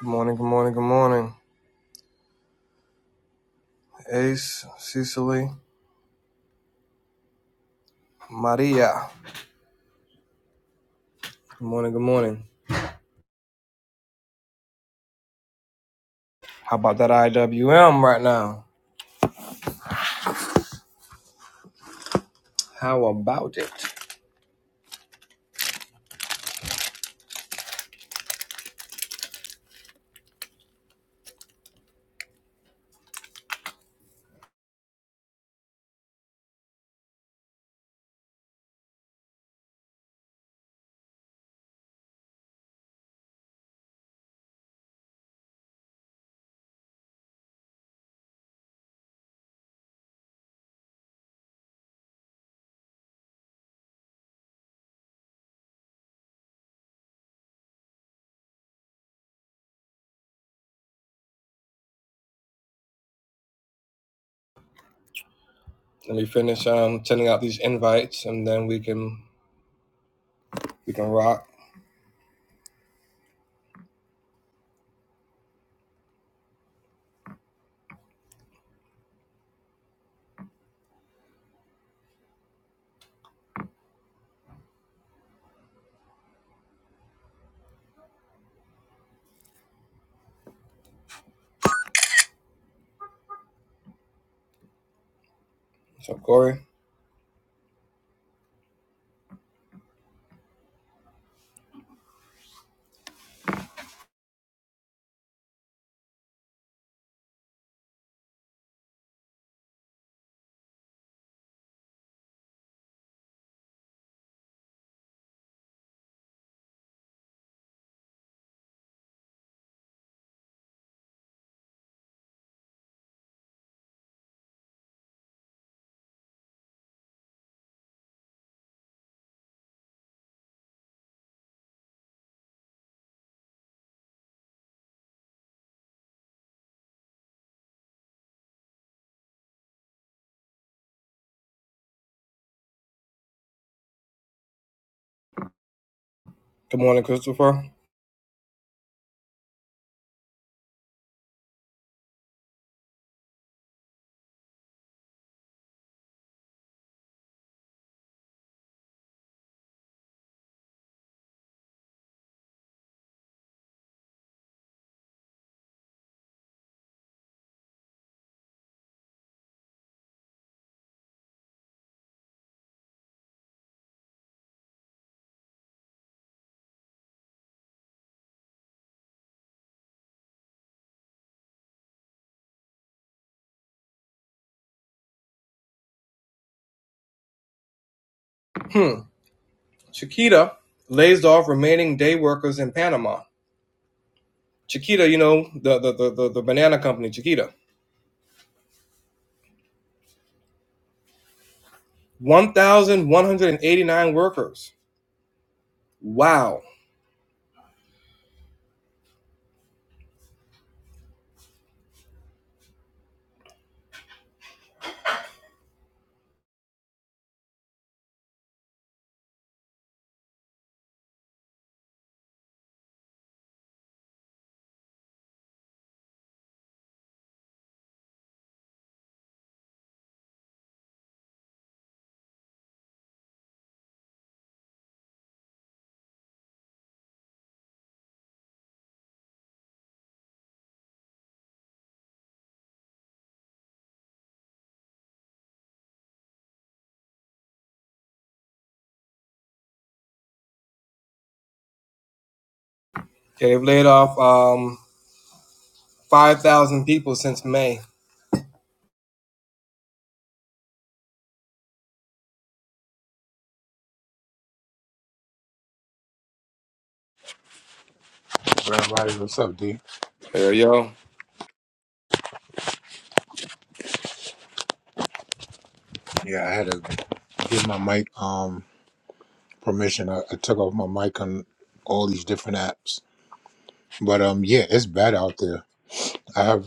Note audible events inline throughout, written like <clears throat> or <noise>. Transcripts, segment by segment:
Good morning, good morning, good morning. Ace, Cecily, Maria. Good morning, good morning. How about that IWM right now? How about it? Let me finish um sending out these invites and then we can we can rock. So Corey. Good morning, Christopher. Hmm. Chiquita lays off remaining day workers in Panama. Chiquita, you know, the the the, the, the banana company, Chiquita. 1,189 workers. Wow. Okay, they've laid off um Five thousand people since May. Everybody, what's up, D? There you go. Yeah, I had to give my mic um permission. I, I took off my mic on all these different apps, but um, yeah, it's bad out there. I have,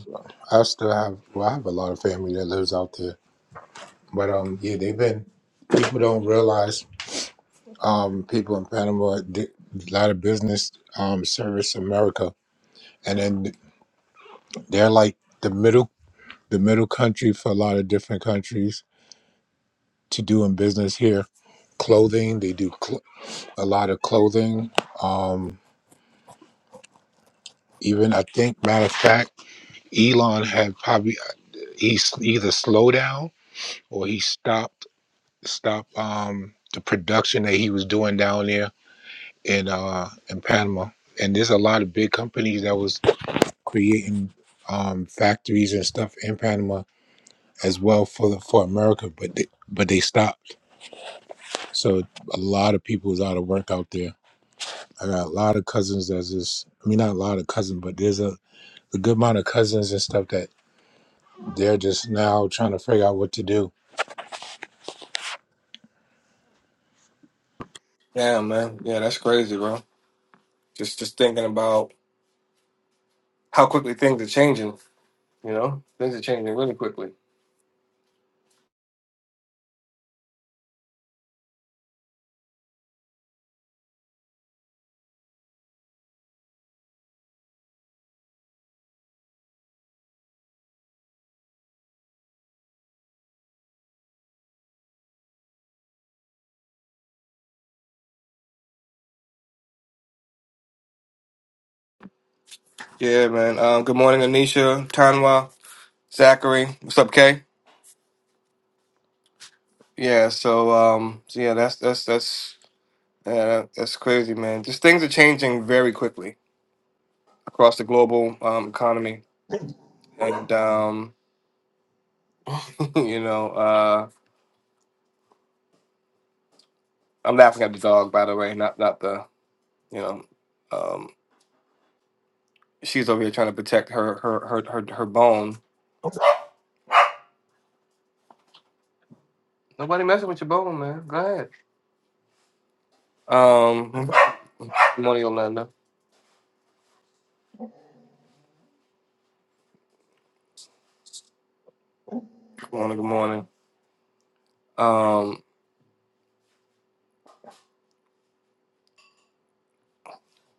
I still have, well, I have a lot of family that lives out there, but um, yeah, they've been. People don't realize um, people in Panama did a lot of business um service America, and then they're like the middle, the middle country for a lot of different countries to doing business here. Clothing, they do. a lot of clothing. Um, even I think, matter of fact, Elon had probably he s- either slowed down or he stopped stopped um, the production that he was doing down there in uh, in Panama. And there's a lot of big companies that was creating um, factories and stuff in Panama as well for the, for America, but they, but they stopped. So a lot of people is out of work out there. I got a lot of cousins that's just, I mean, not a lot of cousins, but there's a a good amount of cousins and stuff that they're just now trying to figure out what to do. Damn, man. Yeah, that's crazy, bro. Just just thinking about how quickly things are changing, you know? Things are changing really quickly. Yeah, man. Um, good morning, Anisha, Tanwa, Zachary. What's up, Kay? Yeah, so um so yeah, that's that's that's yeah, that's crazy, man. Just things are changing very quickly across the global um economy. And um, <laughs> you know, uh I'm laughing at the dog by the way, not not the you know. um She's over here trying to protect her her her her, her bone. Nobody messing with your bone, man. Go ahead. Um, good morning, Orlando. Good morning. Good morning. Um,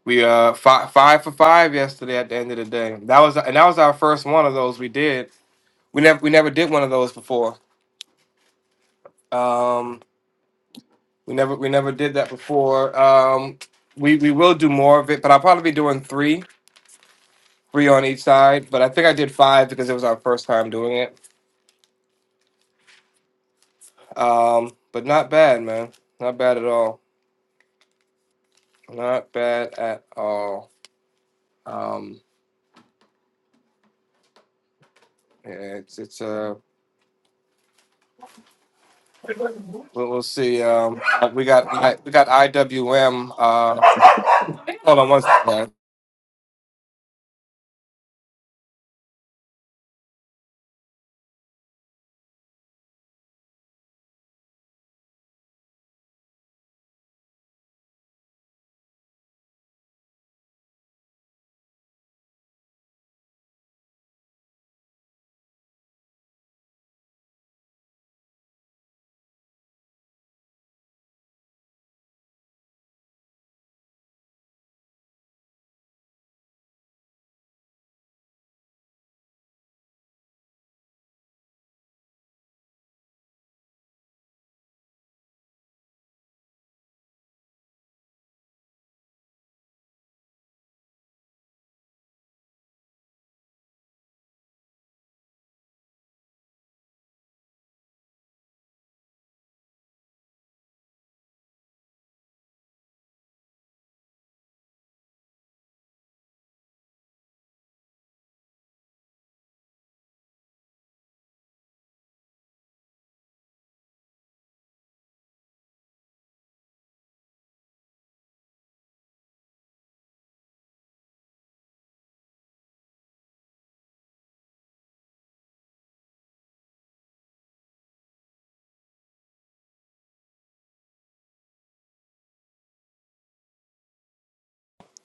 we uh five five for five yesterday. At the end of the day, that was and that was our first one of those we did. We never we never did one of those before. Um, we never we never did that before. Um, we we will do more of it, but I'll probably be doing three three on each side. But I think I did five because it was our first time doing it. Um, but not bad, man. Not bad at all. Not bad at all. Um, yeah, it's it's uh we'll, we'll see. Um, uh, we got I, we got IWM. Uh, hold on one second.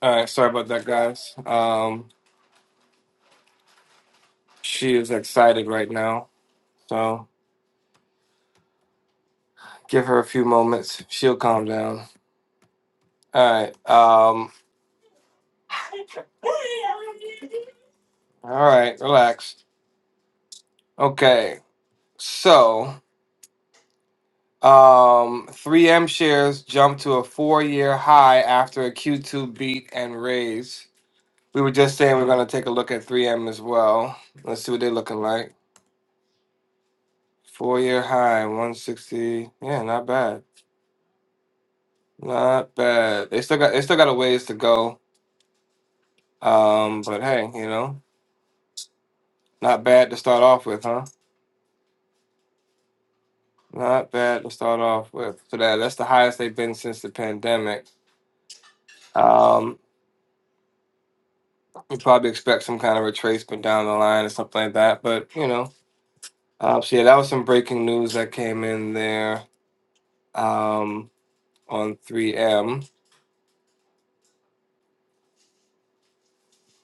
All right, sorry about that, guys. Um, she is excited right now, so give her a few moments. She'll calm down. All right. Um, all right. Relax. Okay. So. Um, 3M shares jumped to a four-year high after a Q2 beat and raise. We were just saying we're gonna take a look at 3M as well. Let's see what they're looking like. Four-year high, 160. Yeah, not bad. Not bad. They still got they still got a ways to go. Um, but hey, you know, not bad to start off with, huh? Not bad to start off with. So that that's the highest they've been since the pandemic. Um, we probably expect some kind of retracement down the line or something like that. But you know. Um, so yeah, that was some breaking news that came in there um, on 3M.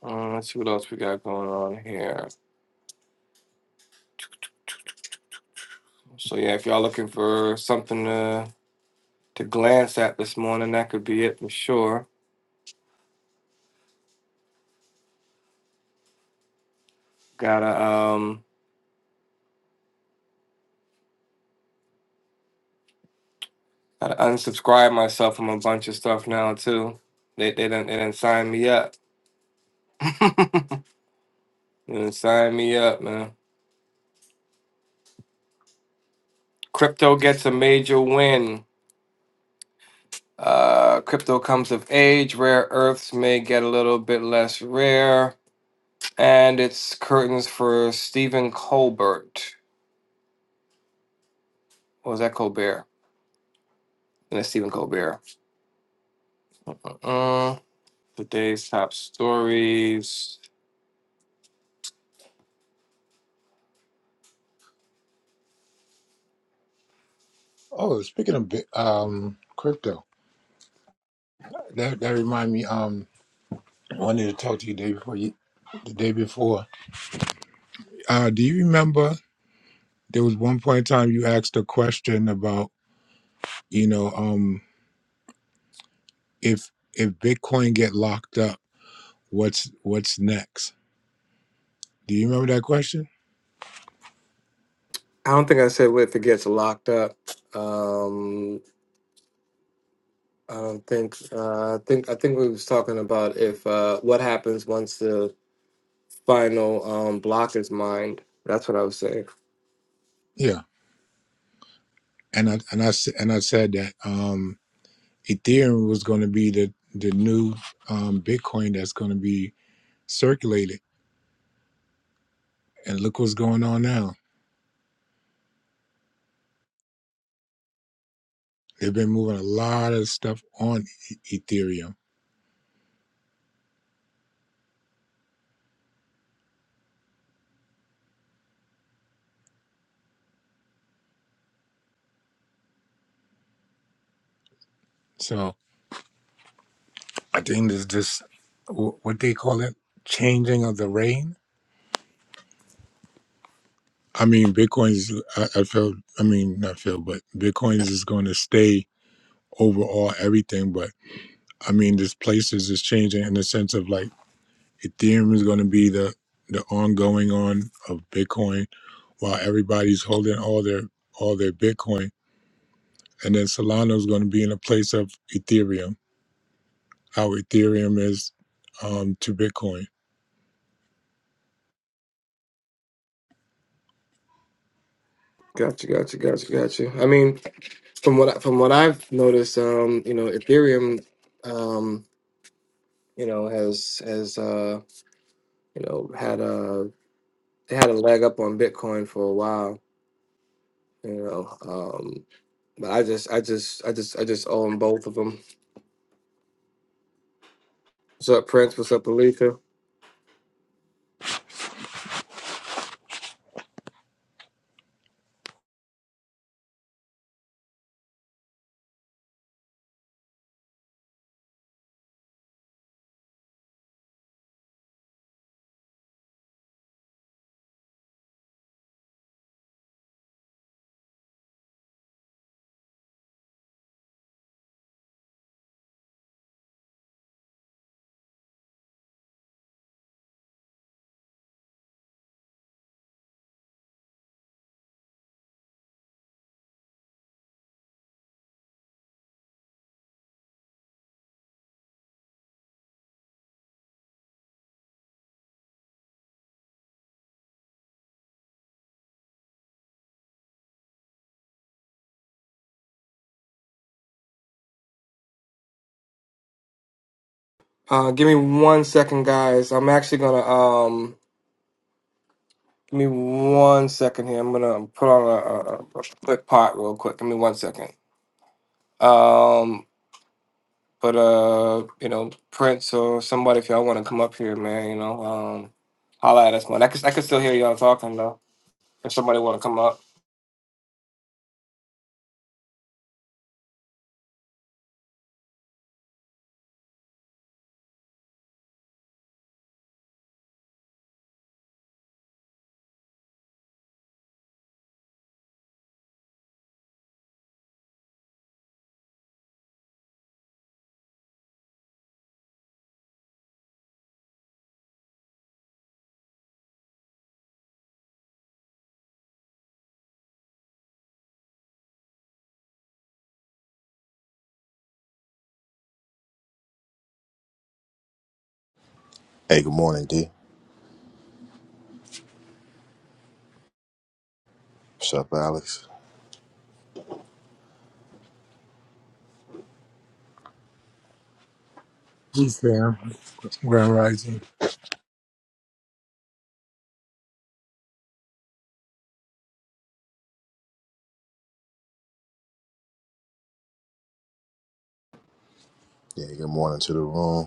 Uh, let's see what else we got going on here. So yeah, if y'all looking for something to to glance at this morning, that could be it for sure. Gotta um gotta unsubscribe myself from a bunch of stuff now too. They they didn't they didn't sign me up. They didn't sign me up, man. Crypto gets a major win. Uh, crypto comes of age. Rare earths may get a little bit less rare. and it's curtains for Stephen Colbert. What was that Colbert? And it's Stephen Colbert. Uh, today's top stories. Oh, speaking of bi- um, crypto, that that remind me. Um, I wanted to talk to you the day before. You, the day before, uh, do you remember there was one point in time you asked a question about you know um if if Bitcoin get locked up, what's what's next? Do you remember that question? I don't think I said if it gets locked up. Um, I don't think. Uh, I think. I think we was talking about if uh, what happens once the final um, block is mined. That's what I was saying. Yeah, and I and I s- and I said that um Ethereum was going to be the the new um Bitcoin that's going to be circulated. And look what's going on now. They've been moving a lot of stuff on E- Ethereum. So I think there's this, wh- what they call it, changing of the reign. I mean, Bitcoin's, I, I feel, I mean, not feel, but Bitcoin's is going to stay overall everything. But I mean, this places is changing in the sense of like Ethereum is going to be the, the ongoing on of Bitcoin while everybody's holding all their all their Bitcoin and then Solana is going to be in a place of Ethereum. How Ethereum is um, to Bitcoin. Gotcha, gotcha, gotcha, gotcha. I mean, from what I- from what I've noticed, um, you know, Ethereum, um, you know, has has. uh, you know, had a they had a leg up on Bitcoin for a while, you know. Um, but I just, I just, I just, I just own both of them. What's up, Prince? What's up, Alika? Uh, give me one second, guys. I'm actually gonna um, give me one second here. I'm gonna put on a, a, a quick pot real quick. Give me one second. Um, but uh, you know, Prince or somebody, if y'all want to come up here, man, you know, um, holla at us, man. I could, I could still hear y'all talking though. If somebody want to come up. Hey, good morning, D. What's up, Alex? Hey Sam, Grand Rising. Yeah, good morning to the room.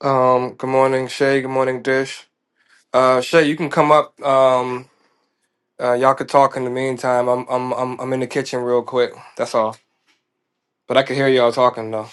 Um, good morning, Shay. Good morning, Dish. Uh, Shay, you can come up. Um, uh, y'all could talk in the meantime. I'm, I'm, I'm, I'm in the kitchen real quick. That's all. But I can hear y'all talking though.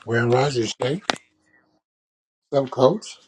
Grand Rising, Shay. What's up, Coach?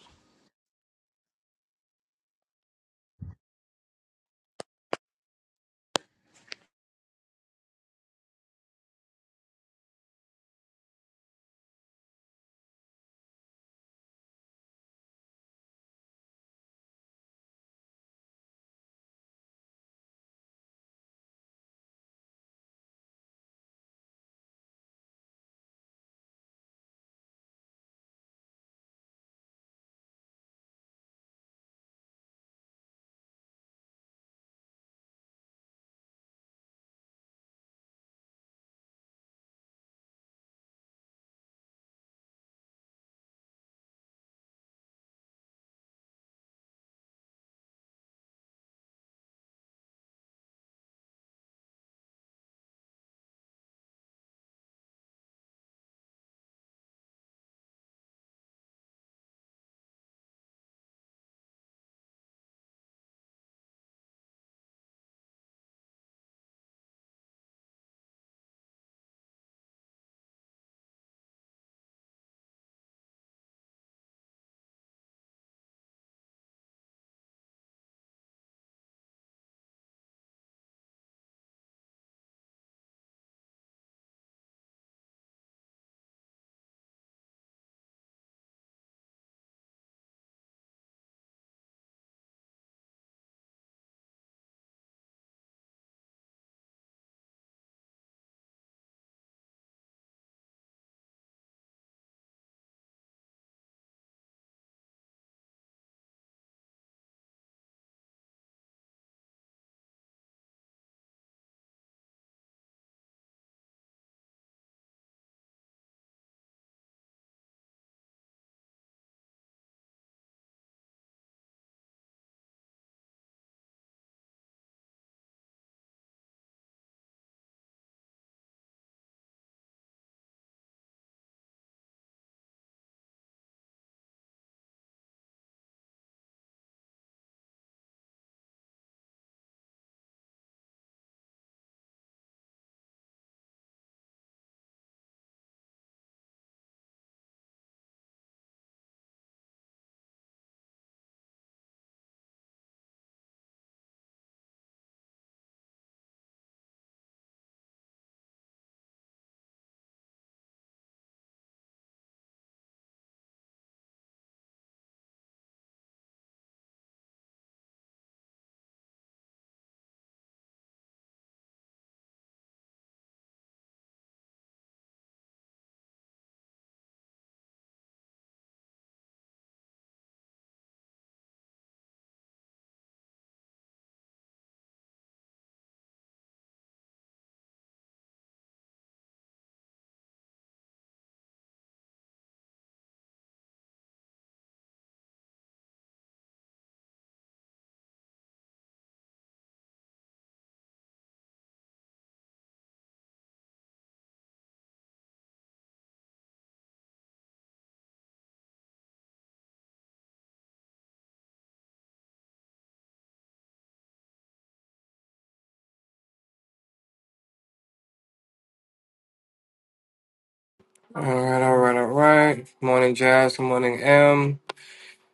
All right, all right, all right. Good morning, Jazz. Good morning, M.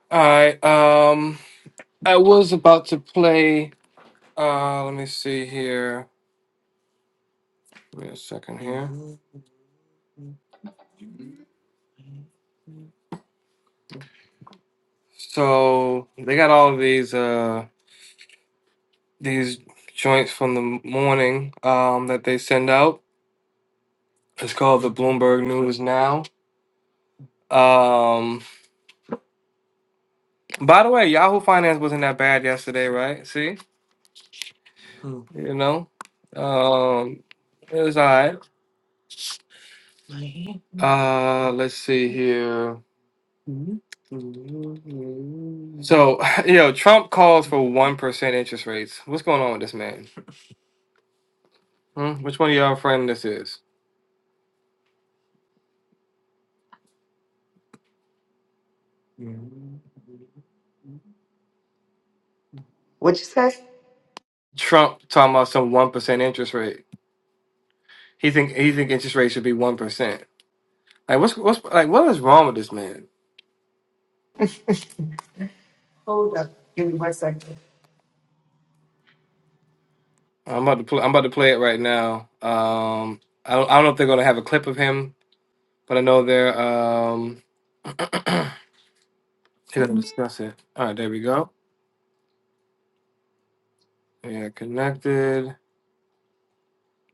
All right. Um, I was about to play. Uh, let me see here. Give me a second here. So they got all of these, uh, these joints from the morning, um, that they send out. It's called the Bloomberg News Now. Um, by the way, Yahoo Finance wasn't that bad yesterday, right? See, Hmm. you know, um, it was all right. Uh, let's see here. So, <laughs> yo, Trump calls for one percent interest rates. What's going on with this man? Hmm? Which one of y'all friend this is? What you say? Trump talking about some one percent interest rate. He think he think interest rates should be one percent. Like what's what's like what is wrong with this man? I'm about to play. I'm about to play it right now. Um, I don't. I don't know if they're gonna have a clip of him, but I know they're. Um, <clears throat> they're gonna discuss it. All right, there we go. Yeah, connected.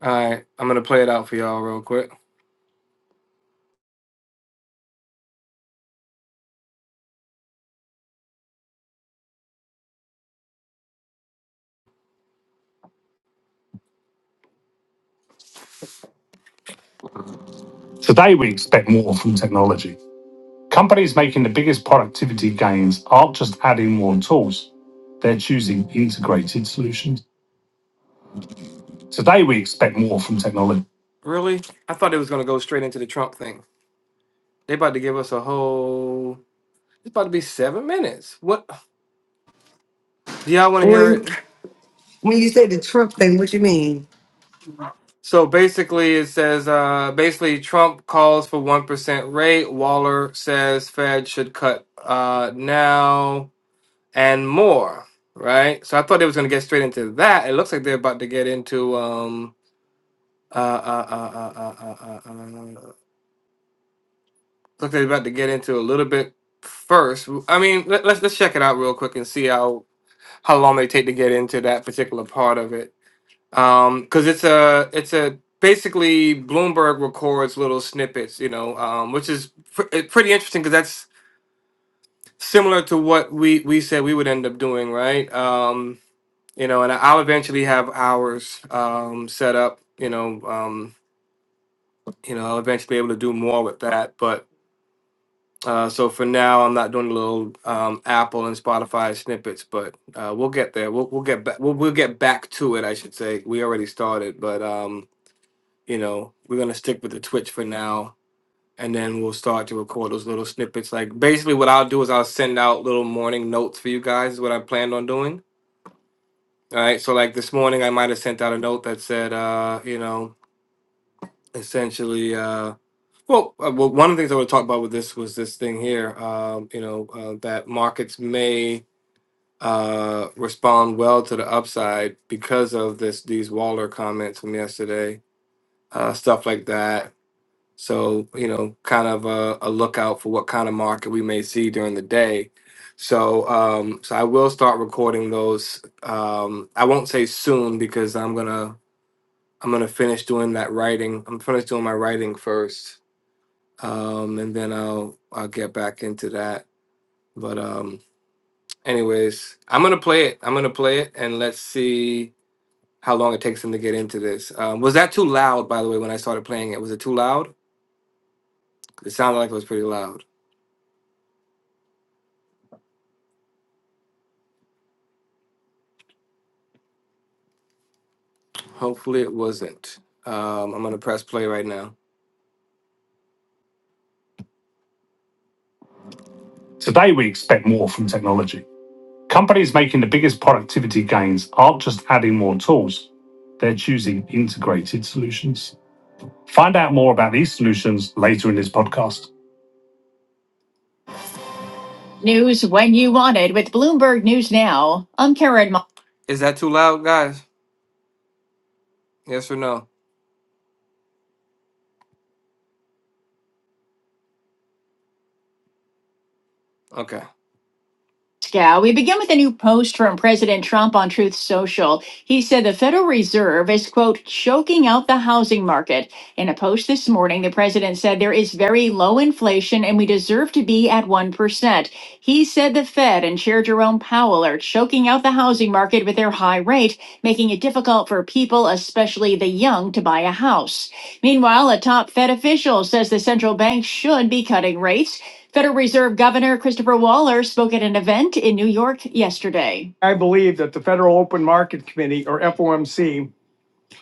All right, I'm gonna play it out for y'all real quick. Today, we expect more from technology. Companies making the biggest productivity gains aren't just adding more tools, they're choosing integrated solutions. Today, we expect more from technology. Really? I thought it was gonna go straight into the Trump thing. They about to give us a whole. It's about to be seven minutes. What do y'all want to hear When it? when you say the Trump thing, what you mean? So basically, it says uh, basically Trump calls for one percent rate. Waller says Fed should cut uh, now and more. Right. So I thought they was going to get straight into that. It looks like they're about to get into um uh uh uh uh uh uh. uh, uh uh, looks like they're about to get into a little bit first. I mean, let, let's let's check it out real quick and see how how long they take to get into that particular part of it. um because it's a it's a basically bloomberg records little snippets you know um which is pr- eh, pretty interesting because that's similar to what we we said we would end up doing right um you know and i'll eventually have ours um set up you know um you know i'll eventually be able to do more with that but uh, so for now, I'm not doing the little um, Apple and Spotify snippets, but uh, we'll get there. We'll, we'll get back. We'll, we'll get back to it, I should say. We already started, but um, you know, we're gonna stick with the Twitch for now, and then we'll start to record those little snippets. Like basically, what I'll do is I'll send out little morning notes for you guys. Is what I planned on doing. All right. So like this morning, I might have sent out a note that said, uh, you know, essentially, uh, well, uh, well, one of the things I want to talk about with this was this thing here. Um, you know, uh, that markets may uh respond well to the upside because of this these Waller comments from yesterday uh stuff like that So, you know, kind of a, a lookout for what kind of market we may see during the day. So, um, so I will start recording those. Um, I won't say soon because I'm gonna I'm gonna finish doing that writing. I'm finished doing my writing first, um, and then I'll I'll get back into that. But um, anyways, I'm gonna play it. I'm gonna play it, and let's see how long it takes them to get into this. Um, was that too loud? By the way, when I started playing it, was it too loud? It sounded like it was pretty loud. Hopefully it wasn't. Um, I'm gonna press play right now. Today, we expect more from technology. Companies making the biggest productivity gains aren't just adding more tools, they're choosing integrated solutions. Find out more about these solutions later in this podcast. News when you want it with Bloomberg News Now. I'm Karen. Mo- Is that too loud, guys? Yes or no? Okay. Yeah, we begin with a new post from President Trump on Truth Social. He said the Federal Reserve is, quote, choking out the housing market. In a post this morning, the president said there is very low inflation and we deserve to be at 1%. He said the Fed and Chair Jerome Powell are choking out the housing market with their high rate making it difficult for people, especially the young, to buy a house. Meanwhile, a top Fed official says the central bank should be cutting rates. Federal Reserve Governor Christopher Waller spoke at an event in New York yesterday. I believe that the Federal Open Market Committee, or FOMC,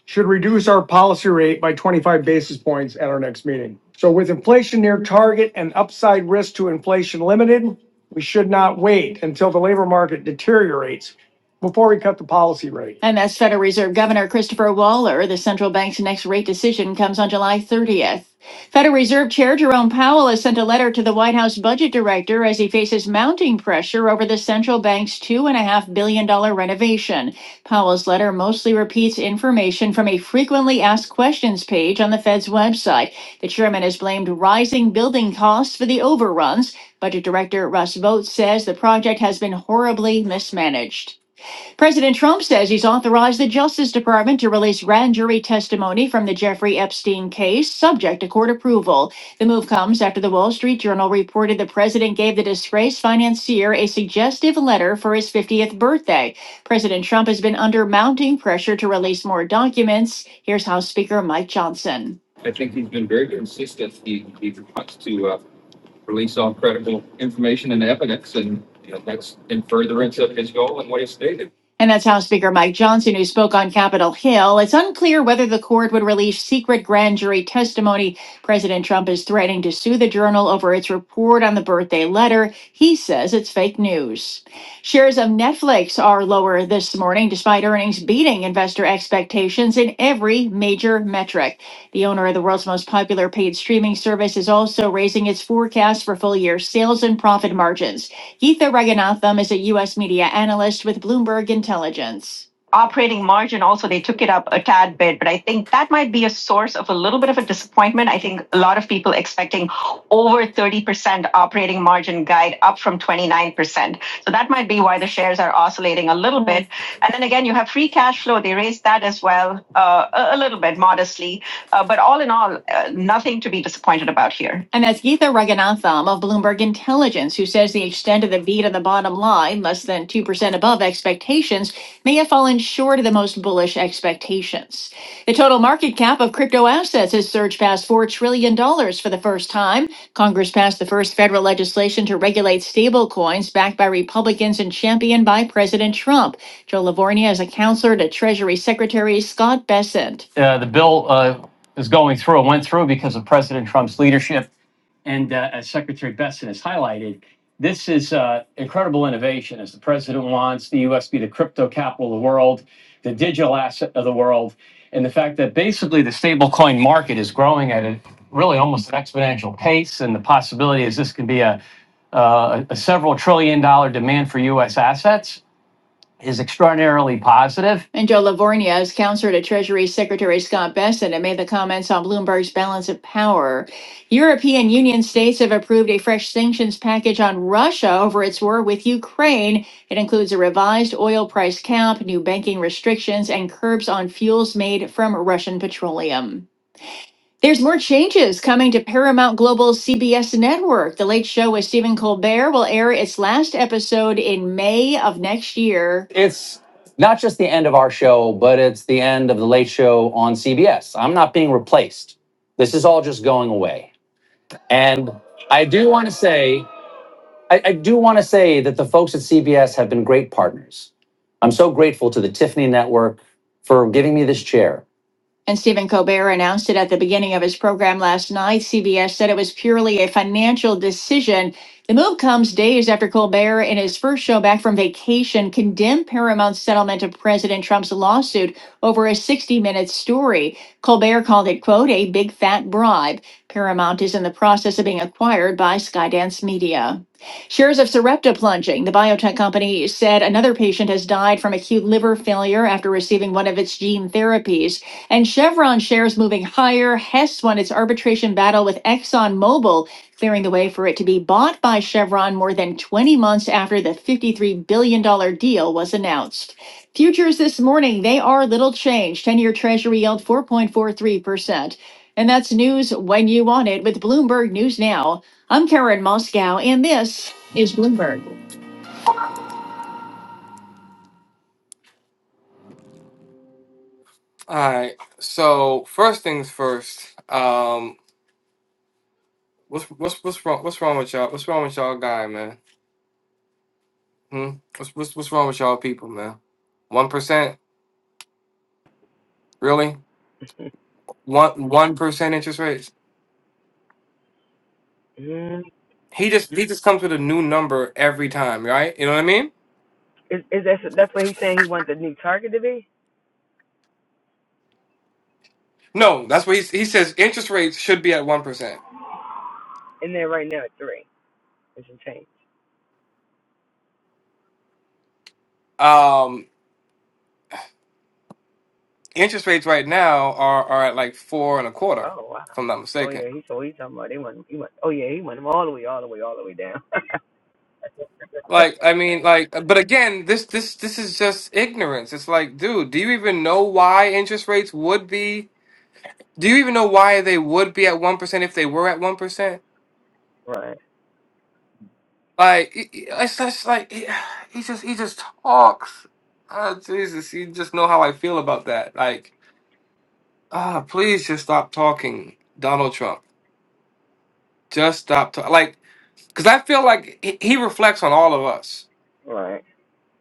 should reduce our policy rate by 25 basis points at our next meeting. So with inflation near target and upside risk to inflation limited, we should not wait until the labor market deteriorates before we cut the policy rate. And that's Federal Reserve Governor Christopher Waller. The central bank's next rate decision comes on July 30th. Federal Reserve Chair Jerome Powell has sent a letter to the White House Budget Director as he faces mounting pressure over the central bank's $2.5 billion dollars renovation. Powell's letter mostly repeats information from a frequently asked questions page on the Fed's website. The chairman has blamed rising building costs for the overruns. Budget Director Russ Vogel says the project has been horribly mismanaged. President Trump says he's authorized the Justice Department to release grand jury testimony from the Jeffrey Epstein case, subject to court approval. The move comes after the Wall Street Journal reported the president gave the disgraced financier a suggestive letter for his 50th birthday. President Trump has been under mounting pressure to release more documents. Here's House Speaker Mike Johnson. And that's House Speaker Mike Johnson, who spoke on Capitol Hill. It's unclear whether the court would release secret grand jury testimony. President Trump is threatening to sue the journal over its report on the birthday letter. He says it's fake news. Shares of Netflix are lower this morning, despite earnings beating investor expectations in every major metric. The owner of the world's most popular paid streaming service is also raising its forecast for full year sales and profit margins. Geetha Raghunatham is a U.S. media analyst with Bloomberg Intelligence. Operating margin also, they took it up a tad bit, but I think that might be a source of a little bit of a disappointment. I think a lot of people expecting over 30% operating margin guide up from 29%. So that might be why the shares are oscillating a little bit. And then again, you have free cash flow. They raised that as well, uh, a little bit modestly. Uh, but all in all, uh, nothing to be disappointed about here. And that's Geetha Raghunatham of Bloomberg Intelligence, who says the extent of the beat on the bottom line, less than 2% above expectations, may have fallen short of the most bullish expectations. The total market cap of crypto assets has surged past $4 trillion dollars for the first time. Congress passed the first federal legislation to regulate stablecoins backed by Republicans and championed by President Trump. Joe Lavorgna is a counselor to Treasury Secretary Scott Bessent. Uh, the bill, uh, is going through and went through because of President Trump's leadership. And uh, as Secretary Besson has highlighted, this is uh, incredible innovation as the president wants the U.S. to be the crypto capital of the world, the digital asset of the world. And the fact that basically the stablecoin market is growing at a really almost an exponential pace. And the possibility is this can be a, uh, a several trillion dollar demand for U.S. assets is extraordinarily positive. And Joe Lavorgna is counselor to Treasury Secretary Scott Bessent and made the comments on Bloomberg's balance of power. European Union states have approved a fresh sanctions package on Russia over its war with Ukraine. It includes a revised oil price cap, new banking restrictions, and curbs on fuels made from Russian petroleum. There's more changes coming to Paramount Global's CBS network. The Late Show with Stephen Colbert will air its last episode in May of next year. It's not just the end of our show, but it's the end of the late show on CBS. I'm not being replaced. This is all just going away. And I do want to say, I, I do want to say that the folks at CBS have been great partners. I'm so grateful to the Tiffany Network for giving me this chair. And Stephen Colbert announced it at the beginning of his program last night. CBS said it was purely a financial decision. The move comes days after Colbert, in his first show back from vacation, condemned Paramount's settlement of President Trump's lawsuit over a 60 minute story. Colbert called it, quote, a big fat bribe. Paramount is in the process of being acquired by Skydance Media. Shares of Sarepta plunging. The biotech company said another patient has died from acute liver failure after receiving one of its gene therapies. And Chevron shares moving higher. Hess won its arbitration battle with ExxonMobil, clearing the way for it to be bought by Chevron more than 20 months after the $53 billion dollars deal was announced. Futures this morning, they are little changed. 10 year Treasury yield 4.43%. And that's news when you want it with Bloomberg News Now. I'm Karen Moscow, and this All right. So first things first. Um, what's what's what's wrong? What's wrong with y'all? What's wrong with y'all, guy, man? Hmm? What's, what's what's wrong with y'all people, man? One percent, really? One one percent interest rates? Mm. He just he just comes with a new number every time, right? You know what I mean? Is, is that that's what he's saying he want the new target to be? No, that's what he he says. Interest rates should be at one percent. And then right now at three, it's a change. Um, interest rates right now are are at like four and a quarter, Oh wow. if I'm not Oh mistaken. yeah, he so he's talking about they want he want. Oh yeah, he want him all the way, all the way, all the way down. Like I mean, like, but again, this this this is just ignorance. It's like, dude, do you even know why interest rates would be? Do you even know why they would be at one percent if they were at one percent? <laughs> right, Like it- it- it's just like he he just he just talks. Oh Jesus, you just know how I feel about that. Like, ah, please just stop talking, Donald Trump. Just stop talking. Like, because I feel like he, he reflects on all of us, right.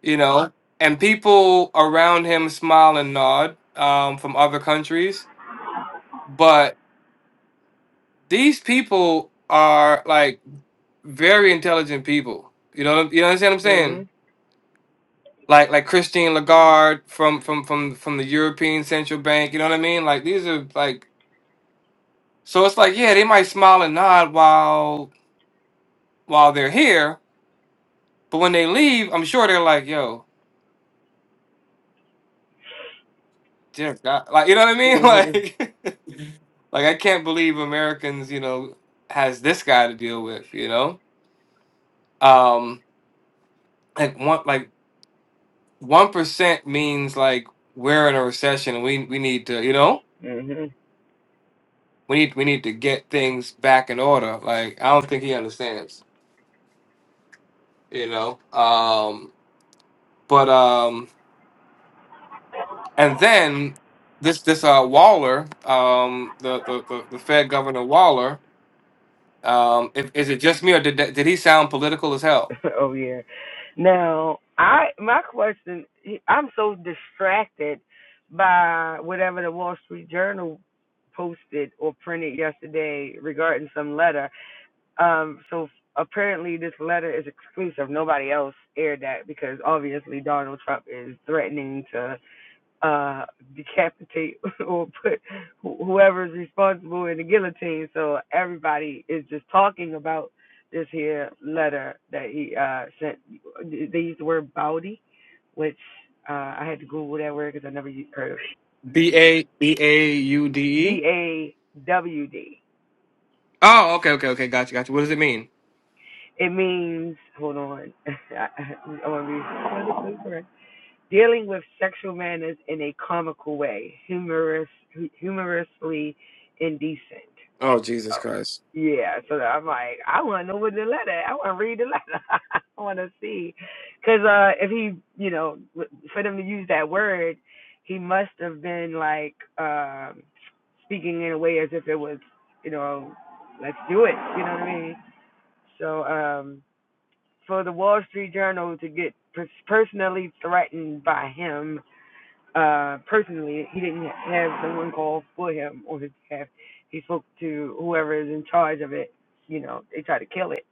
you know. Right. And people around him smile and nod um, from other countries, but these people are like very intelligent people. You know, you understand what I'm saying? Mhm. like like Christine Lagarde from from from from the European Central Bank. You know what I mean? Like these are like so it's like yeah, they might smile and nod while while they're here, but when they leave, I'm sure they're like, "Yo, dear God," like you know what I Mhm. mean? <laughs> Like like I can't believe Americans, you know, has this guy to deal with. You know, um, like one like one percent means like we're in a recession. And we we need to you know. Mhm. We need, we need to get things back in order. Like I don't think he understands. you know. Um, but um, and then this this uh Waller, um, the the the, the Fed Governor Waller, um, if, is it just me or did that- did he sound political as hell? <laughs> oh yeah. Now, I my question, I'm so distracted by whatever the Wall Street Journal posted or printed yesterday regarding some letter. Um, so apparently this letter is exclusive. Nobody else aired that because obviously Donald Trump is threatening to uh decapitate <laughs> or put wh- whoever's responsible in the guillotine so everybody is just talking about this here letter that he uh sent they use the word "bawdy," which uh i had to google that word because i never u- heard of it B a b a u d b e. a w d Oh, okay, okay, okay. Gotcha, gotcha. What does it mean? it means hold on <laughs> i, I want to be correct dealing with sexual manners in a comical way humorous humorously indecent Oh, Jesus Oh, Christ. yeah. So I'm like, I want to know what the letter. I want to read the letter. <laughs> I want to see, because uh, if he, you know, for them to use that word, he must have been like um speaking in a way as if it was, you know, let's do it. You know what I mean? So um, for the Wall Street Journal to get pers- personally threatened by him uh, personally. He didn't have someone call for him on his behalf. He spoke to whoever is in charge of it. You know, they tried to kill it,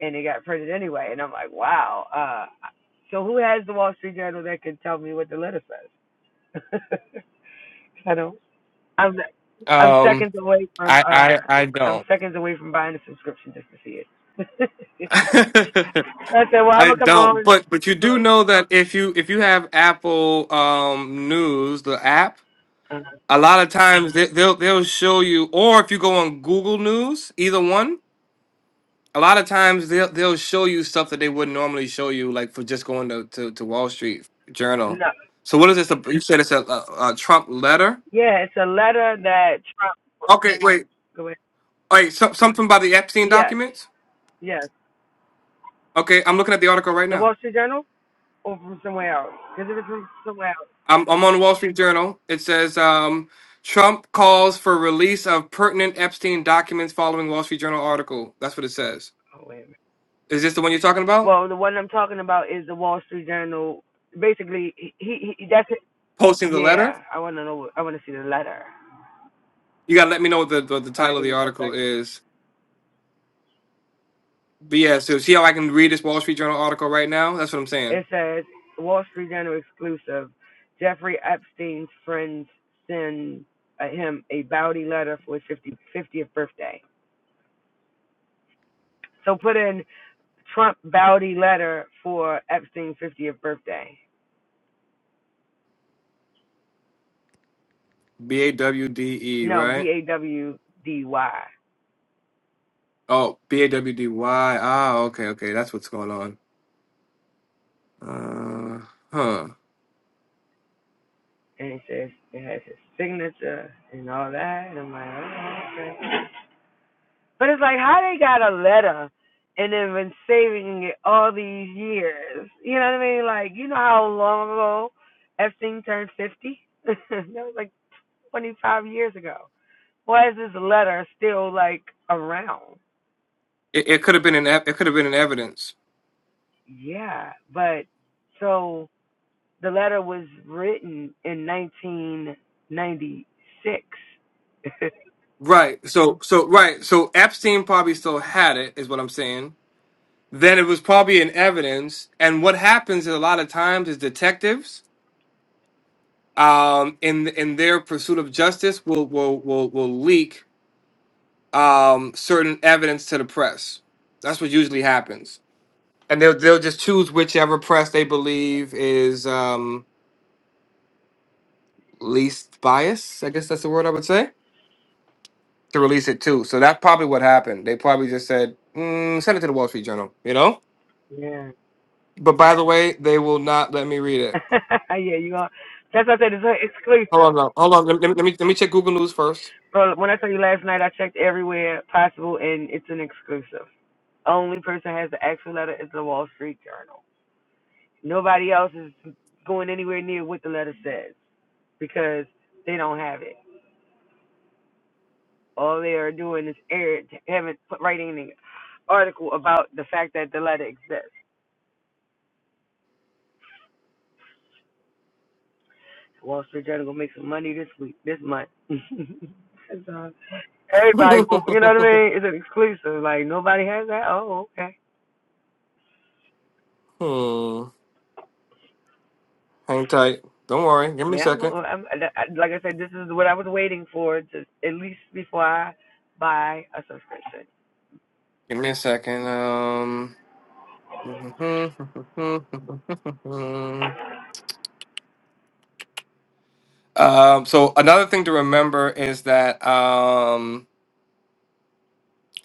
and it got printed anyway. And I'm like, wow. Uh, so who has the Wall Street Journal that can tell me what the letter says? <laughs> I don't. I'm I'm Um, seconds away from I uh, I I I'm don't. seconds away from buying a subscription just to see it. <laughs> <laughs> I said, well, I'm I gonna come don't, on. but but you Look, do know that if you if you have Apple um News, the app, uh, a lot of times they, they'll they'll show you, or if you go on Google News, either one. A lot of times they'll they'll show you stuff that they wouldn't normally show you, like for just going to to, to Wall Street Journal. no, So what is this? You said it's a, a, a Trump letter. yeah, it's a letter that Trump. Okay, wait, Go ahead. wait, so, something about the Epstein Yes. documents. Yes. Okay, I'm looking at the article right The now. Wall Street Journal or from somewhere else? Because if it's from somewhere else, I'm I'm on the Wall Street Journal. It says um, Trump calls for release of pertinent Epstein documents following Wall Street Journal article. That's what it says. oh, wait a minute. Is this the one you're talking about? Well, the one I'm talking about is the Wall Street Journal. Basically, he, he, he that's it. Posting the letter? Yeah, I want to know. what- I want to see the letter. You gotta let me know what the, the, the All title right, of give the me one article second. is. But yeah, so see how I can read this Wall Street Journal article right now? That's what I'm saying. It says Wall Street Journal exclusive. Jeffrey Epstein's friends send uh, him a bounty letter for his fifty-fiftieth birthday. So put in Trump bounty letter for Epstein's 50th birthday. B A W D E, No, right? B A W D Y. Oh, B A W D Y. Ah, okay, okay. That's what's going on. Uh, huh. and it says it has his signature and all that. And I'm like, oh, okay. But it's like how they got a letter and they've been saving it all these years. You know what I mean? Like, you know how long ago Epstein turned 50? <laughs> that was like 25 years ago. Why is this letter still like around? It, it could have been an ev- it could have been an evidence. Yeah, but so the letter was written in 1996. Right. So so right. So Epstein probably still had it, is what I'm saying. Then it was probably an evidence. And what happens is a lot of times is detectives, um, in in their pursuit of justice, will will will will leak. um, certain evidence to the press. That's what usually happens, and they'll they'll just choose whichever press they believe is um, least biased. I guess that's the word I would say to release it to. So that's probably what happened. They probably just said, mm, "Send it to the Wall Street Journal," you know. <laughs> yeah. But by the way, they will not let me read it. <laughs> yeah, you are. That's what I said. It's an Hold on, exclusive. no, hold on. Let, let, let me let me check Google News first. But when I told you last night, I checked everywhere possible, and it's an exclusive. Only person has the actual letter is the Wall Street Journal. Nobody else is going anywhere near what the letter says because they don't have it. All they are doing is air, having writing an article about the fact that the letter exists. Wall Street Journal gonna make some money this week, this month. <laughs> That's all. <laughs> hmm. Everybody, go- you know what I mean? It's an exclusive. Like nobody has that. Oh, okay. Hang tight. Don't worry. Give me a Yeah, I'm, second. I'm, I- like I said, this is what I was waiting for, to, at least before I buy a subscription. Give me a second. Um. <laughs> um, so another thing to remember is that um,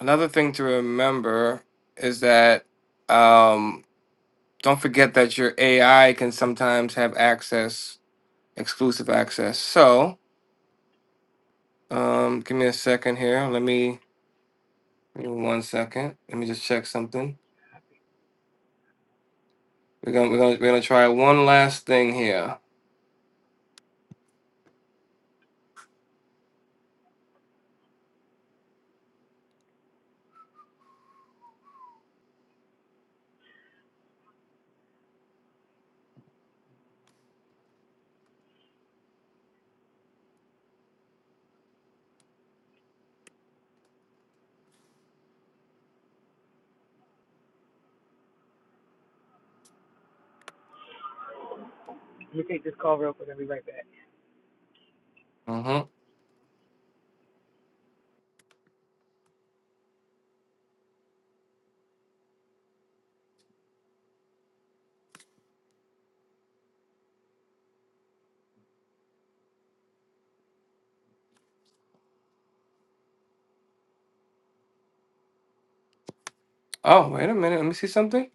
another thing to remember is that um, don't forget that your AI can sometimes have access, exclusive access. So um, give me a second here. Let me give me one second. Let me just check something. We're gonna we're gonna we're gonna try one last thing here. Let me take this call real quick. I'll be right back. hmm Oh wait a minute. Let me see something.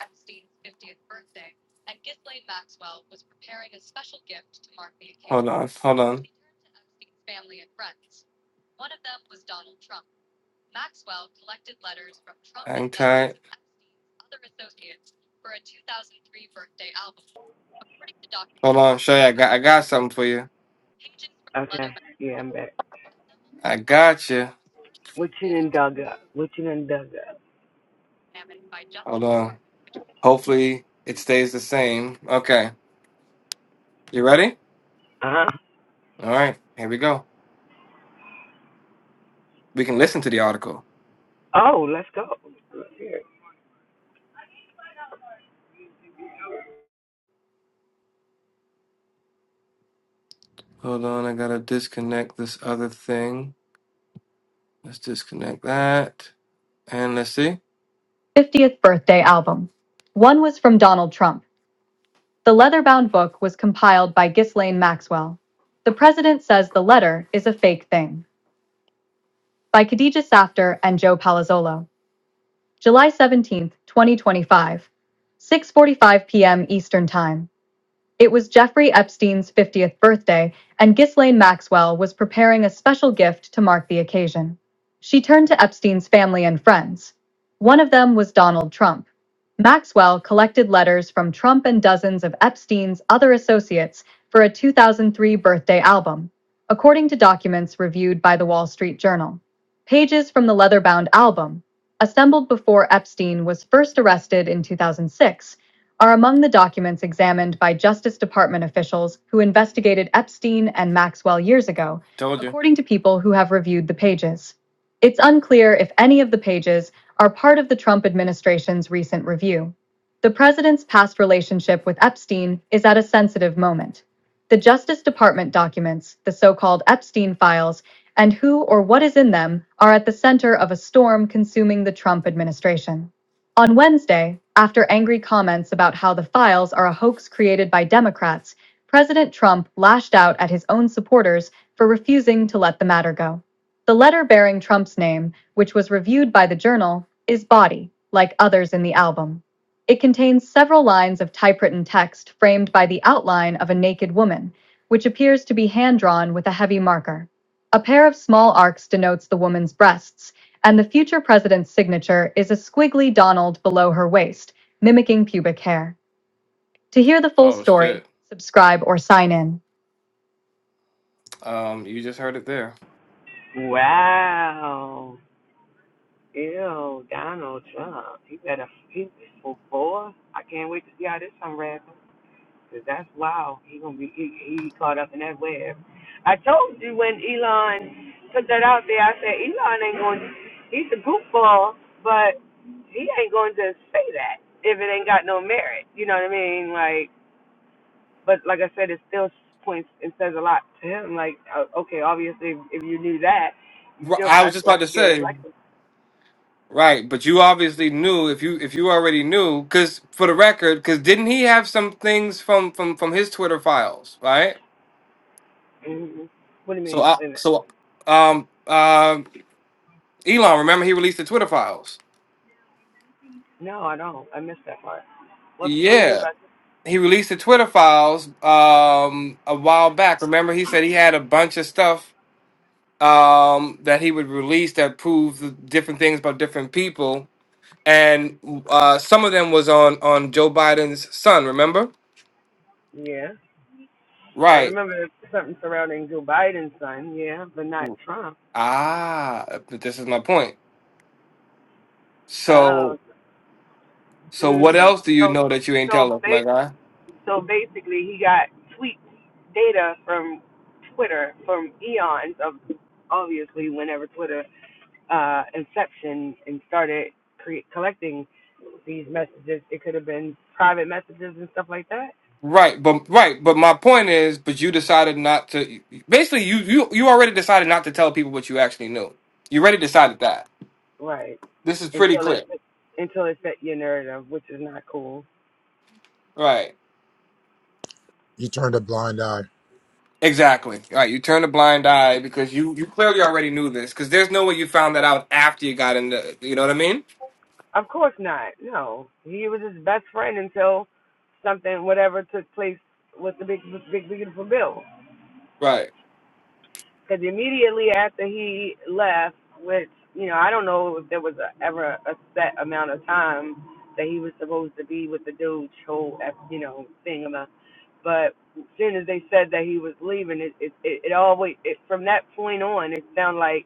Epstein's 50th birthday, and Ghislaine Maxwell was preparing a special gift to mark the occasion. Hold on, hold on. She turned to Epstein's family and friends. One of them was Donald Trump. Maxwell collected letters from Trump Hang and tight. Epstein's other associates for a 2003 birthday album. According to documents, Hold on, Shay. I got I got something for you. pages from the Okay. Leatherman Yeah, I'm album, back. I got you. What you done dug up? What you done dug up? Hold on. Hopefully it stays the same. Okay. You ready? Uh huh. All right, here we go. We can listen to the article. Oh, let's go. Let's hear Hold on, I gotta disconnect this other thing. Let's disconnect that. And let's see. 50th birthday album. One was from Donald Trump. The leather-bound book was compiled by Ghislaine Maxwell. The President Says the Letter is a Fake Thing by Khadija Safter and Joe Palazzolo. July seventeenth, 2025. 6.45 p.m. Eastern Time. It was Jeffrey Epstein's 50th birthday, and Ghislaine Maxwell was preparing a special gift to mark the occasion. She turned to Epstein's family and friends. One of them was Donald Trump. Maxwell collected letters from Trump and dozens of Epstein's other associates for a 2003 birthday album, according to documents reviewed by the Wall Street Journal. Pages from the leather bound album, assembled before Epstein was first arrested in 2006, are among the documents examined by Justice Department officials who investigated Epstein and Maxwell years ago according to people who have reviewed the pages. It's unclear if any of the pages are part of the Trump administration's recent review. The president's past relationship with Epstein is at a sensitive moment. The Justice Department documents, the so called Epstein files, and who or what is in them are at the center of a storm consuming the Trump administration. On Wednesday, after angry comments about how the files are a hoax created by Democrats, President Trump lashed out at his own supporters for refusing to let the matter go. The letter bearing Trump's name, which was reviewed by the journal, is body, like others in the album. It contains several lines of typewritten text framed by the outline of a naked woman, which appears to be hand drawn with a heavy marker. A pair of small arcs denotes the woman's breasts, and the future president's signature is a squiggly Donald below her waist, mimicking pubic hair. To hear the full Oh story, shit. subscribe or sign in. Um, you just heard it there. it. Wow. Ew, Donald Trump. He better. He oh, boy. I can't wait to see how this unravels. Cause that's wow. He gonna be he, he caught up in that web. I told you when Elon put that out there. I said Elon ain't going. to He's a goofball, but he ain't going to say that if it ain't got no merit. You know what I mean? Like, but like I said, it still points and says a lot to him. Like, uh, okay, obviously, if, if you knew that, you R- still I was pressed just to about to get say, elected. right? But you obviously knew if you if you already knew, because for the record, because didn't he have some things from from from his Twitter files, right? hmm What do you So mean? I Wait a minute. so um um Elon, remember he released the Twitter files. No, I don't. I missed that part. What What do you mean Yeah. by? he released the Twitter files um, a while back. Remember, he said he had a bunch of stuff um, that he would release that proved the different things about different people, and uh, some of them was on on Joe Biden's son. Remember? Yeah. I Right. remember something surrounding Joe Biden's son, yeah, but not Trump. Ah, but this is my point. Oh, So, so what mm. else do you so know that you ain't so tell us, my bas- guy? so basically, he got tweet data from Twitter from eons of obviously whenever Twitter uh, inception and started cre- collecting these messages. It could have been private messages and stuff like that, Right, but right, but my point is, but you decided not to. Basically, you you you already decided not to tell people what you actually knew. You already decided that. right? This is pretty Until it clear. until it set your narrative, which is not cool Right. You turned a blind eye. Exactly. Right. You turn a blind eye because you you clearly already knew this because there's no way you found that out after you got into. You know what I mean? Of course not. No, he was his best friend until something, whatever, took place with the big, big, beautiful bill. Right. Because immediately after he left, which you know, I don't know if there was a, ever a set amount of time that he was supposed to be with the dude's whole, you know, thing. About, but as soon as they said that he was leaving, it it it, it always it, from that point on, it sounded like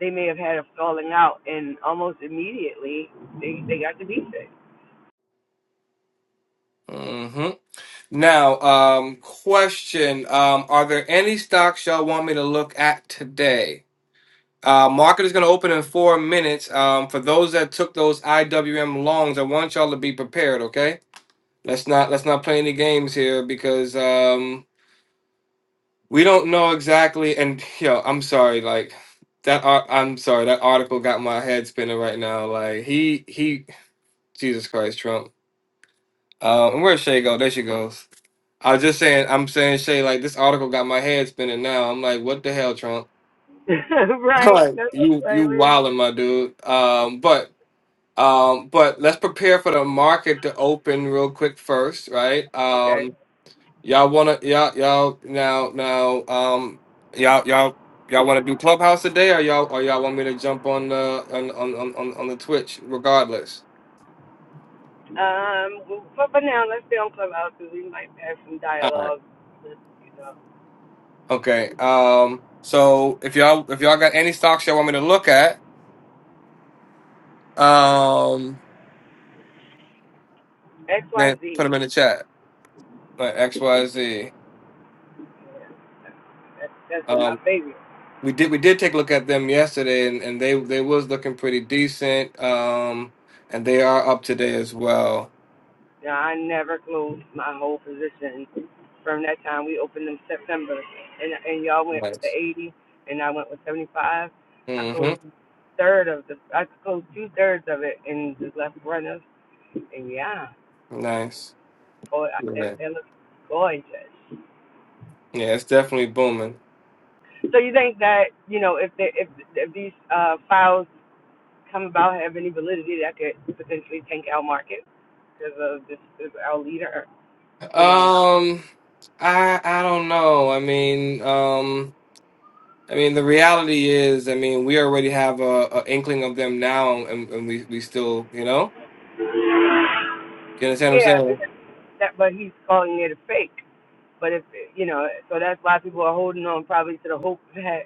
they may have had a falling out, and almost immediately they they got to be sick. Mm-hmm. Now, um, question: um, Are there any stocks y'all want me to look at today? Uh, market is going to open in four minutes. Um, for those that took those IWM longs, I want y'all to be prepared. Okay, let's not let's not play any games here because um, We don't know exactly, and yo, I'm sorry, like that. ar- I'm sorry, that article got my head spinning right now. Like he, he, Jesus Christ, Trump. Uh, and where's Shay go? There she goes. I was just saying, I'm saying Shay, like this article got my head spinning now. I'm like, what the hell, Trump? <laughs> <laughs> right? Like That's you, you like, we- wilding, my dude. Um, but, um, but let's prepare for the market to open real quick first, right? okay. Um, Y'all wanna y'all y'all now now um y'all y'all y'all wanna do Clubhouse today or y'all or y'all want me to jump on the on on on, on on the Twitch regardless? Um, but for now, let's stay on Clubhouse because we might have some All right. dialogue. With, you know, Okay. Um so if y'all if y'all got any stocks y'all want me to look at, um X Y then put Z. them in the chat. Like XYZ. That's that's been my Um favorite. we did we did take a look at them yesterday and, and they they was looking pretty decent. Um and they are up today as well. Now I never closed my whole position from that time we opened in September, and and y'all went with the Nice. 80, and I went with 75. I Mm-hmm. closed third of the, I closed two thirds of it, and just left runners, and yeah, Nice. boy, I- that, Yeah, that looks gorgeous. yeah, it's definitely booming. So you think that you know if they, if if these uh, files come about have any validity, that could potentially tank our market because of this is our leader. You know, Um, I I don't know. I mean, um, I mean, the reality is, I mean, we already have a, a inkling of them now, and, and we we still, you know, you understand what I'm yeah, saying? because that but he's calling it a fake. But if you know, so that's why people are holding on probably to the hope that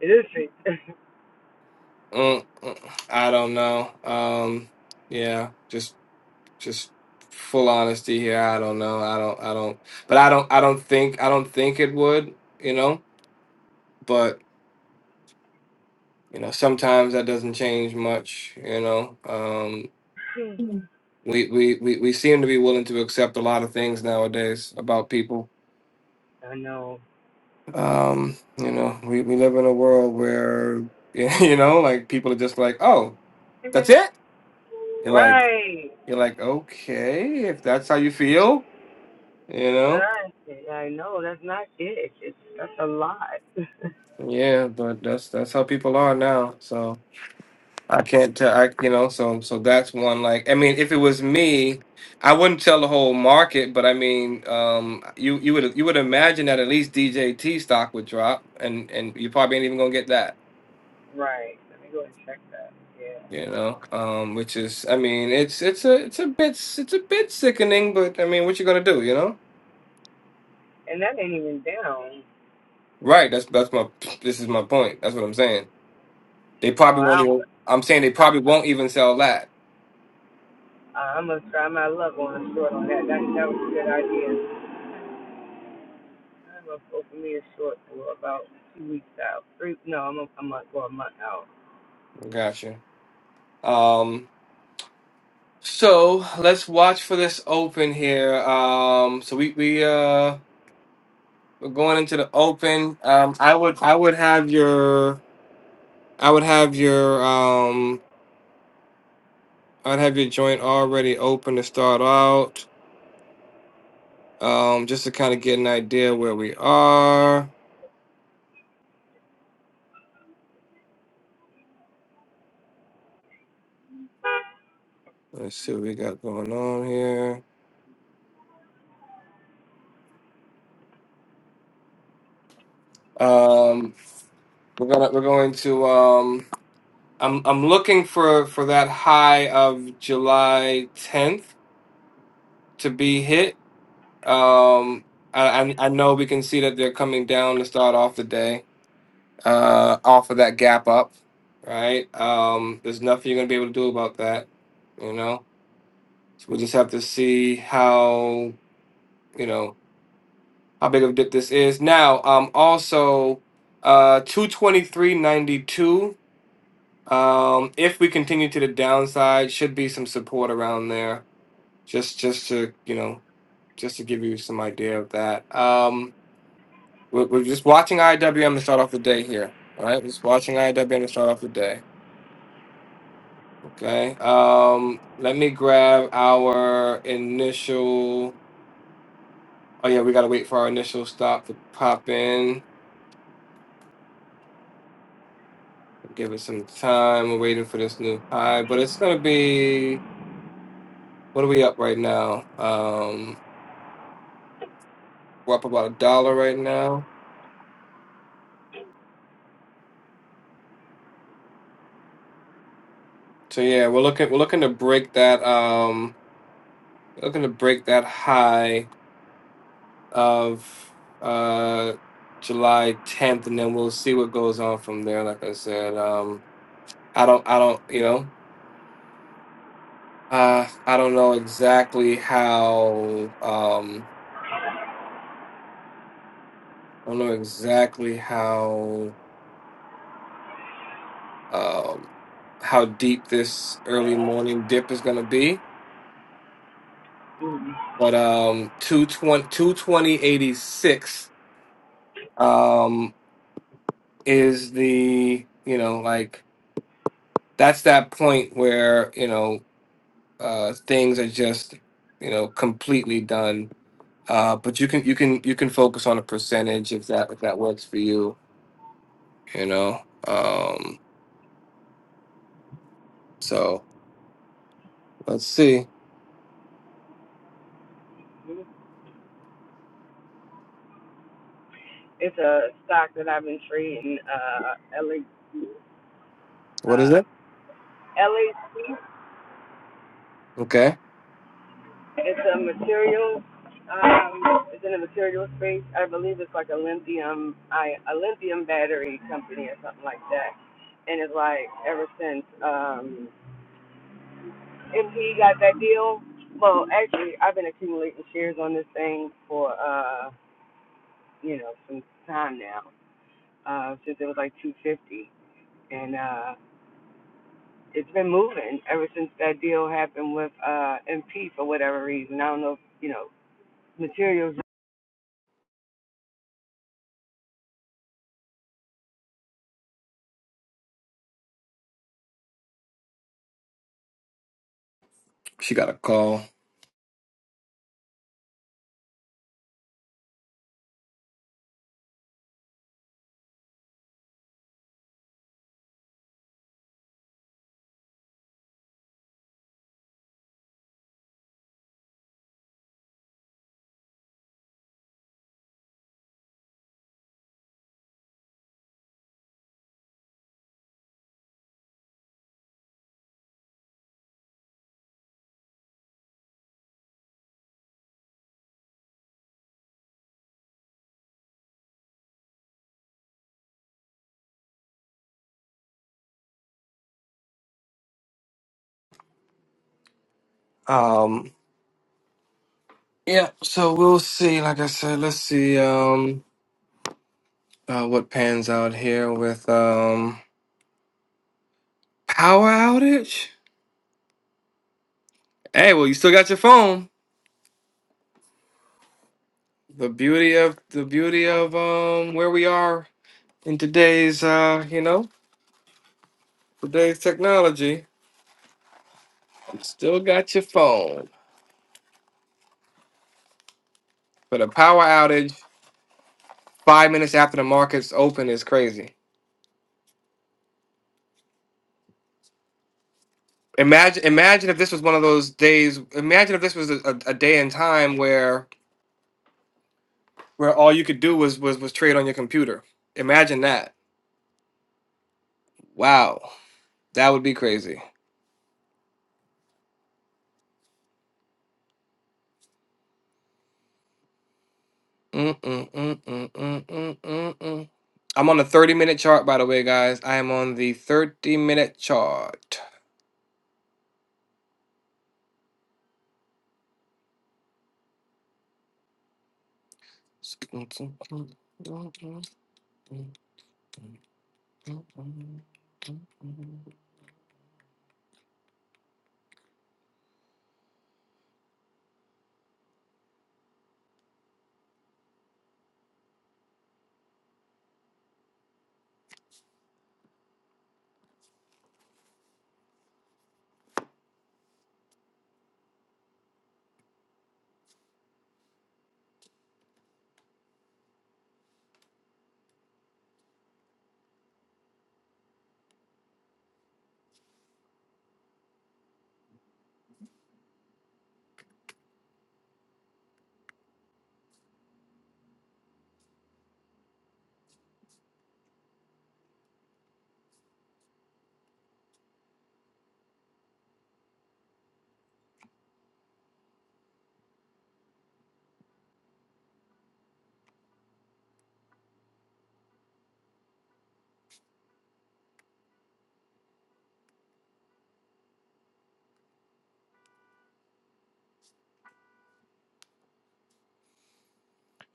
it is fake. <laughs> Mm, mm, I don't know. Um, yeah, just just full honesty here. I don't know. I don't. I don't. But I don't. I don't think. I don't think it would. You know, but you know sometimes that doesn't change much you know um We, we we we seem to be willing to accept a lot of things nowadays about people. I know. What's Um, you know, we, we live in a world where <laughs> you know, like people are just like, Oh, that's it? it? You're like Right. you're like, Okay, if that's how you feel, you know? Right. I know that's not it. It's that's a lot. <laughs> Yeah, but that's that's how people are now. So I can't tell. I you know so so that's one. Like I mean, if it was me, I wouldn't tell the whole market, but I mean, um, you you would you would imagine that at least DJT stock would drop, and and you probably ain't even gonna get that. right. Let me go and check that. Yeah. You know, um, which is I mean, it's it's a it's a bit it's a bit sickening, but I mean, what you gonna do? You know, And that ain't even down. right? That's that's my this is my point. That's what I'm saying. They Oh, probably won't. I'm even- I'm saying they probably won't even sell that. I, I'm gonna try my luck on a short on that. That that was a good idea. I'm gonna go for me a short for about two weeks out. Three no, I'm a, I'm gonna go a month out. Gotcha. Um, So let's watch for this open here. Um, so we we uh we're going into the open. Um, I would I would have your I would have your um I'd have your joint already open to start out. Um, just to kind of get an idea where we are. Let's see what we got going on here. Um, we're gonna we're going to um I'm I'm looking for for that high of July 10th to be hit Um, I, I I know we can see that they're coming down to start off the day, uh, off of that gap up, right? Um, there's nothing you're gonna be able to do about that, you know. So we'll just have to see how you know how big of a dip this is. Now, um, also, uh, two twenty three ninety two. Um, if we continue to the downside, should be some support around there. Just just to you know just to give you some idea of that. Um We're, we're just watching IWM to start off the day here. All right, just watching IWM to start off the day. Okay. Um, let me grab our initial. Oh yeah, we gotta wait for our initial stop to pop in. Give it some time. We're waiting for this new high, but it's gonna be. What are we up right now? Um, we're up about a dollar right now. So yeah, we're looking. We're looking to break that. Um, looking to break that high of uh, July 10th, and then we'll see what goes on from there. Like I said, um, I don't, I don't, you know, uh, I don't know exactly how, um, I don't know exactly how, um, how deep this early morning dip is going to be, but um, 220, um, is the, you know, like that's that point where, you know, uh, things are just you know completely done. Uh, but you can you can you can focus on a percentage if that if that works for you. You know. Um, so let's see. It's a stock that I've been trading. Uh, LA, What is um, it? LAC. Okay. It's a material. Um, it's in a material space. I believe it's like a lithium, I a lithium battery company or something like that. And it's like ever since um MP got that deal. Well, actually, I've been accumulating shares on this thing for uh, you know, some time now. Uh, since it was like 250, and uh, it's been moving ever since that deal happened with uh MP for whatever reason. I don't know, if, you know, materials. She got a call. Um, yeah. So we'll see. Like I said, let's see um, uh, what pans out here with um, power outage. Hey, well, you still got your phone. The beauty of the beauty of um, where we are in today's uh, you know today's technology, you still got your phone. But a power outage five minutes after the markets open is crazy. Imagine, imagine if this was one of those days. Imagine if this was a, a, a day in time where where all you could do was was was trade on your computer. Imagine that. Wow, that would be crazy. Mm, mm, mm, mm, mm, mm, mm, mm. I'm on the 30 minute chart, by the way, guys. I am on the 30 minute chart.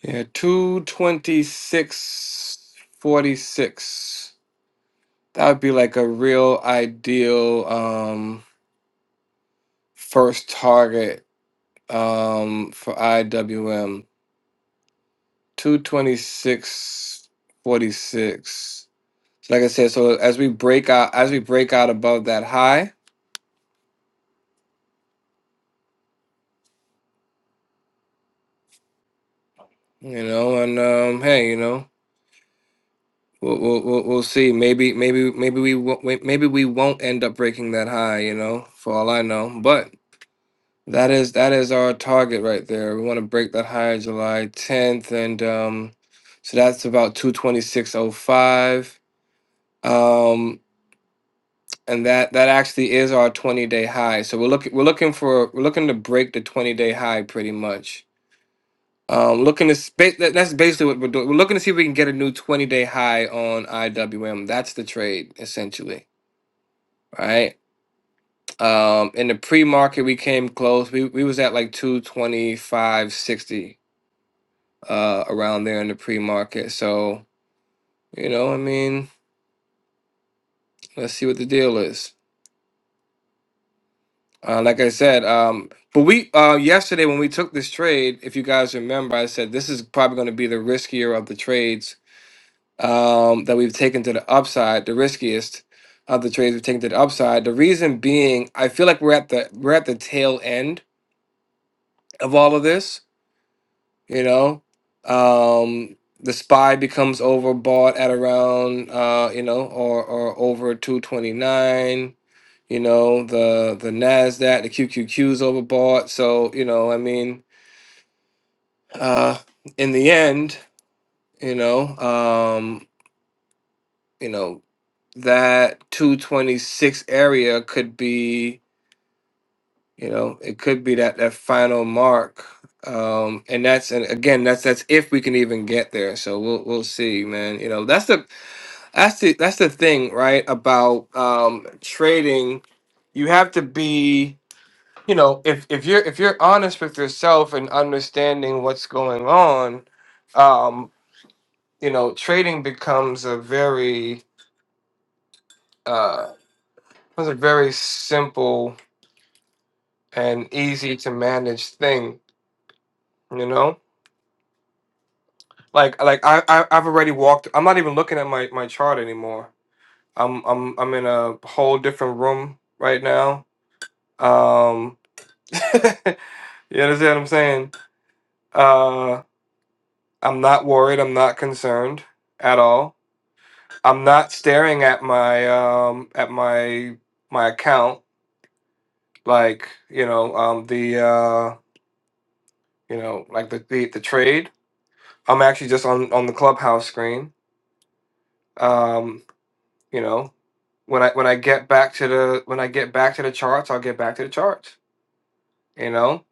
Yeah, two twenty six forty six. That would be like a real ideal um first target um for IWM. Two twenty six forty six. Like I said, so as we break out as we break out above that high, you know, and um hey, you know, we'll we'll we'll, we'll see. Maybe maybe maybe we won't maybe we won't end up breaking that high, you know, for all I know. but. That is that is our target right there. We want to break that higher July 10th and um so that's about 226.05. Um and that that actually is our 20-day high. So we're looking we're looking for we're looking to break the 20-day high pretty much. Um looking to spa- that, that's basically what we're doing. We're looking to see if we can get a new 20-day high on IWM. That's the trade essentially, right? Um in the pre-market we came close. We we was at like 225.60 uh, around there in the pre-market. So, you know, I mean, let's see what the deal is. Uh, like I said, um, but we uh, yesterday when we took this trade, if you guys remember, I said this is probably going to be the riskier of the trades um, that we've taken to the upside, the riskiest of the trades we've taken to the upside. The reason being, I feel like we're at the we're at the tail end of all of this you know um the spy becomes overbought at around uh you know or or over 229 you know the the nasdaq the qqq is overbought so you know i mean uh in the end you know um you know that 226 area could be You know, it could be that that final mark, um, and that's and again, that's that's if we can even get there. So we'll we'll see, man. You know, that's the that's the that's the thing, right? About um, trading, you have to be, you know, if if you're if you're honest with yourself and understanding what's going on, um, you know, trading becomes a very uh, becomes a very simple and easy to manage thing. You know Like like I, I I've already walked. I'm not even looking at my my chart anymore. I'm I'm I'm in a whole different room right now. Um, <laughs> you understand what I'm saying? Uh, I'm not worried. I'm not concerned at all. I'm not staring at my um at my my account like you know um the uh you know like the the, the trade. I'm actually just on on the clubhouse screen. Um, You know, when I when I get back to the when I get back to the charts, I'll get back to the charts. You know,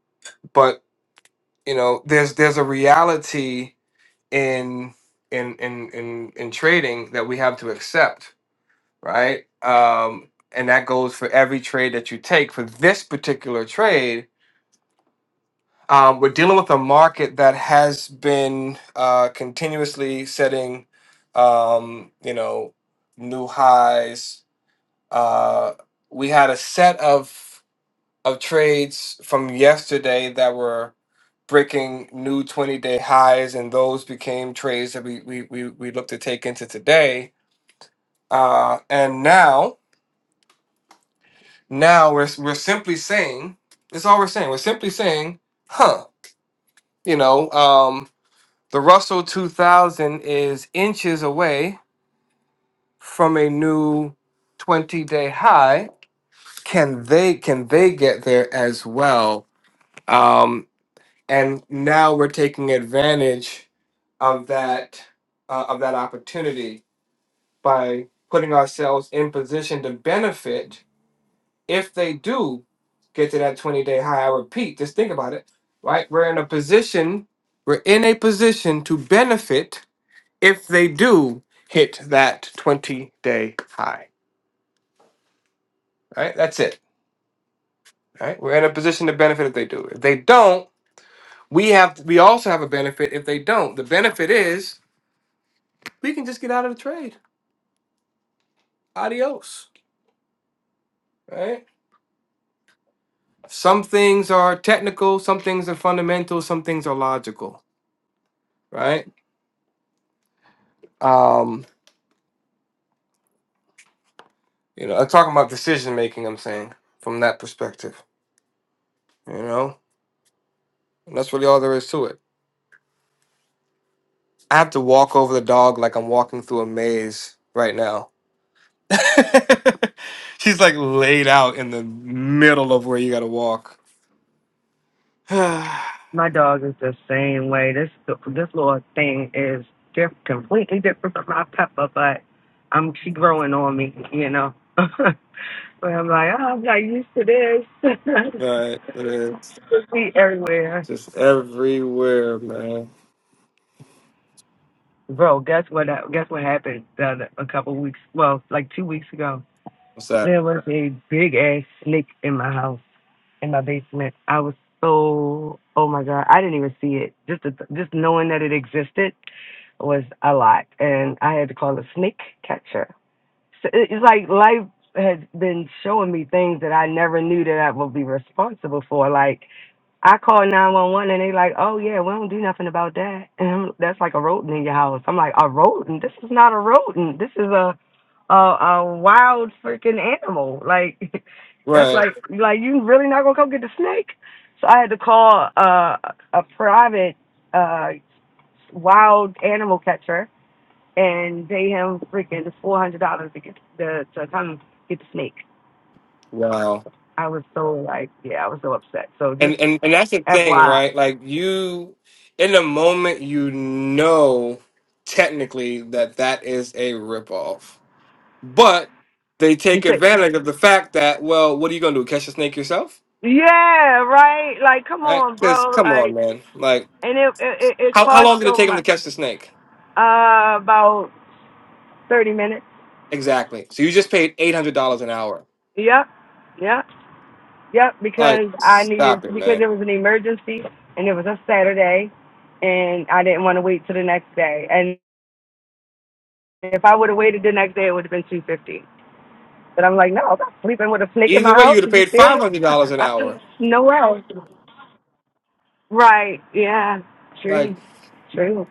but you know, there's there's a reality in in in in in trading that we have to accept, right? Um, and that goes for every trade that you take. For this particular trade, um, we're dealing with a market that has been uh, continuously setting, um, you know, new highs. Uh, we had a set of of trades from yesterday that were breaking new 20 day highs, and those became trades that we, we, we, we look to take into today. Uh, and now, now we're, we're simply saying, that's all we're saying. We're simply saying, huh, you know, um, the Russell 2000 is inches away from a new 20 day high. Can they can they get there as well? Um, and now we're taking advantage of that uh, of that opportunity by putting ourselves in position to benefit if they do get to that 20 day high. I repeat, just think about it, right? We're in a position, we're in a position to benefit if they do hit that 20 day high, right? That's it, right? We're in a position to benefit if they do. If they don't, we have we also have a benefit if they don't. The benefit is we can just get out of the trade. Adios. Right? Some things are technical, some things are fundamental, some things are logical, right? Um, you know, I'm talking about decision making, I'm saying, from that perspective. You know? And that's really all there is to it. I have to walk over the dog like I'm walking through a maze right now. <laughs> She's like laid out in the middle of where you gotta walk. <sighs> right. My dog is the same way. This this little thing is diff, completely different from my Peppa, but I'm she growing on me, you know. <laughs> but I'm like, oh, I'm not used to this. <laughs> It is See everywhere. just everywhere, man. Bro, guess what? uh, Guess what happened the other, a couple weeks? Well, like two weeks ago. What's that? There was a big ass snake in my house, in my basement. I was so, oh my god, I didn't even see it. Just, the, just what they knew. Like I called now, rodent in your house. A rodent? This is not a rodent. This is a a, a wild freaking animal. Like <laughs> that's Right. like like you really not gonna come get the snake? So I had to call uh, a private. uh, wild animal catcher and pay him freaking four hundred dollars to get the to come get the snake. Wow. I was so like, yeah, I was so upset. So And just and and that's the thing, FYI, right? Like you in the moment you know technically that that is a ripoff. But they you take say, advantage of the fact that, well, what are you going to do? Catch the snake yourself? yeah, right? Like, come on, bro. Because come on, Like, man. Like, and it it, it it how, how cost long did it so take them to much. catch the snake? Uh, about thirty minutes. Exactly. So you just paid $800 an hour. Yep, yep, yep. Like, Because I needed stop it, because man. it was an emergency and it was a Saturday, and I didn't want to wait till the next day. And If I would have waited the next day, it would have been two fifty. But I'm like, no, I'm not sleeping with a snake in my Either way, you house. would Are have you paid serious? $500 an <laughs> hour. no way. Right? Yeah. Like, True. True.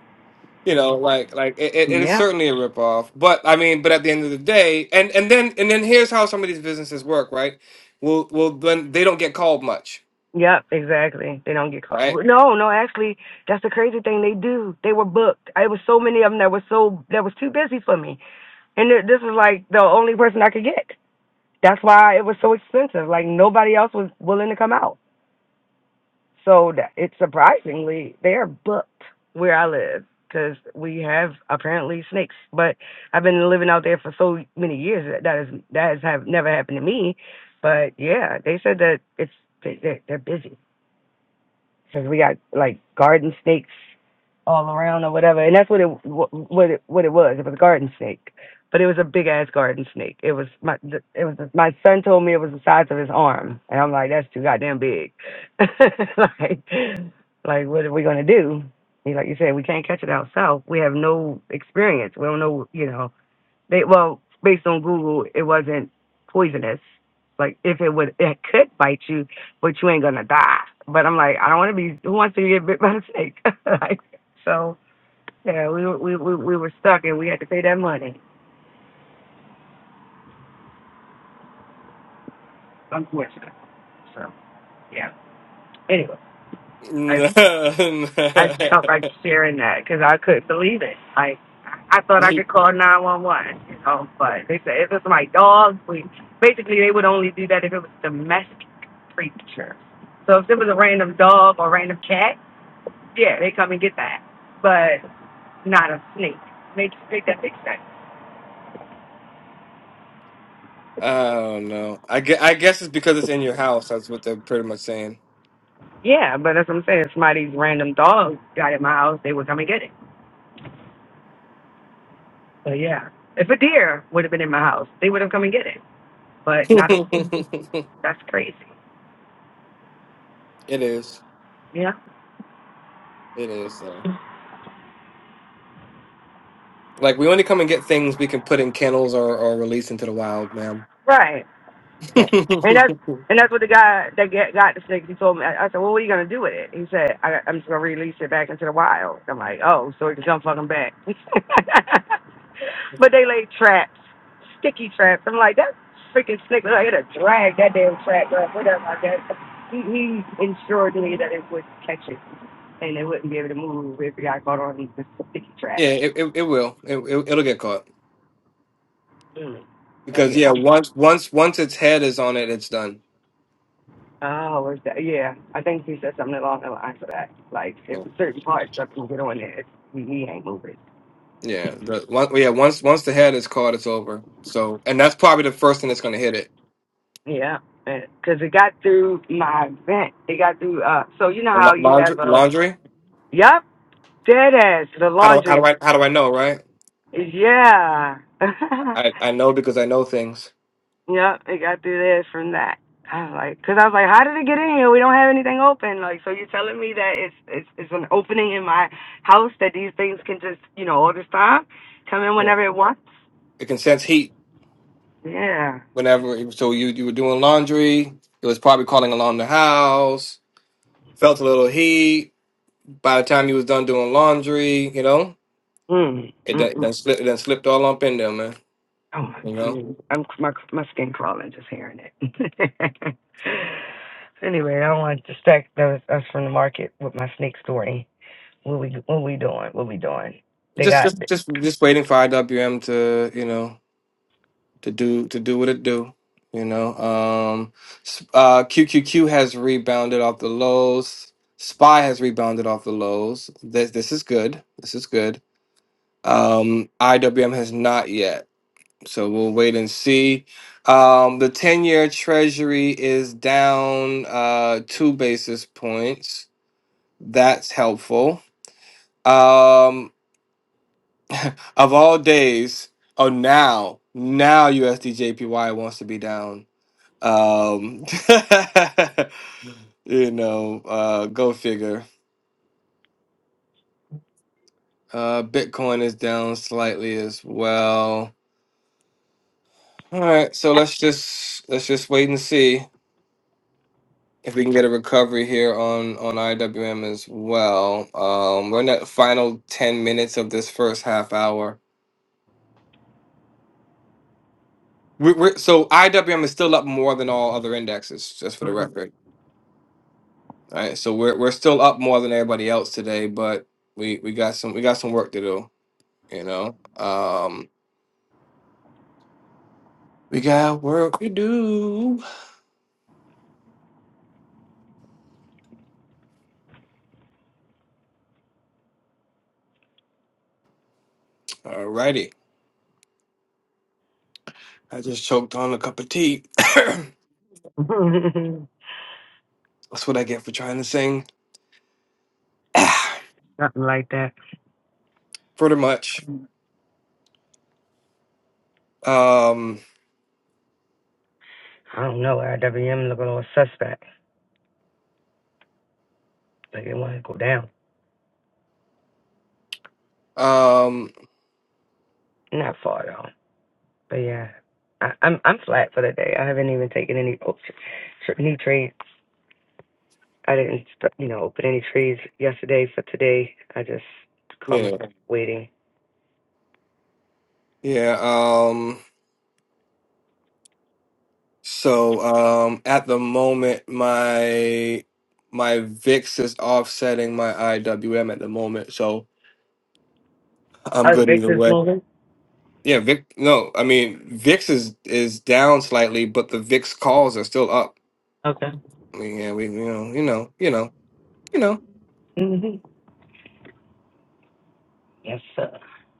You know, like like it, it it is Yeah. certainly a ripoff. But I mean, but at the end of the day, and and then and then here's how some of these businesses work, right? Well, well, then they don't get called much, Yep, exactly. They don't get caught. right? No, no, actually, that's the crazy thing. They do. They were booked. It was so many of them that was so that was too busy for me, and th- this is like the only person I could get. That's why it was so expensive. Like nobody else was willing to come out. So that it's surprisingly they're booked where I live because we have apparently snakes. But I've been living out there for so many years that that is that has have never happened to me. But yeah, they said that it's they, they're, they're busy because we got like garden snakes all around or whatever, and that's what it wh- what it what it was. It was a garden snake, but it was a big ass garden snake. It was my th- it was my son told me it was the size of his arm, and I'm like, that's too goddamn big. <laughs> like, like what are we gonna do? He's like you said, we can't catch it out south. We have no experience. We don't know, you know. They well, based on Google, it wasn't poisonous. Like if it would, it could bite you, but you ain't gonna die. But I'm like, I don't want to be. Who wants to get bit by a snake? <laughs> like, so yeah, we, were- we we we were stuck and we had to pay that money. Unfortunately. So yeah. Anyway. <laughs> I no. I I just felt like sharing that because I couldn't believe it. Like I thought I could call nine one one, you know, but they said if it's my dog, we basically they would only do that if it was domestic creature. So if it was a random dog or random cat, yeah, they come and get that, but not a snake. Make make that make sense. I guess, I guess it's because it's in your house. That's what they're pretty much saying. Yeah, but that's what I'm saying. If somebody's random dog got in my house, they would come and get it. But yeah, if a deer would have been in my house, they would have come and get it. <laughs> But not a. it That's crazy. is. Yeah. It is. Though, like, we only come and get things we can put in kennels or, or release into the wild, ma'am. Right. <laughs> yeah, Okay. And that's and that's what the guy that get, got the snake. He told me. I, I said, "Well, what are you gonna do with it?" He said, I, "I'm just gonna release it back into the wild." I'm like, "Oh, so it can come fucking back." <laughs> but they lay traps, sticky traps. I'm like, that freaking snake. I had to drag that damn trap up. Whatever. I guess he, he ensured me that it would catch it and it wouldn't be able to move if it got caught on the sticky trap. it, it, it will. It, it, it'll get caught. Mm. But because yeah, yeah, once once once its head is on it, it's done. Oh, is that? Yeah, I think he said something along the lines of that. Like, if certain parts stuff can get on there, it's, he he ain't moving. Yeah, the one, yeah. Once once the head is caught, it's over. So, and that's probably the first thing that's going to hit it. Yeah, because it got through my vent. It got through. Uh, so you know The la- how you Laundry, have a laundry. yep dead ass the How do how do laundry. I how do I know? Right? Yeah, <laughs> I I know because I know things. yep. It got through there from that. I was like, because I was like, how did it get in here? We don't have anything open. Like, so you're telling me that it's it's it's an opening in my house that these things can just you know all this time come in whenever it wants. It can sense heat Yeah. whenever. So you you were doing laundry. It was probably calling along the house. Felt a little heat. By the time you was done doing laundry, you know, Mm. it done, it Mm-mm. done slipped it done slipped all up in there, man. Oh my You know. Jesus. I'm my my skin crawling just hearing it. <laughs> anyway, I don't want to distract those, us from the market with my snake story. What we what we doing? What we doing? They just got just <laughs> just just waiting for IWM to you know to do to do what it do. You know, um, s- uh, QQQ has rebounded off the lows. Spy has rebounded off the lows. This this is good. This is good. Um, IWM has not yet, so we'll wait and see. Um, the ten-year Treasury is down uh, two basis points. That's helpful. Um, of all days, oh now, now USDJPY wants to be down. Um, <laughs> you know, uh, go figure. Uh, Bitcoin is down slightly as well. All right, so let's just let's just wait and see if we can get a recovery here on on IWM as well. Um, we're in that final ten minutes of this first half hour. we we're, so IWM is still up more than all other indexes, just for the record. All right, so we're we're still up more than everybody else today, but we we got some we got some work to do, you know. Um, we got work to do. All righty, I just choked on a cup of tea. <coughs> That's nothing what I get for trying to sing, <coughs> like that. pretty much. Um, I don't know. RWM looking a little suspect. Like they want to go down. um, Not far though. But yeah. I, I'm I'm flat for the day. I haven't even taken any oh, tr- tr- new trades. I didn't, st- you know, open any trees yesterday. So today, I just called yeah, myself waiting. yeah. Um, so um, at the moment, my my VIX is offsetting my IWM at the moment, so I'm Oh, good either Victor's way. moving? Yeah, Vic. No, I mean VIX is is down slightly, but the VIX calls are still up. Okay. I mean, yeah, we you know you know you know you know hmm Yes, sir.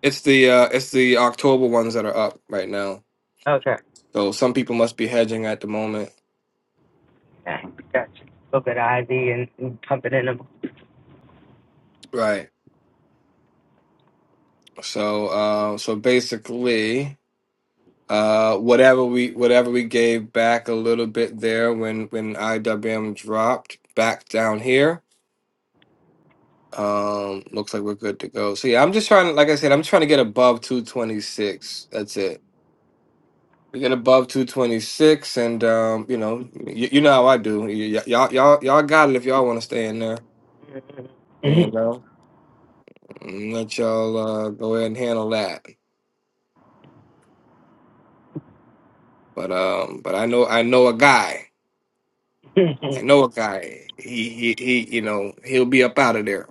it's the uh it's the October ones that are up right now. Okay. So some people must be hedging at the moment, Yeah, gotcha. Look at Ivy and, and pumping in them. right? So uh, so basically, uh, whatever we whatever we gave back a little bit there when when IWM dropped back down here. Um, looks like we're good to go. So yeah, I'm just trying to, like I said, I'm trying to get above 226. That's it. we get above 226 and um you know you, you know how i do y- y- y'all y'all y'all got it if y'all want to stay in there you hmm know Mm, let y'all uh go ahead and handle that but um but i know i know a guy <laughs> i know a guy he he, he you know he'll be up out of there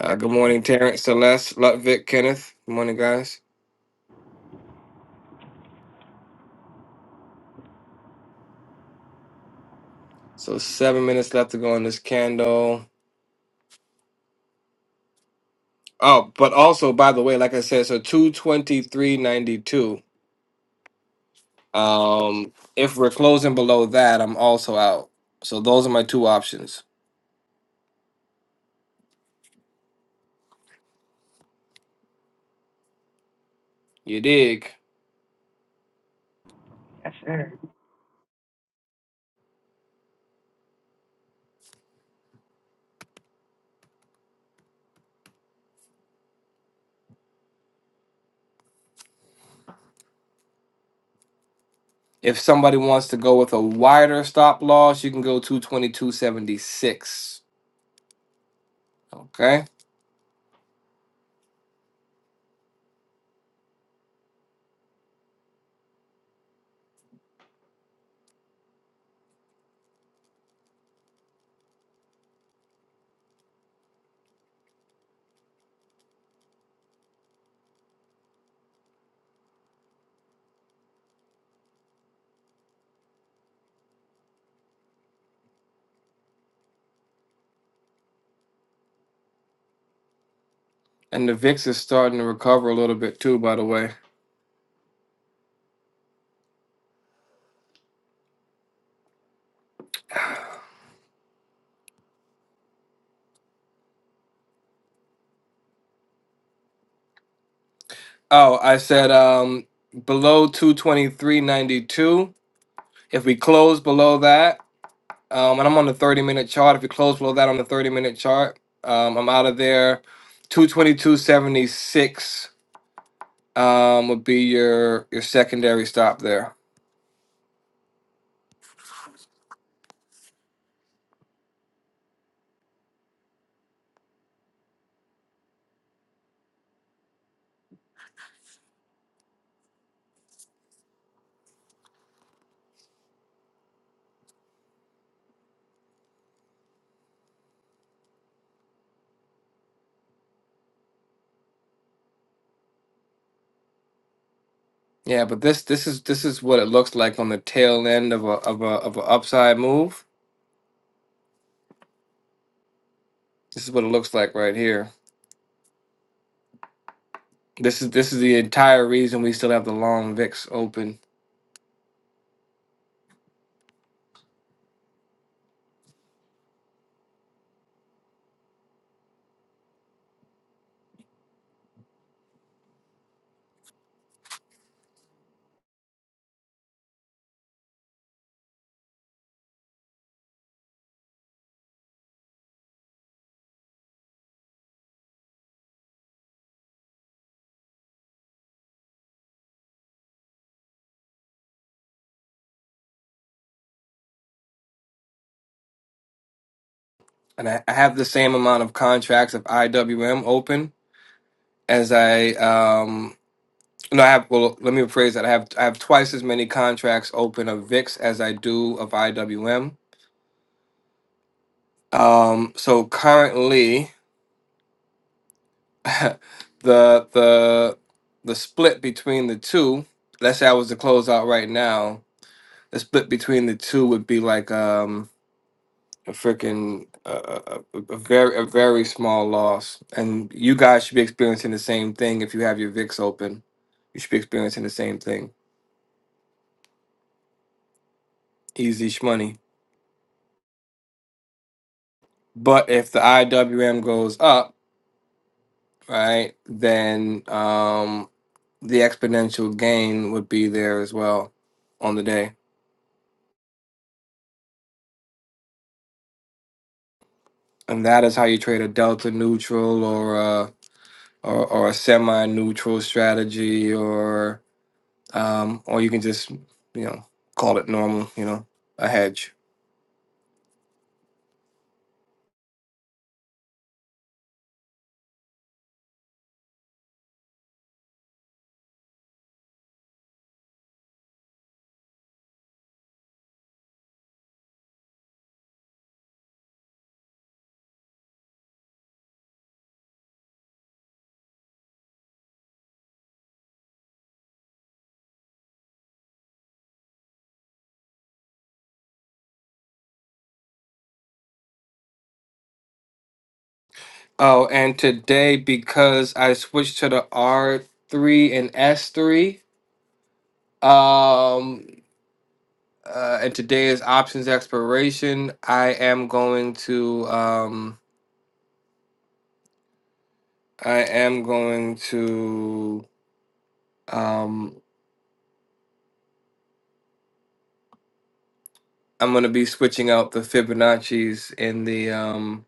uh Yes. good sir. morning terrence celeste ludwig kenneth good morning guys so seven minutes left to go on this candle oh but also by the way like i said so 223.92 Um, if we're closing below that, I'm also out. So those are my two options. You dig? yes, sir. If somebody wants to go with a wider stop loss, you can go 222.76. Okay. And the VIX is starting to recover a little bit too, by the way. Oh, I said um below 223.92. If we close below that, um, and I'm on the 30 minute chart. If we close below that on the 30 minute chart, um, I'm out of there. 222.76 um would be your your secondary stop there. Yeah, but this this is this is what it looks like on the tail end of a of a of a upside move. This is what it looks like right here. This is this is the entire reason we still have the long VIX open, and I, I have the same amount of contracts of IWM open as I um no I have well let me rephrase that I have I have twice as many contracts open of VIX as I do of IWM. Um, so currently <laughs> the the the split between the two. Let's say I was to close out right now. The split between the two would be like um a freaking uh, a, a very a very small loss, and you guys should be experiencing the same thing if you have your VIX open. You should be experiencing the same thing. Easy shmoney. But if the IWM goes up, right, then um the exponential gain would be there as well on the day. and that is how you trade a delta neutral or a or, or a semi-neutral strategy, or um, or you can just you know call it normal, you know, a hedge. Oh, and today because I switched to the R three and S three, um, uh, and today is options expiration. I am going to um, I am going to um I'm gonna be switching out the Fibonacci's in the um.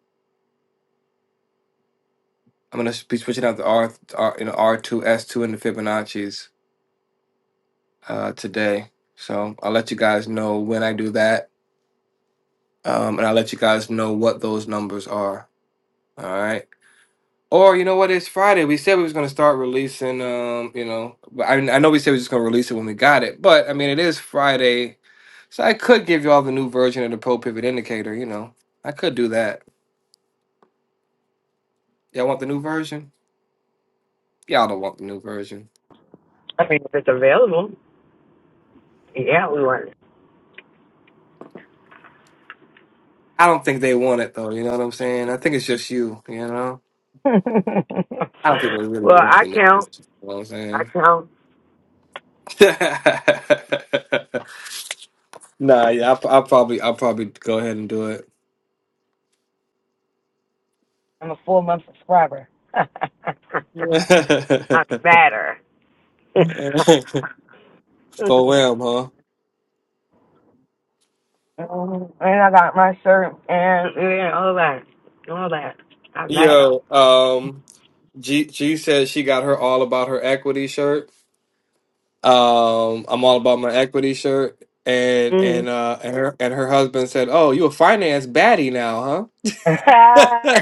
I'm gonna be switching out the R, R you know R two S two and the Fibonacci's uh, today. So I'll let you guys know when I do that, um, and I'll let you guys know what those numbers are. All right. Or you know what? It's Friday. We said we was gonna start releasing. Um, you know, but I I know we said we are just gonna release it when we got it, but I mean it is Friday, so I could give y'all the new version of the Pro Pivot Indicator. You know, I could do that. Y'all want the new version? Y'all don't want the new version. I mean, if it's available, yeah, we want it. I don't think they want it though. You know what I'm saying? I think it's just you. You know. <laughs> I don't think they really well, want I the new count. version. You know what I count. I'm saying? <laughs> nah, yeah, I'll, I'll probably, I'll probably go ahead and do it. I'm a four month subscriber. <laughs> I <laughs> matter. <laughs> For wham, huh? Mhm. And I got my shirt and yeah, all that. All that. I met him. Yo, um, G G said she got her all about her equity shirt. Um, I'm all about my equity shirt. And and uh and her and her husband said, "Oh, you a finance baddie now, huh?"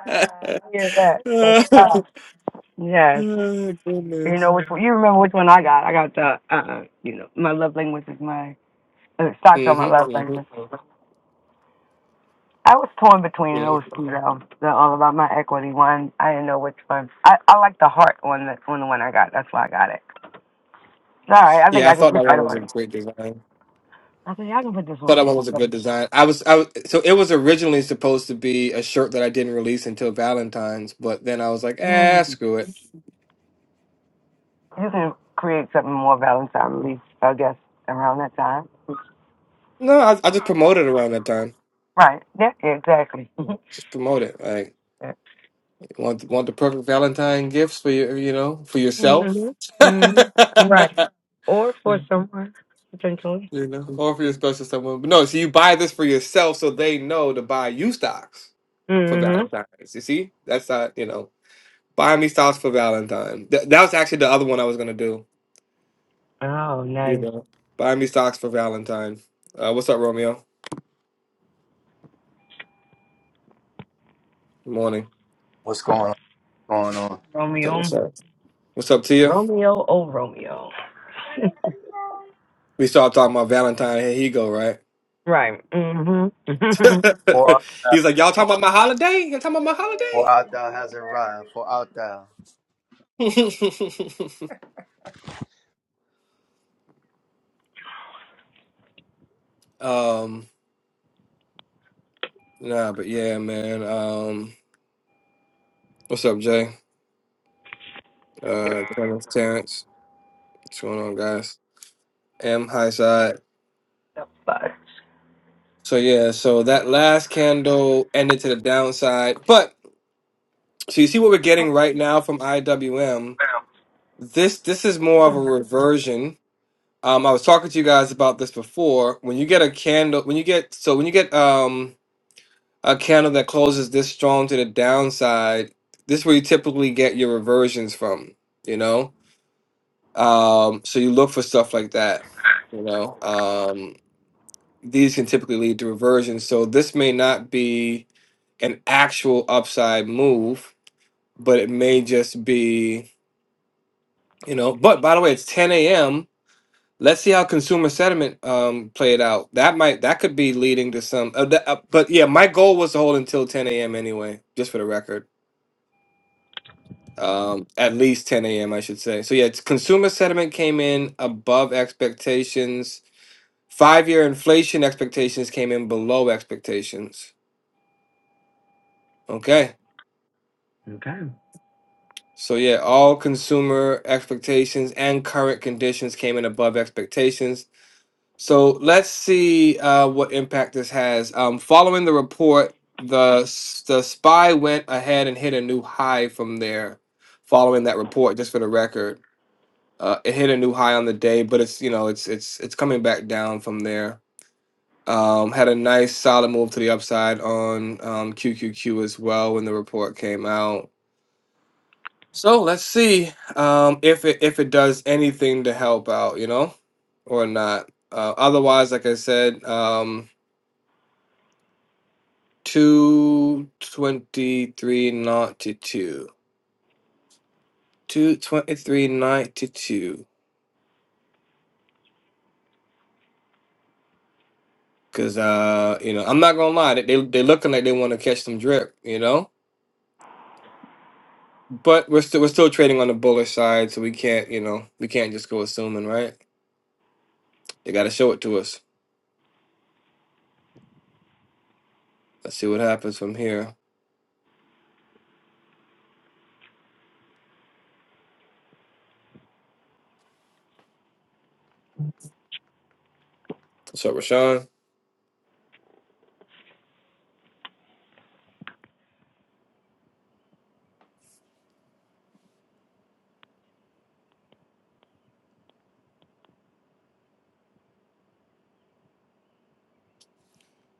<laughs> Here's that. That's tough. <laughs> Yes. Oh You Goodness. know which one, you remember which one I got. I got the uh you know, my love language is my uh, socks hmm are my love hmm language. I was torn between hmm those two though. The all about my equity one. I didn't know which one. I, I like the heart one that on the one I got. That's why I got it. It's all right, I think Yeah, I I can thought put that one that was a on. great design. I think I can put this Thought one that and one was a good design. I was, I was, so it was originally supposed to be a shirt that I didn't release until Valentine's, but then I was like, ah, go. screw it. You can create something more balanced, I believe, I guess, around that time. No, I, I just promoted around that time. Right. Yeah, yeah, exactly. <laughs> Just promote it. Like, Yeah. want want the perfect Valentine gifts for your, you know, for yourself. hmm hmm Right. <laughs> Or for someone, potentially. You know, or if you're a special someone. But no, so you buy this for yourself so they know to buy you stocks for hmm Valentine's. You see? That's not, you know, buy me stocks for Valentine. Th- that was actually the other one I was going to do. oh, You nice. know, buy me stocks for Valentine. Uh, what's up, Romeo? Good morning. What's going on? What's going on? So what's Romeo. up? What's up to you? Romeo oh Romeo. <laughs> We started talking about Valentine. Here he go, right? right. hmm <laughs> the <laughs> For, He's like, y'all talking about my holiday? Y'all talking about my holiday? for out thou has arrived. For out thou. <laughs> um, nah, but yeah, man. Um, what's up, Jay? uh Kenneth Terrence. What's going on, guys? M high side. fudge. So yeah, so that last candle ended to the downside. But so you see what we're getting right now from IWM. This this is more of a reversion. Um I was talking to you guys about this before. When you get a candle when you get so when you get um a candle that closes this strong to the downside, this is where you typically get your reversions from, you know? Um so you look for stuff like that, you know. Um, these can typically lead to reversions. So this may not be an actual upside move, but it may just be, you know. But by the way, it's 10 a.m. Let's see how consumer sentiment um, played out. That might that could be leading to some. Uh, that, uh, but yeah, my goal was to hold until 10 a.m. anyway, just for the record. Um, at least 10 a.m. I should say. So yeah, it's consumer sentiment came in above expectations. Five-year inflation expectations came in below expectations. Okay. Okay. So yeah, all consumer expectations and current conditions came in above expectations. So let's see uh, what impact this has. Um, following the report, the s- the spy went ahead and hit a new high from there. Following that report, just for the record, uh, it hit a new high on the day, but it's you know it's it's it's coming back down from there. Um, had a nice solid move to the upside on um, QQQ as well when the report came out so let's see um, if it if it does anything to help out, you know, or not. Uh, otherwise, like I said, um, two twenty three ninety two, two twenty three ninety two. Cause uh, you know, I'm not gonna lie, they they they looking like they want to catch some drip, you know. But we're still we're still trading on the bullish side, so we can't you know we can't just go assuming, right? They got to show it to us. Let's see what happens from here. What's up, Rashawn?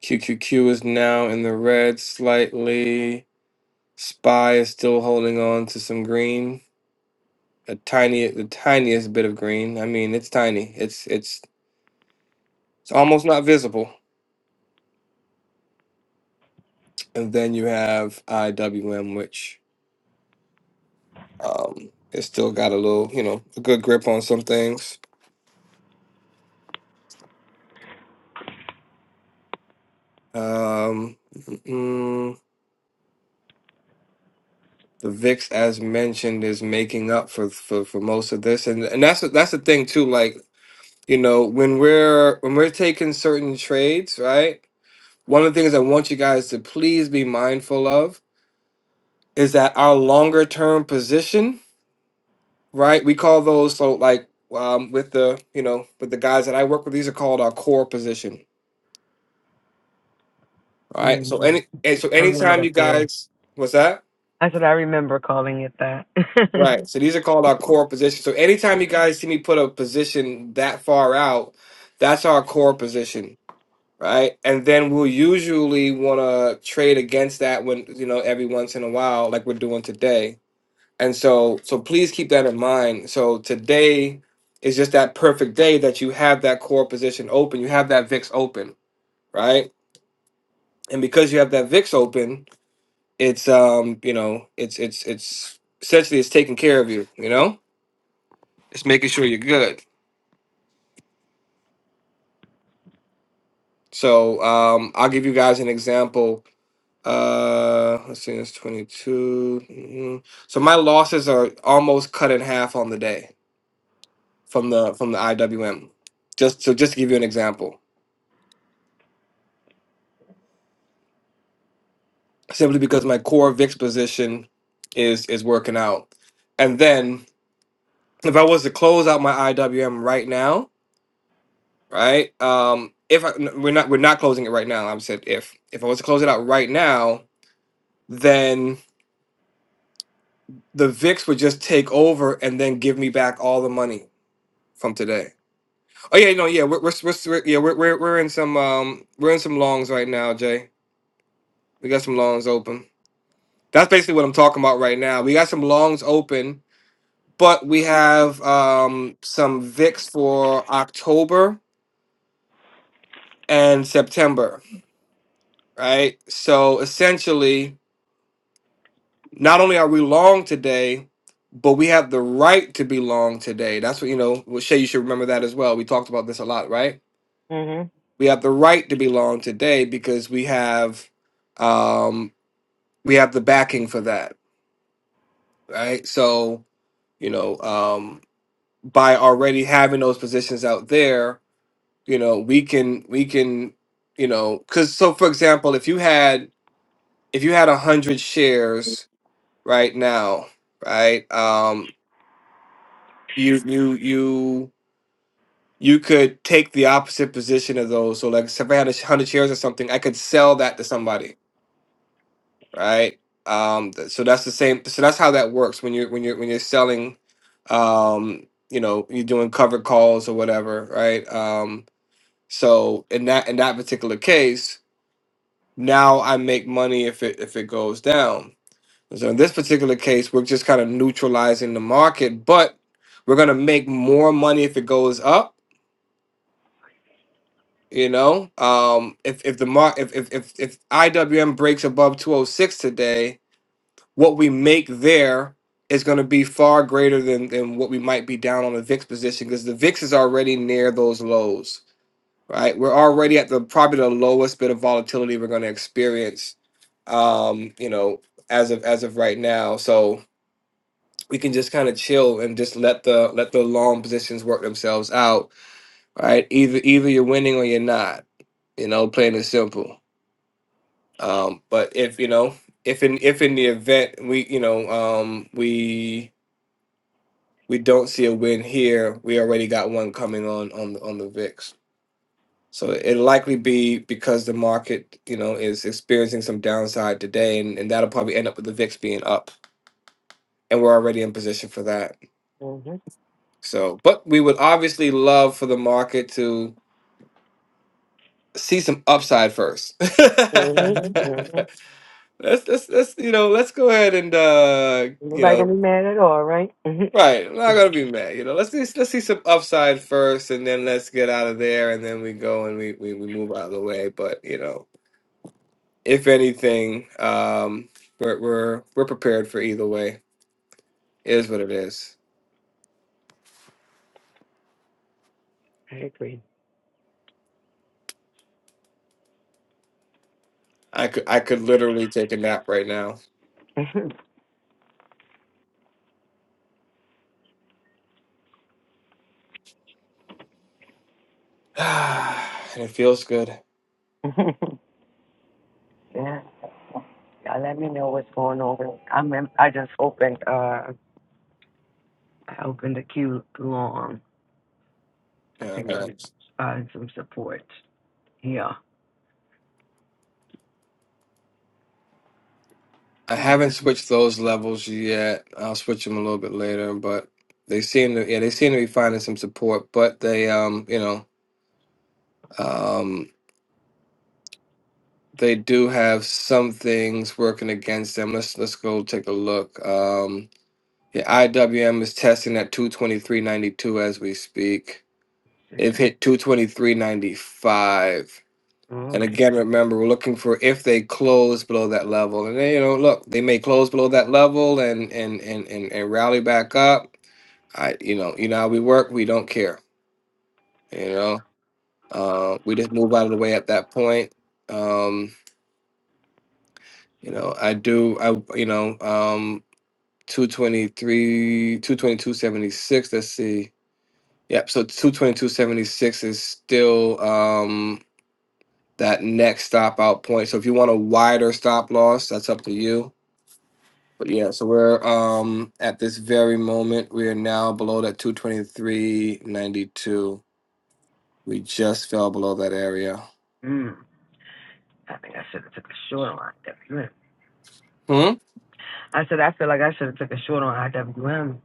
QQQ is now in the red slightly. Spy is still holding on to some green, a tiny, the tiniest bit of green. I mean, it's tiny. It's it's it's almost not visible. And then you have IWM, which um, it's still got a little, you know, a good grip on some things. Um, mm, the VIX, as mentioned, is making up for for, for most of this, and and that's that's the thing too. Like you know when we're when we're taking certain trades right one of the things i want you guys to please be mindful of is that our longer term position right we call those so like um, with the you know with the guys that i work with these are called our core position right so hmm any and so I remember anytime you that theory. guys what's that That's what I remember calling it that. <laughs> right so these are called our core position so anytime you guys see me put a position that far out that's our core position right? And then we'll usually want to trade against that when you know every once in a while, like we're doing today. And so, so please keep that in mind. So today is just that perfect day that you have that core position open, you have that VIX open, right? And because you have that VIX open, it's um, you know, it's it's it's essentially it's taking care of you, you know, it's making sure you're good. So um, I'll give you guys an example Uh, let's see, it's 22. Mhm. So my losses are almost cut in half on the day from the from the IWM. Just so just to give you an example, simply because my core VIX position is is working out. And then if I was to close out my IWM right now, right? Um, if I, n- we're not we're not closing it right now, I said if if I was to close it out right now, then the VIX would just take over and then give me back all the money from today. Oh yeah, no, yeah, we're we're, we're we're- yeah we're, we're we're in some um we're in some longs right now, Jay. We got some longs open. That's basically what I'm talking about right now. We got some longs open, but we have um some VIX for October and September, right? So essentially, not only are we long today, but we have the right to be long today. That's what you know. Well, Shay, you should remember that as well. We talked about this a lot, right? hmm We have the right to be long today because we have. um, we have the backing for that, right? So, you know, um, by already having those positions out there, you know, we can we can, you know, because so for example, if you had if you had a hundred shares right now, right, um, you you you you could take the opposite position of those. So, like, so if I had a hundred shares or something, I could sell that to somebody right? Um, th- so that's the same. So that's how that works when you're when you're when you're selling. Um, you know, you're doing covered calls or whatever, right? Um, so in that in that particular case, now I make money if it if it goes down. So in this particular case, we're just kind of neutralizing the market, but we're gonna make more money if it goes up. You know, um, if if the mar if if if if IWM breaks above 206 today, what we make there is going to be far greater than than what we might be down on the VIX position because the VIX is already near those lows, right? We're already at the probably the lowest bit of volatility we're going to experience, um, you know, as of as of right now. So we can just kind of chill and just let the let the long positions work themselves out, right? Either either you're winning or you're not, you know, plain and simple. Um, but if you know if in if in the event we you know um, we we don't see a win here, we already got one coming on on the, on the VIX. So it'll likely be because the market, you know, is experiencing some downside today, and, and that'll probably end up with the VIX being up, and we're already in position for that. hmm So, but we would obviously love for the market to see some upside first. <laughs> hmm hmm Mhm. let's, let's let's you know let's go ahead and uh, you Nobody know gonna be mad at all, right? <laughs> Mhm. Right, I'm not gonna be mad. You know, let's see, let's see some upside first, and then let's get out of there, and then we go and we we, we move out of the way. But you know, if anything, um, we're we're we're prepared for either way. It Is what it is. I agree. I could I could literally take a nap right now, <laughs> <sighs> and it feels good. yeah, y'all let me know what's going on. I'm in, I just opened uh I opened the queue long. I Yeah, think I'm I not. need uh, some support. Yeah. I Let's haven't switched those levels yet. I'll switch them a little bit later, but they seem to yeah they seem to be finding some support. But they um you know. um. they do have some things working against them. Let's let's go take a look. Um, yeah, IWM is testing at 223.92 as we speak. see. They've hit 223.95. And Okay. again, remember, we're looking for if they close below that level. And they, you know, look, they may close below that level and and and and, and rally back up. I, you know, you know how we work. We don't care. You know, uh, we just move out of the way at that point. Um, You know, I do. I you know, um, two twenty three, two twenty two seventy six. Let's see. Yep. So two twenty two seventy six is still um that next stop out point. So if you want a wider stop loss, that's up to you. But yeah, so we're um at this very moment we are now below that two twenty three ninety two. We just fell below that area. Mm. I think I should have took a short on IWM. Hmm. I said I feel like I should have took a short on IWM.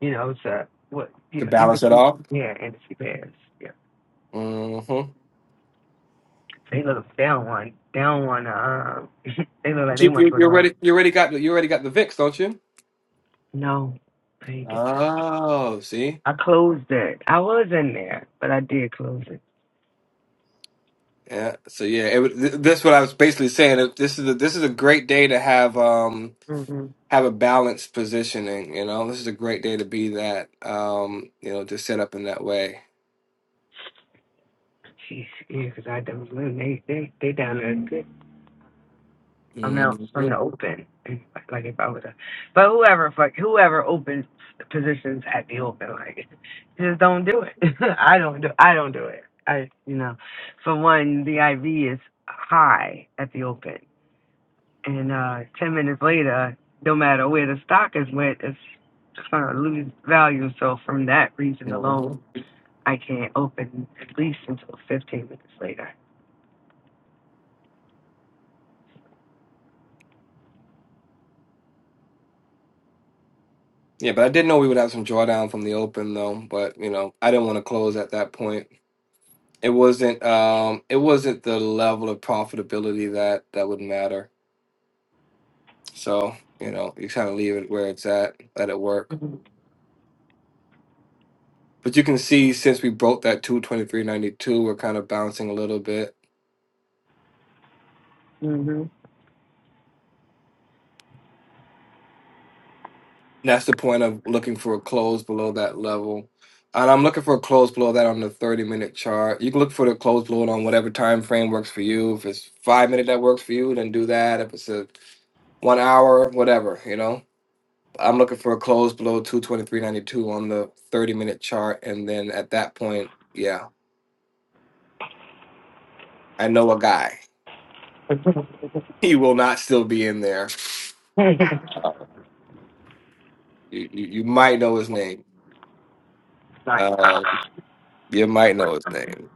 You know, to what you To know balance it industry. off. Yeah, industry pairs. Yeah, Mm-hmm. they look down one, down one. Uh, <laughs> they look like But they you, want to you go you down. already you already got the you already got the VIX, don't you? No, I didn't get that. Oh, see? I closed it. I was in there, but I did close it. Yeah. So yeah, it, was- th- that's what I was basically saying. If This is a, this is a great day to have um Mm-hmm. have a balanced positioning, you know. This is a great day to be that um, you know, just set up in that way. Jeez, yeah, because I done was living. They, they, they down there a good hmm amounts from the open. And, Like like if I was a, but whoever, fuck, whoever opens positions at the open, like, <laughs> just don't do it. <laughs> I don't do, I don't do it. I, you know, for one, the IV is high at the open. and uh, 10 minutes later, no matter where the stock is went, it's just going to lose value. So from that reason hmm alone, I can't open at least until 15 minutes later. Yeah, but I did know we would have some drawdown from the open though, but you know, I didn't want to close at that point. It wasn't um it wasn't the level of profitability that that would matter. So, you know, you kind of leave it where it's at, let it work. But you can see since we broke that 223.92, we're kind of bouncing a little bit. Mm-hmm. And that's the point of looking for a close below that level. And I'm looking for a close below that on the 30 minute chart. You can look for the close below it on whatever time frame works for you. If it's five minute that works for you, then do that. If it's a one hour, whatever, you know. I'm looking for a close below 223.92 on the 30 minute chart. And then at that point, yeah, I know a guy. <laughs> He will not still be in there. <laughs> You, you, you might know his name. Right. Uh, You might know his name.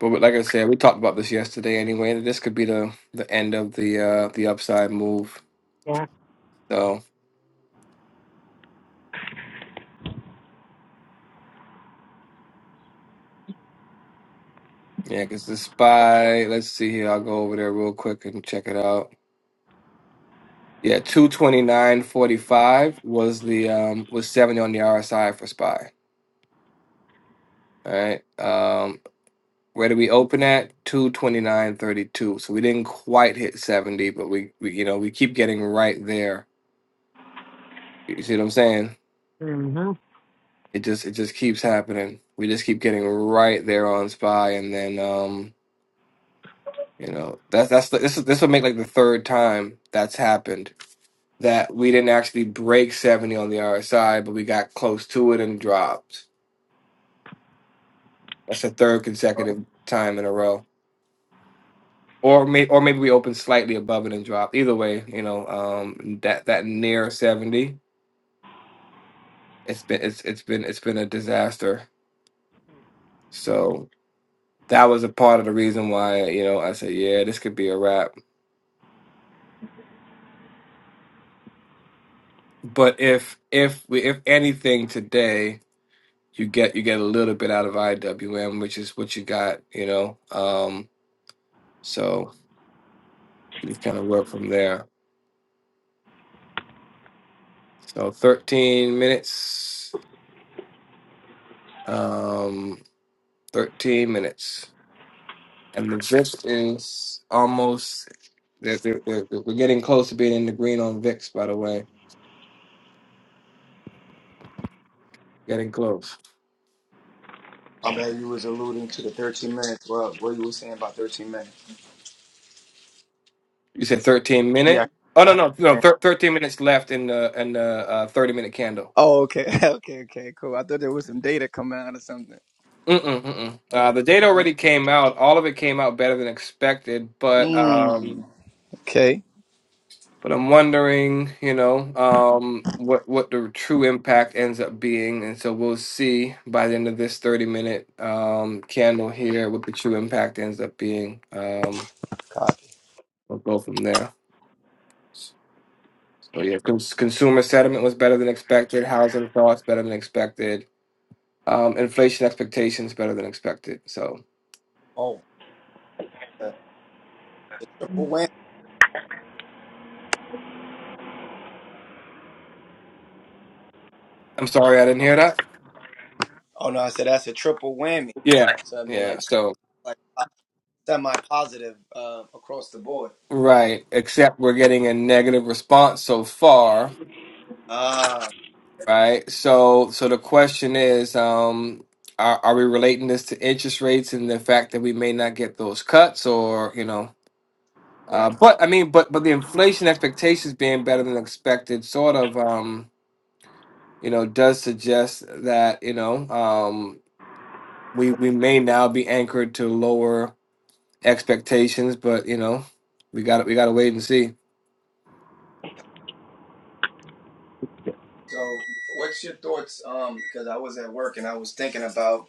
But like I said, we talked about this yesterday anyway, that this could be the the end of the uh the upside move. yeah. So yeah, because the spy, let's see here, I'll go over there real quick and check it out. Yeah, two twenty nine forty five was the um was seventy on the RSI for spy. All right. Um where did we open at? Two twenty nine thirty two. So we didn't quite hit seventy, but we, we you know, we keep getting right there. You see what I'm saying? hmm It just it just keeps happening. We just keep getting right there on Spy, and then um, you know that's that's the, this is this will make like the third time that's happened that we didn't actually break seventy on the RSI, but we got close to it and dropped. That's the third consecutive time in a row, or may, or maybe we opened slightly above it and dropped. Either way, you know um, that that near seventy, it's been it's it's been it's been a disaster. So that was a part of the reason why you know I said yeah, this could be a wrap But if if we if anything today, you get you get a little bit out of IWM, which is what you got, you know. Um, so you kind of work from there. So thirteen minutes, um, thirteen minutes, and the VIX is almost. They're, they're, they're, we're getting close to being in the green on VIX. By the way, getting close. I mean, you was alluding to the 13 minutes. What what you were saying about 13 minutes? You said thirteen Yeah. minute. Oh no I no no! understand. Thir- thirteen minutes left in the in the uh, thirty minute candle. Oh, okay. <laughs> okay, okay, cool. I thought there was some data coming out or something. Mm-mm, mm-mm. Uh, About the data already came out. All of it came out better than expected, but mm, um, okay. but I'm wondering, you know, um, what what the true impact ends up being, and so we'll see by the end of this 30 minute um, candle here what the true impact ends up being. Um, God. we'll go from there. So yeah, cons- consumer sentiment was better than expected. Housing thoughts better than expected. Um, inflation expectations better than expected. So Oh, a triple whammy. I'm sorry I didn't hear that. Oh, no, I said that's a triple whammy. Yeah, So, I mean, yeah. like, so like semi positive uh, across the board. Right, except we're getting a negative response so far, Ah, okay. right? So, so the question is, um, are, are we relating this to interest rates and the fact that we may not get those cuts, or you know, right. uh, but I mean, but but the inflation expectations being better than expected, sort of, um, you know, does suggest that you know, um, we we may now be anchored to lower expectations, but you know, we got to we got to wait and see. So, what's your thoughts? Um, because I was at work and I was thinking about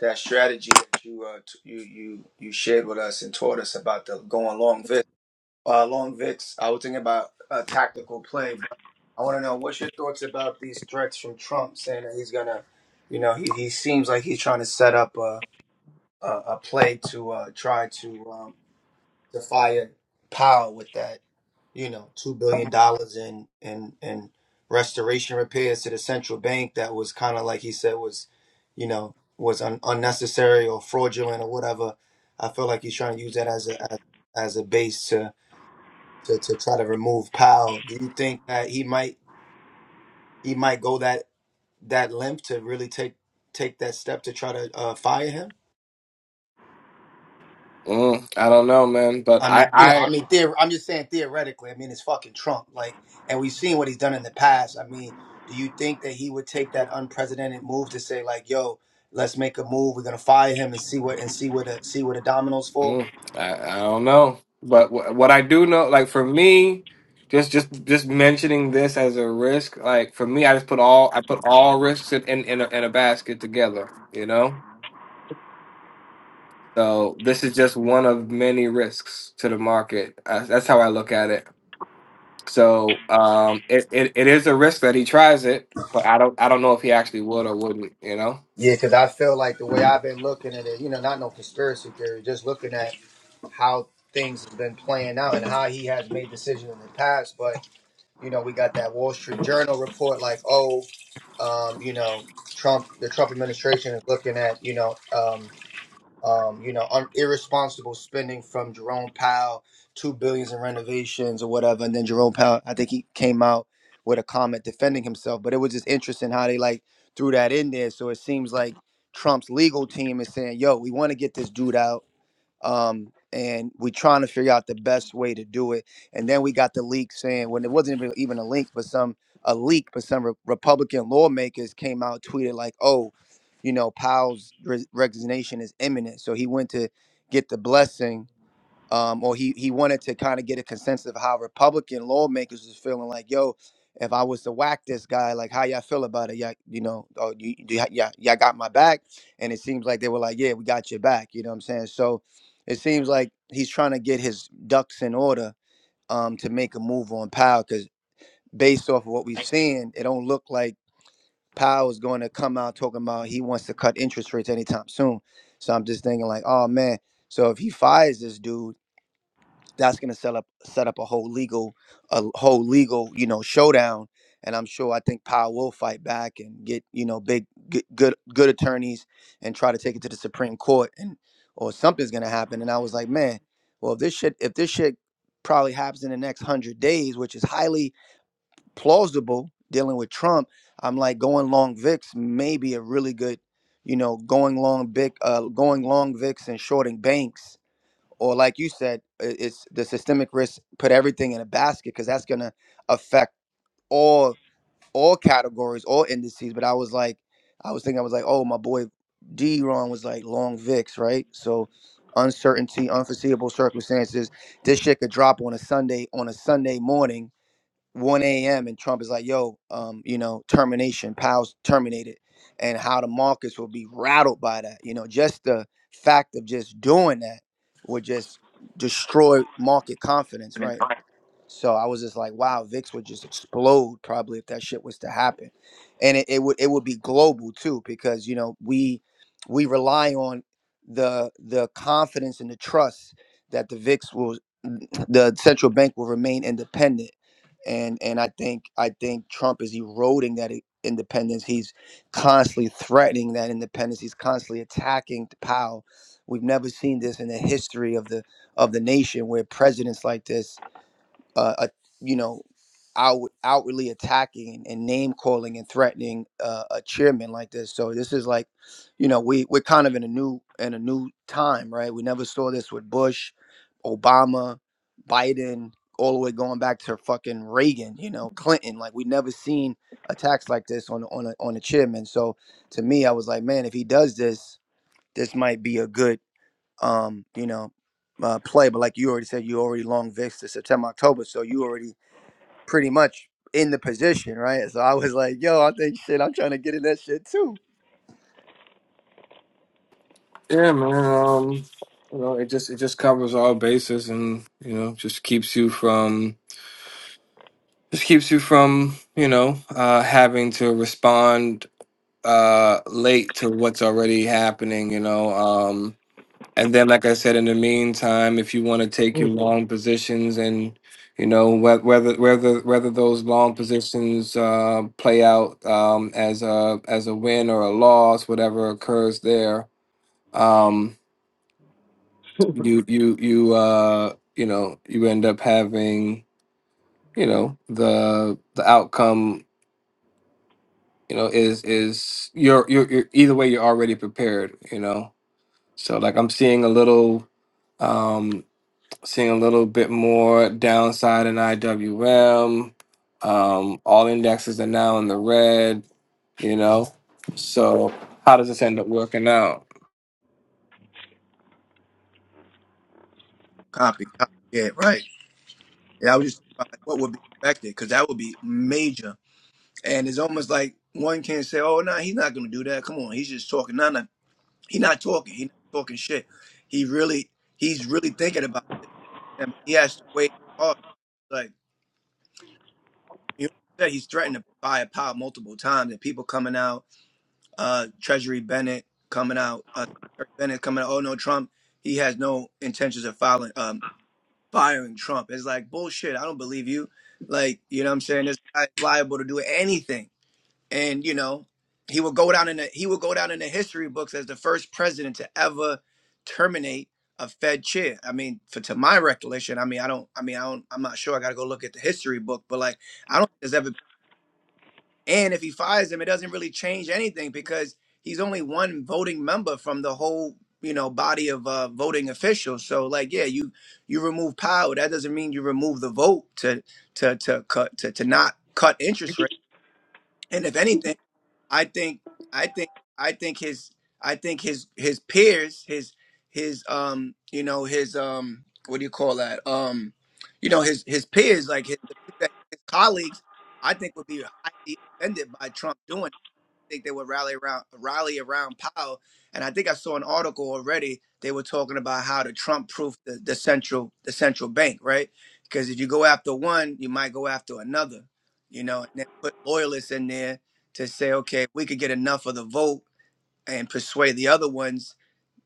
that strategy that you uh t- you you you shared with us and taught us about the going long vic. Uh, long vics. I was thinking about a tactical play, but I want to know what's your thoughts about these threats from Trump saying that he's gonna, you know, he, he seems like he's trying to set up a a, a play to uh try to um to fire power with that, you know, two billion dollars in in in restoration repairs to the central bank that was kind of like he said was, you know, was un- unnecessary or fraudulent or whatever. I feel like he's trying to use that as a as, as a base to, to to try to remove Powell. Do you think that he might he might go that that limp to really take take that step to try to uh, fire him? Mm, I don't know, man, but I mean, I, you know, I I mean, theor- I'm just saying theoretically. I mean, it's fucking Trump, like, and we've seen what he's done in the past. I mean, do you think that he would take that unprecedented move to say like, "Yo, let's make a move. We're gonna fire him and see what and see what the, see where the dominoes fall." Mm, I, I don't know, but wh- what I do know, like for me, just just just mentioning this as a risk, like for me, I just put all I put all risks in in in a, in a basket together, you know. So this is just one of many risks to the market. Uh, that's how I look at it. So um, it, it it is a risk that he tries it, but I don't I don't know if he actually would or wouldn't, you know. Yeah, because I feel like the way I've been looking at it, you know, not no conspiracy theory, just looking at how things have been playing out and how he has made decisions in the past. But You know, we got that Wall Street Journal report like, oh, um, you know, Trump, the Trump administration is looking at, you know, um, um, you know, un- irresponsible spending from Jerome Powell, two billions in renovations or whatever. And then Jerome Powell, I think he came out with a comment defending himself, but it was just interesting how they like threw that in there. So it seems like Trump's legal team is saying, yo, we want to get this dude out um, and we're trying to figure out the best way to do it. And then we got the leak saying when it wasn't even even a link, but some a leak, but some re- Republican lawmakers came out tweeted like, "Oh, you know, Powell's res- resignation is imminent." So he went to get the blessing um, or he he wanted to kind of get a consensus of how Republican lawmakers was feeling like, yo, if I was to whack this guy, like how y'all feel about it? Yeah, you know, oh, you, do y'all, y'all y'all got my back, and it seems like they were like, yeah, we got your back. You know what I'm saying? So it seems like he's trying to get his ducks in order um, to make a move on Powell, because based off of what we've seen, it don't look like Powell is going to come out talking about he wants to cut interest rates anytime soon. So I'm just thinking like, oh man. So if he fires this dude, that's going to set up set up a whole legal a whole legal you know showdown and i'm sure i think powell will fight back and get you know big good good, good attorneys and try to take it to the supreme court and or something's going to happen and i was like man well if this shit if this shit probably happens in the next 100 days which is highly plausible dealing with trump i'm like going long vix may be a really good you know going long vic uh, going long vix and shorting banks or like you said, i- it's the systemic risk put everything in a basket because that's going to affect all all categories, all indices. But I was like, I was thinking, I was like, oh, my boy D Ron was like long VIX, right? So uncertainty, unforeseeable circumstances. This shit could drop on a Sunday on a Sunday morning 1 a.m. and Trump is like, yo, um, you know, termination, Powell's terminated, and how the markets will be rattled by that. You know, just the fact of just doing that would just destroy market confidence, right? So I was just like, wow, VIX would just explode probably if that shit was to happen. And it, it would it would be global too, because you know, we we rely on the the confidence and the trust that the VIX will <clears throat> the central bank will remain independent. And and I think I think Trump is eroding that i- independence. He's constantly threatening that independence. He's constantly attacking Powell. We've never seen this in the history of the of the nation where presidents like this uh, a- you know, out, outwardly attacking and name calling and threatening uh, a chairman like this. So this is like, you know, we we're kind of in a new in a new time, right? We never saw this with Bush, Obama, Biden, all the way going back to fucking Reagan, you know, Clinton. Like we never seen attacks like this on on a, on a chairman. So to me, I was like, man, if he does this, this might be a good um, you know, uh, play. But like you already said, you already long vixed to September, October, so you already pretty much in the position, right? So I was like, yo, I think shit, I'm trying to get in that shit too. Yeah, man. Um, you know, it just it just covers all bases, and you know, just keeps you from just keeps you from you know uh, having to respond uh, late to what's already happening. You know, um, and then like I said, in the meantime, if you want to take your long positions and you know whe- whether whether whether those long positions uh, play out um, as a as a win or a loss, whatever occurs there Um, you you you uh you know you end up having you know the the outcome you know is is you're you're, you're either way you're already prepared you know so like i'm seeing a little um seeing a little bit more downside in iwm um all indexes are now in the red you know so how does this end up working out Copy, copy. Yeah, right. Yeah, I was just thinking about, like, what would be affected? Because that would be major. And it's almost like one can't say, "Oh, no, nah, he's not going to do that." Come on, he's just talking. No, no, he's not talking. He's not talking shit. He really, he's really thinking about it. And he has to wait hard. Like You know he's threatened to buy a pile multiple times, and people coming out, uh, Treasury Bennett coming out, uh, Secretary Bennett coming out. Oh no, Trump, he has no intentions of filing, um, firing Trump. It's like bullshit. I don't believe you. Like you know, what I'm saying this guy's liable to do anything, and you know, he will go down in the he will go down in the history books as the first president to ever terminate a Fed chair. I mean, for to my recollection, I mean, I don't, I mean, I don't, I'm not sure. I got to go look at the history book, but like. I don't think there's ever and if he fires him, it doesn't really change anything because he's only one voting member from the whole, you know, body of uh, voting officials. So, like, yeah, you you remove power. That doesn't mean you remove the vote to to to cut to, to not cut interest rate. And if anything. I think I think I think his I think his his peers his his um you know his um what do you call that um you know his his peers like his the people that his colleagues I think would be highly offended by Trump doing think they would rally around rally around Powell. And I think I saw an article already. They were talking about how to Trump proof the, the central the central bank, right? Because if you go after one, you might go after another, you know, and then put loyalists in there to say, okay, if we could get enough of the vote and persuade the other ones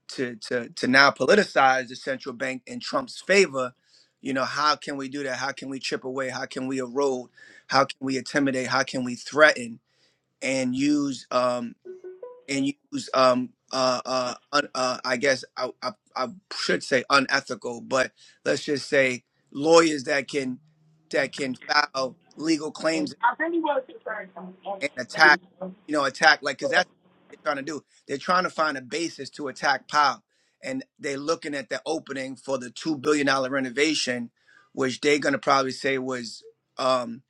to to to now politicize the central bank in Trump's favor, you know, how can we do that? How can we chip away? How can we erode? How can we intimidate? How can we threaten? and use um, and use um uh uh, un, uh I guess I, I I should say unethical, but let's just say lawyers that can that can file legal claims and attack you know attack like because that's what they're trying to do. They're trying to find a basis to attack Powell, and they're looking at the opening for the two billion dollar renovation, which they're gonna probably say was. um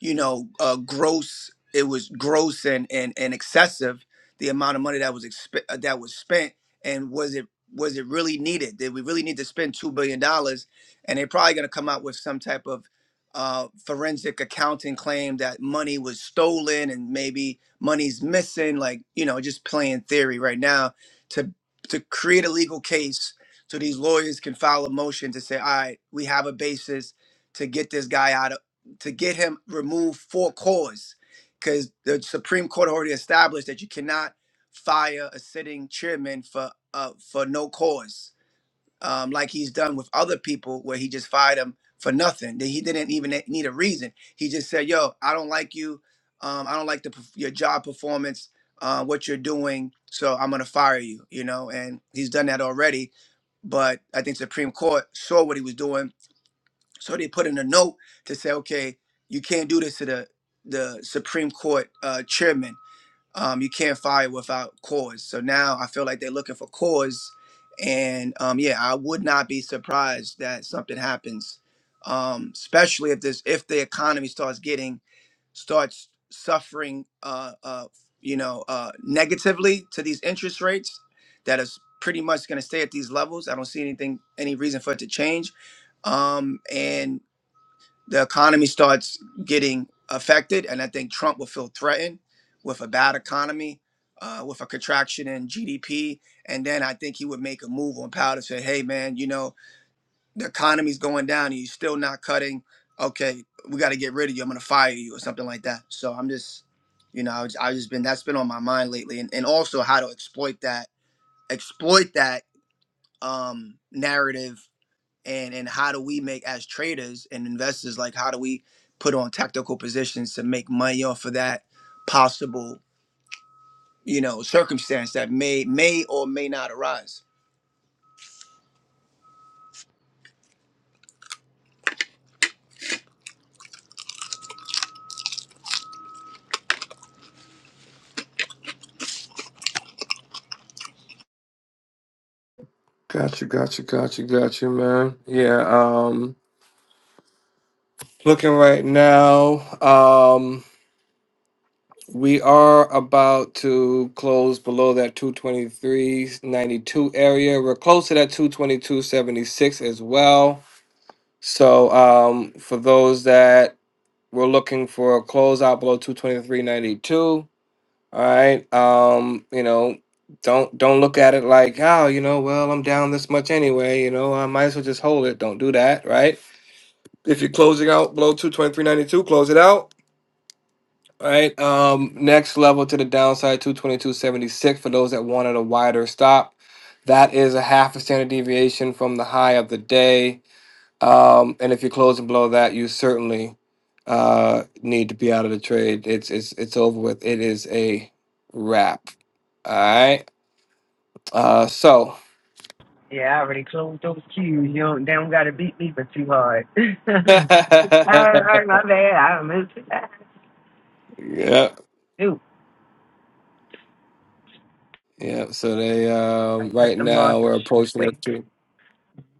you know, uh, gross. It was gross and and and excessive the amount of money that was exp- uh, that was spent, and was it was it really needed? Did we really need to spend two billion dollars? And they're probably going to come out with some type of uh, forensic accounting claim that money was stolen and maybe money's missing. Like you know, just playing theory right now to to create a legal case so these lawyers can file a motion to say, all right, we have a basis to get this guy out of to get him removed for cause because the Supreme Court already established that you cannot fire a sitting chairman for uh, for no cause, um, like he's done with other people where he just fired him for nothing. That he didn't even need a reason. He just said, "Yo, I don't like you. Um, I don't like the perf- your job performance, uh, what you're doing. So I'm gonna fire you." You know, and he's done that already but I think Supreme Court saw what he was doing so they put in a note to say, okay, you can't do this to the the Supreme Court uh, chairman um, you can't fire without cause. So now I feel like they're looking for cause, and um, yeah, I would not be surprised that something happens, um, especially if this if the economy starts getting starts suffering, uh, uh, you know, uh, negatively to these interest rates that is pretty much going to stay at these levels. I don't see anything any reason for it to change, um, and the economy starts getting affected, and I think Trump will feel threatened with a bad economy, uh, with a contraction in GDP, and then I think he would make a move on power to say, "Hey, man, you know the economy's going down, and you're still not cutting. Okay, we got to get rid of you. I'm gonna fire you or something like that." So I'm just, you know, I've just, I've just been that's been on my mind lately, and and also how to exploit that exploit that um narrative and and how do we make as traders and investors like how do we put on tactical positions to make money off of that possible you know circumstance that may may or may not arise gotcha gotcha gotcha gotcha man yeah Looking right now, um, we are about to close below that 223.92 area. We're close to that 222.76 as well. So, um, for those that were looking for a closeout below 223.92, all right, um, you know, don't don't look at it like, oh, you know, well, I'm down this much anyway, you know, I might as well just hold it. Don't do that, right? If you're closing out below 223.92, close it out All right. Um, next level to the downside, 222.76 for those that wanted a wider stop. That is a half a standard deviation from the high of the day. Um, and if you're closing below that, you certainly uh, need to be out of the trade. It's it's it's over with. It is a wrap. All right. Uh, so Yeah, I already closed those queues. You don't, they don't got to beat me for too hard. <laughs> <laughs> all yeah, right, my bad. I missed that. yeah. Dude, So they I um, cut right them now losses we're approaching quick. up to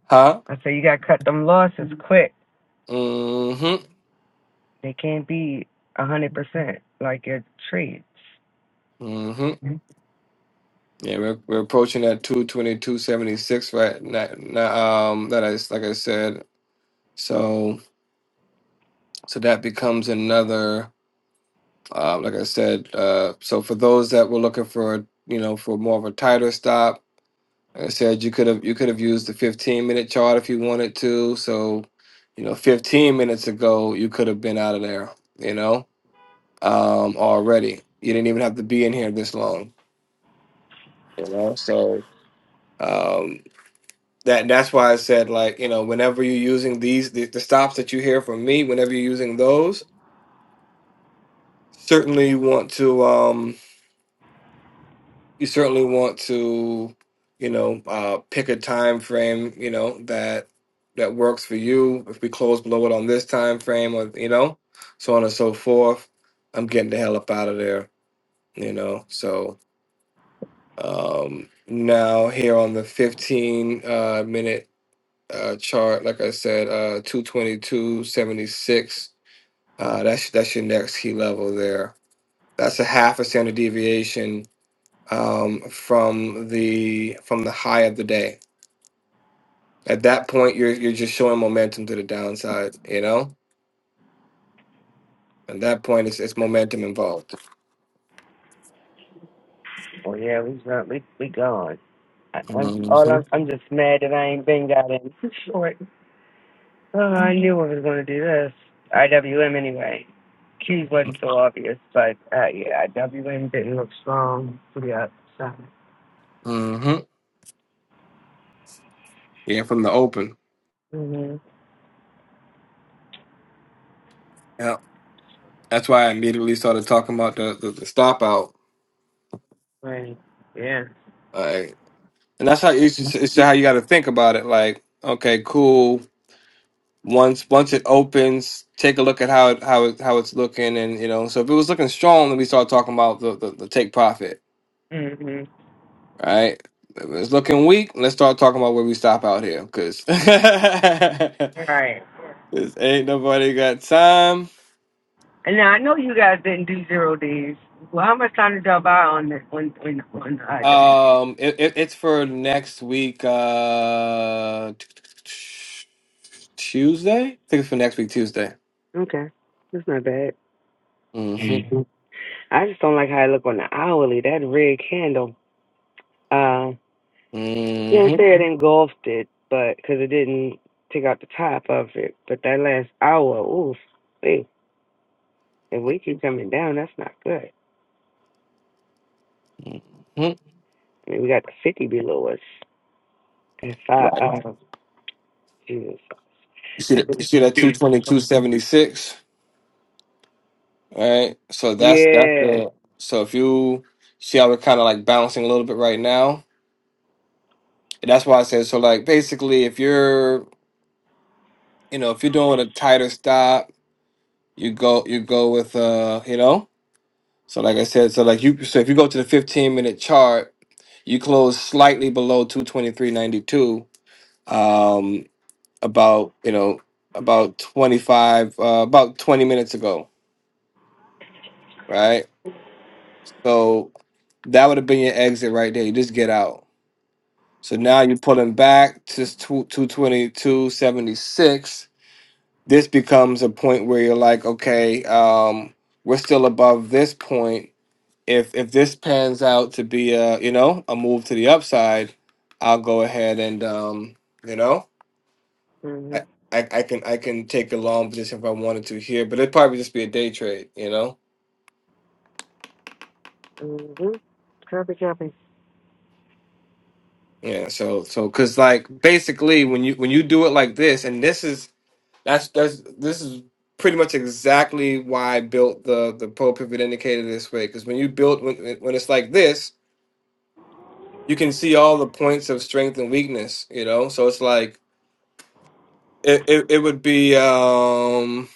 huh. I say you got to cut them losses quick. Mm-hmm. They can't be a hundred percent like your traits. mm-hmm. Mhm. Yeah, we're we're approaching that two twenty two seventy six right now. now, Um, that is like I said. So so that becomes another. Uh, like I said. Uh, so for those that were looking for you know for more of a tighter stop, like I said you could have you could have used the fifteen minute chart if you wanted to. So you know, fifteen minutes ago you could have been out of there. You know, um, already you didn't even have to be in here this long. You know, so. um. That that's why I said like you know whenever you're using these the, the stops that you hear from me, whenever you're using those, certainly you want to um you certainly want to you know uh pick a time frame you know that that works for you. If we close below it on this time frame, or you know so on and so forth, I'm getting the hell up out of there. You know so um now here on the 15 uh minute uh, chart, like I said, uh, 222.76. Uh, that's that's your next key level there. That's a half a standard deviation um, from the from the high of the day. At that point, you're you're just showing momentum to the downside. You know, at that point, it's it's momentum involved. Oh yeah, we not we we gone. I, I'm all I'm hmm I'm just mad that I ain't been got in <laughs> short. Oh, I knew I was gonna do this. IWM anyway. Q's wasn't so obvious, but uh, yeah, IWM didn't look strong to the outside. hmm Yeah, from the open. Mhm. Yeah, that's why I immediately started talking about the the, the stop out. Right. Yeah. Like, and that's how it's, just- it's how you got to think about it. Like, okay, cool once once it opens, take a look at how it how it how it's looking, and you know. So if it was looking strong, then we start talking about the the, the take profit, Mhm. right? If it's looking weak, let's start talking about where we stop out here, because <laughs> this All right. ain't nobody got time. And now I know you guys didn't do zero days. Well, how much time did y'all buy on the on on on IWM? Um, it, it, it's for next week, uh, Tuesday. I think it's for next week, Tuesday. Okay. That's not bad. Mm-hmm. hmm I just don't like how I look on the hourly. That red candle. Uh, she didn't Mm-hmm. say it engulfed it, but because it didn't take out the top of it. But that last hour, oof, hey, if we keep coming down, that's not good. hmm I mean, we got the 50 below us. And five, Right. uh, Jesus. You see that? You see that? Two twenty two seventy six. right? So that's that's Yeah. the so if you see how we're kind of like balancing a little bit right now, and that's why I said so. Like basically, if you're you know if you're doing a tighter stop, you go you go with uh you know so like I said so like you so if you go to the 15 minute chart, you close slightly below 223.92, um about you know about 25 uh, about 20 minutes ago, right? So that would have been your exit right there. You just get out So now you're pulling back to 222.76. This becomes a point where you're like, okay, um, we're still above this point. If if this pans out to be a you know a move to the upside, I'll go ahead and um, you know hmm I, I I can I can take a long position if I wanted to here, but it'd probably just be a day trade, you know. hmm Copy, copy. Yeah. So so because like basically when you when you do it like this, and this is That's that's this is pretty much exactly why I built the the pole pivot indicator this way because when you build when when it's like this, you can see all the points of strength and weakness, you know? So it's like it it, it would be um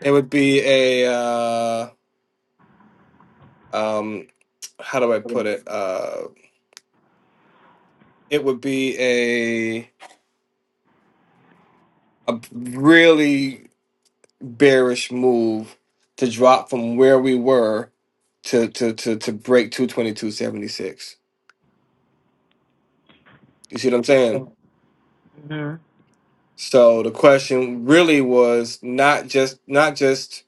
it would be a uh um how do I put it? Uh it would be a a really bearish move to drop from where we were to to to to break 222.76 You see what I'm saying? hmm So the question really was not just not just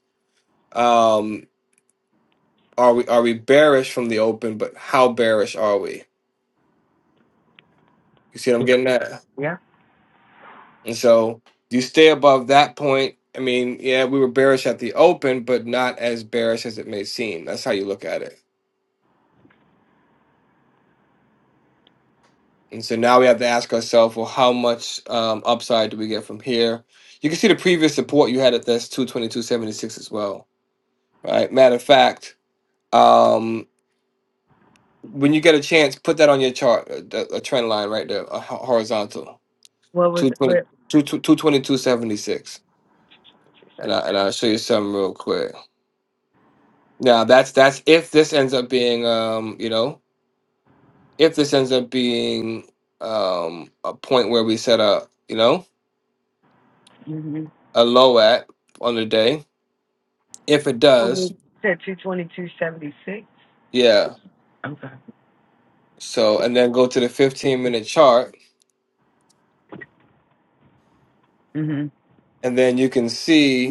um are we are we bearish from the open, but how bearish are we? You see what I'm getting at? Yeah. And so you stay above that point. I mean, yeah, we were bearish at the open, but not as bearish as it may seem. That's how you look at it. And so now we have to ask ourselves, well, how much um, upside do we get from here? You can see the previous support you had at this 222.76 as well, right? Matter of fact, um, When you get a chance, put that on your chart, a, a trend line right there, a ho- horizontal, What was it? 220, What? 222.76. And, I, and I'll show you something real quick. Now, that's that's if this ends up being, um, you know, if this ends up being um, a point where we set a, you know, a low at on the day. If it does, Oh, said two twenty two seventy six. yeah. Okay. So, and then go to the 15 minute chart, hmm and then you can see.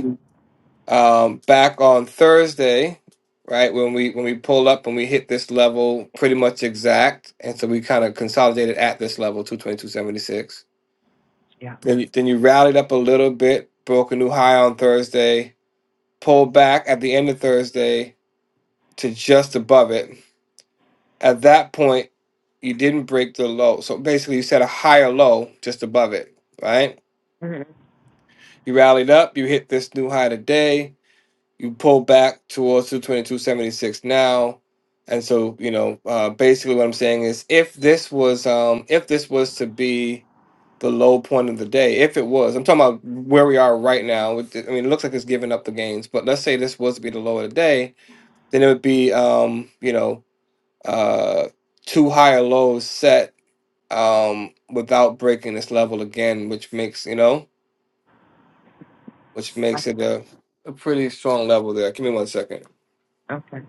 um, back on Thursday, right when we when we pulled up and we hit this level pretty much exact, and so we kind of consolidated at this level, two twenty two seventy six. Yeah. Then you, then you rallied up a little bit, broke a new high on Thursday, pulled back at the end of Thursday to just above it. At that point, you didn't break the low, so basically you set a higher low just above it, right? hmm You rallied up, you hit this new high today you pull back towards 222.76 now and so you know uh, basically what i'm saying is if this was um if this was to be the low point of the day if it was i'm talking about where we are right now with the- i mean it looks like it's giving up the gains but let's say this was to be the low of the day then it would be um you know uh two higher lows set um without breaking this level again which makes you know which makes it a, a pretty strong level there give me one second Okay.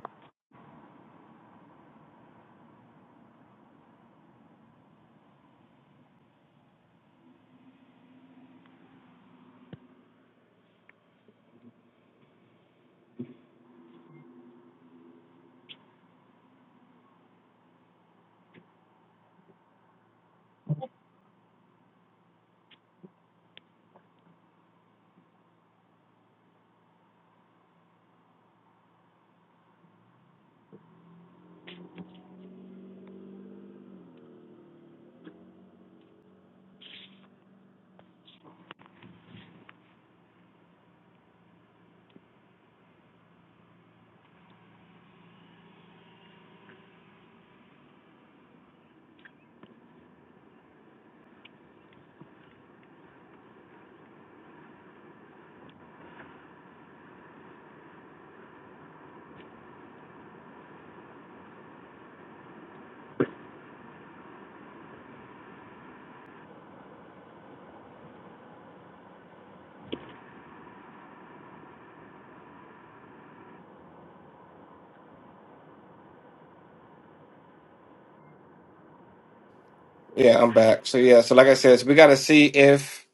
Yeah, I'm back. So yeah, so like I said, so we got to see if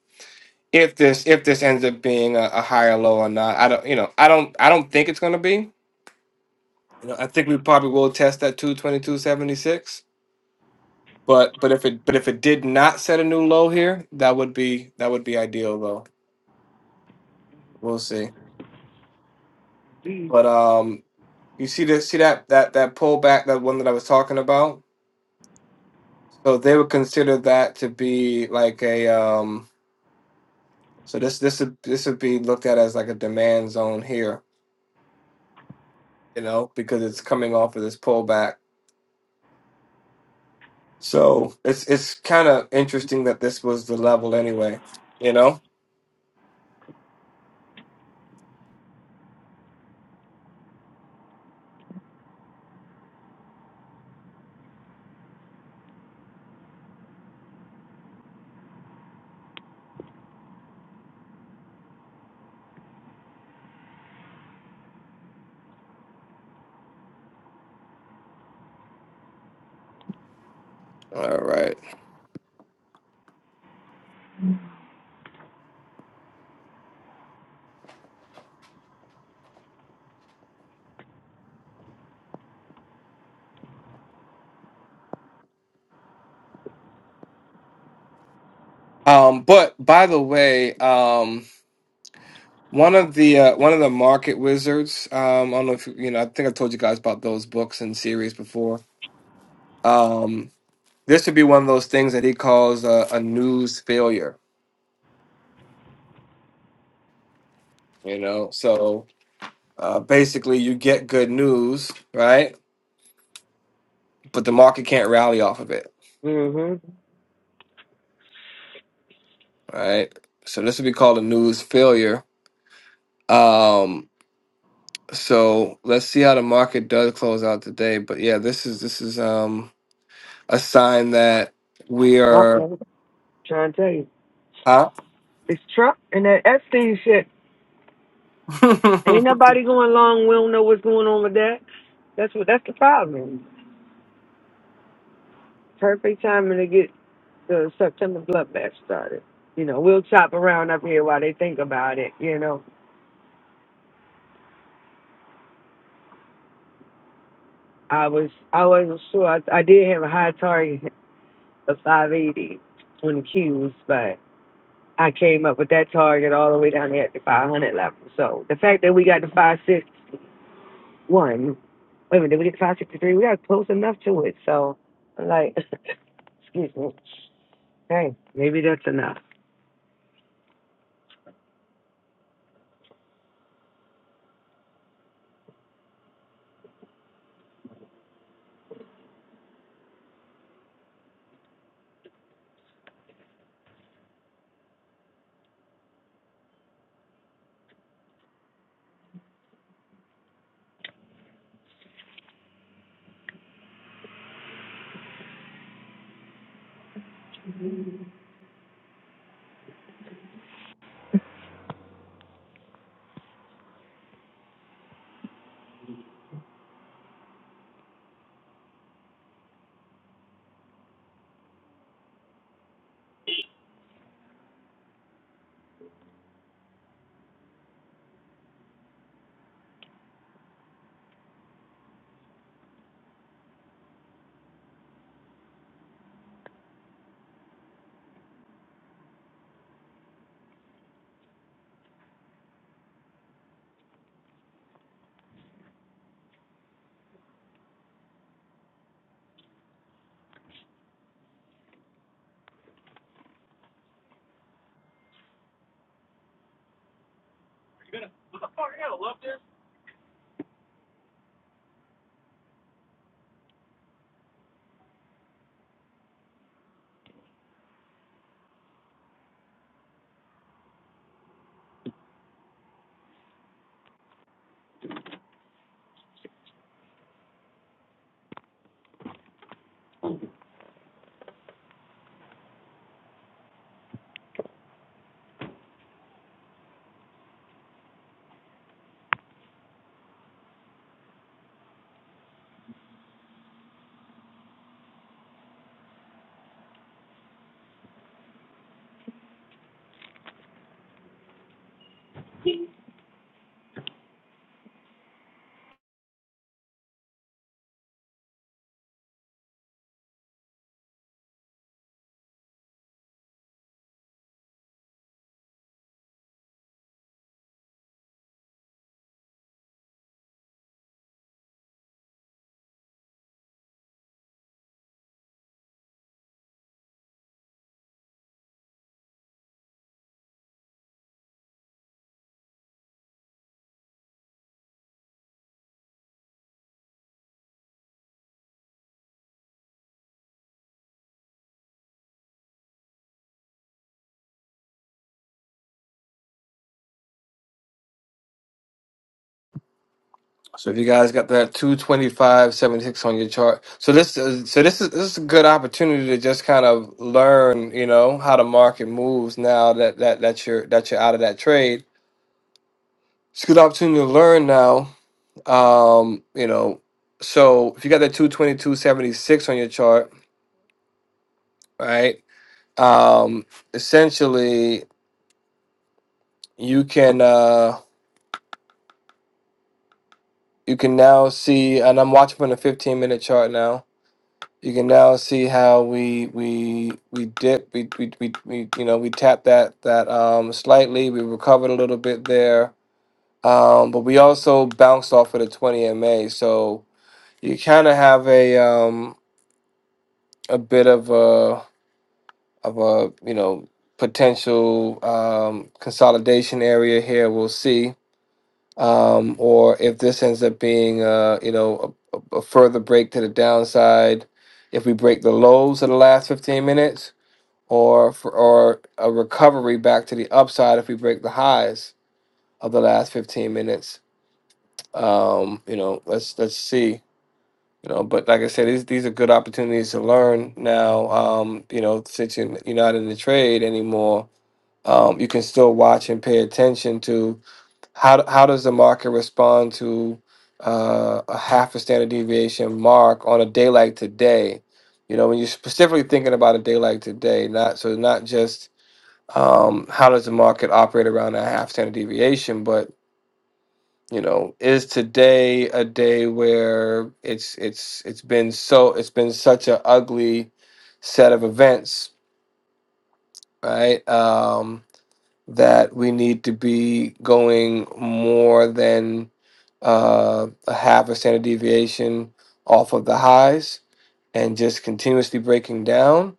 if this if this ends up being a, a higher low or not. I don't, you know, I don't I don't think it's going to be. You know, I think we probably will test that 222.76. But but if it but if it did not set a new low here, that would be that would be ideal though. We'll see. But um, you see this see that that that pullback that one that I was talking about. So they would consider that to be like a um. So this this would this would be looked at as like a demand zone here you know, because it's coming off of this pullback. So it's it's kind of interesting that this was the level anyway, you know. All right. Um, but by the way, um, one of the uh, one of the market wizards. Um, I don't know if you you know. I think I told you guys about those books and series before. Um, this would be one of those things that he calls a, a news failure. You know, so uh, basically you get good news, right? But the market can't rally off of it Mm-hmm. right? So this would be called a news failure. Um, so let's see how the market does close out today. But yeah, this is this is um a sign that we Trump, are man. Trying to tell you, huh? it's Trump and that Epstein shit. <laughs> Ain't nobody going along. We don't know what's going on with that. That's what. That's the problem. Perfect timing to get the September bloodbath started. You know, we'll chop around up here while they think about it. You know, I was I wasn't sure. I, I did have a high target of 580 when the cues, I came up with that target all the way down there at the 500 level. So the fact that we got to 561, wait a minute, did we get to 563? We got close enough to it. So, like, <laughs> excuse me. Hey, maybe that's enough. so if you guys got that two twenty five seventy six on your chart. So this is so this is this is a good opportunity to just kind of learn, you know, how the market moves now that that that you're that you're out of that trade. It's a good opportunity to learn now Um, you know, so if you got that 222.76 on your chart, right? Um, essentially you can uh you can now see and I'm watching from the 15 minute chart now. You can now see how we we we dip we we, we, we you know we tap that that um slightly, we recovered a little bit there. Um, but we also bounced off of the 20 MA. So you kind of have a um a bit of a of a you know potential um, consolidation area here. We'll see, um, or if this ends up being uh, you know a, a a further break to the downside, if we break the lows of the last fifteen minutes, or for, or a recovery back to the upside if we break the highs of the last fifteen minutes. Um, you know, let's let's see. You know, but like I said, these these are good opportunities to learn now. Um, you know, since you're you're not in the trade anymore um, you can still watch and pay attention to how how does the market respond to uh, a half a standard deviation mark on a day like today. You know, when you're specifically thinking about a day like today, not so not just um, how does the market operate around a half standard deviation, but you know, is today a day where it's it's it's been so it's been such an ugly set of events, right? Um, that we need to be going more than uh, a half a standard deviation off of the highs and just continuously breaking down.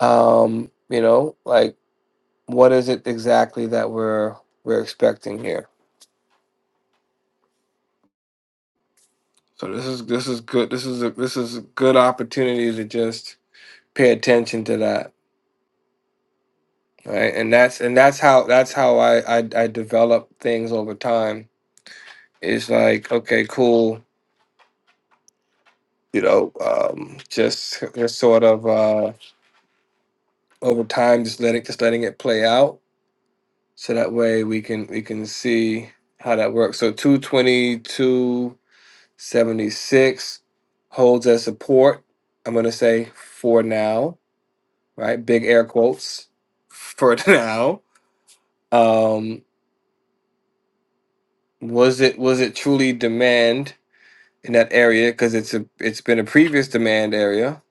Um, you know, like what is it exactly that we're we're expecting here? So this is this is good. This is a this is a good opportunity to just pay attention to that, right? And that's and that's how that's how I I, I develop things over time. It's like okay, cool you know, um, just just sort of uh, over time, just letting just letting it play out, so that way we can we can see how that works. So two twenty two seventy six holds as support. I'm gonna say for now, right? Big air quotes for <laughs> now. Um, was it was it truly demand in that area? Because it's a it's been a previous demand area,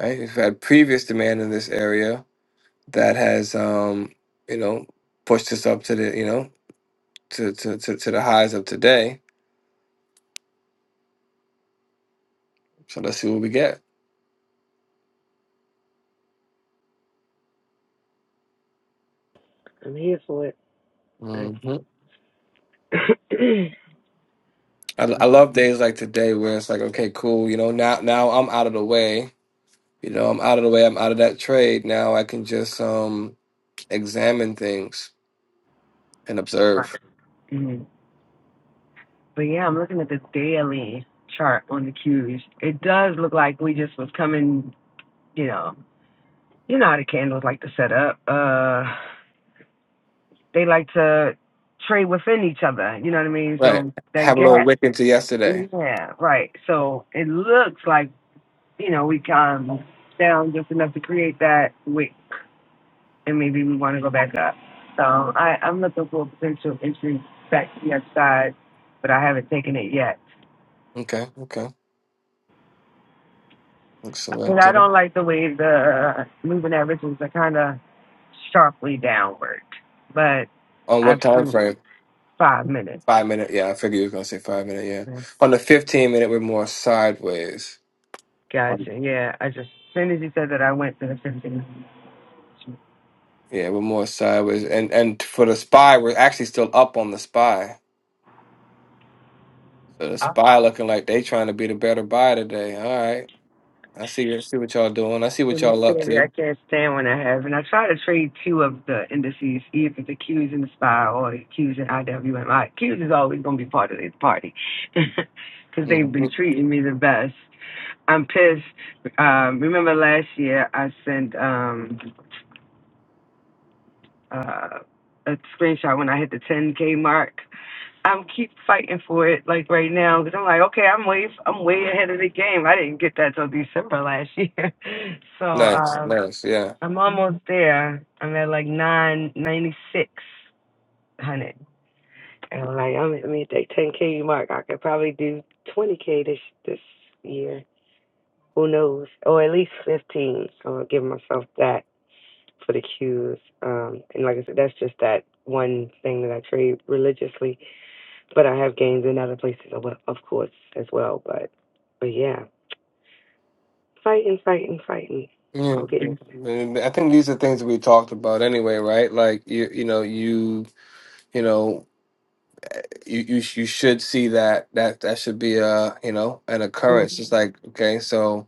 right? We've had previous demand in this area that has um you know pushed us up to the you know to to to, to the highs of today so let's see what we get I'm here for it. hmm <coughs> <clears throat> I, I love days like today where it's like okay cool you know now now i'm out of the way you know i'm out of the way i'm out of that trade now i can just um examine things and observe Mhm. but yeah, I'm looking at the daily chart on the cues. It does look like we just was coming, you know, you know how the candles like to set up. Uh, they like to trade within each other. You know what I mean? right So that have a little gap, wick into yesterday yeah, right. So it looks like you know we come down just enough to create that wick, and maybe we want to go back up. So I, I'm looking for a potential entry back to the other side, but I haven't taken it yet. okay okay But excellent I don't like the way the moving averages are kind of sharply downward. But on what I've time seen frame five minutes. five minute yeah i figured you was gonna say five minute yeah on the 15 minute we're more sideways Gotcha. Yeah, I just as soon as you said that, I went to the 15. Yeah, we're more sideways, and and for the spy, we're actually still up on the spy. So the I spy looking like they trying to be the better buy today. All right, I see. I see what y'all doing. I see what and it's y'all up clearly I to. stand when I have, and I try to trade two of the indices, either the Qs in the SPY or the Qs in IWMI. Qs is always going to be part of this party <laughs> because hmm they've been treating me the best. I'm pissed. Um, remember last year I sent um, uh, a screenshot when I hit the 10K mark I'm keep fighting for it like right now because I'm like, okay, I'm way I'm way ahead of the game. I didn't get that till December last year, <laughs> so Nice, um, nice. Yeah, I'm almost there. I'm at like nine ninety six hundred, and I'm like, I'm I mean that ten k mark. I could probably do twenty k this this year. Who knows? Or at least fifteen. So I'll give myself that for the cues. Um, and like I said, that's just that one thing that I trade religiously But I have games in other places, of of course, as well. But but yeah, fighting, fighting, fighting. yeah. We'll get. And I think these are things we talked about anyway, right? Like you, you know, you, you know, you, you, sh- you should see that that that should be a you know an Well, occurrence. It's like okay, so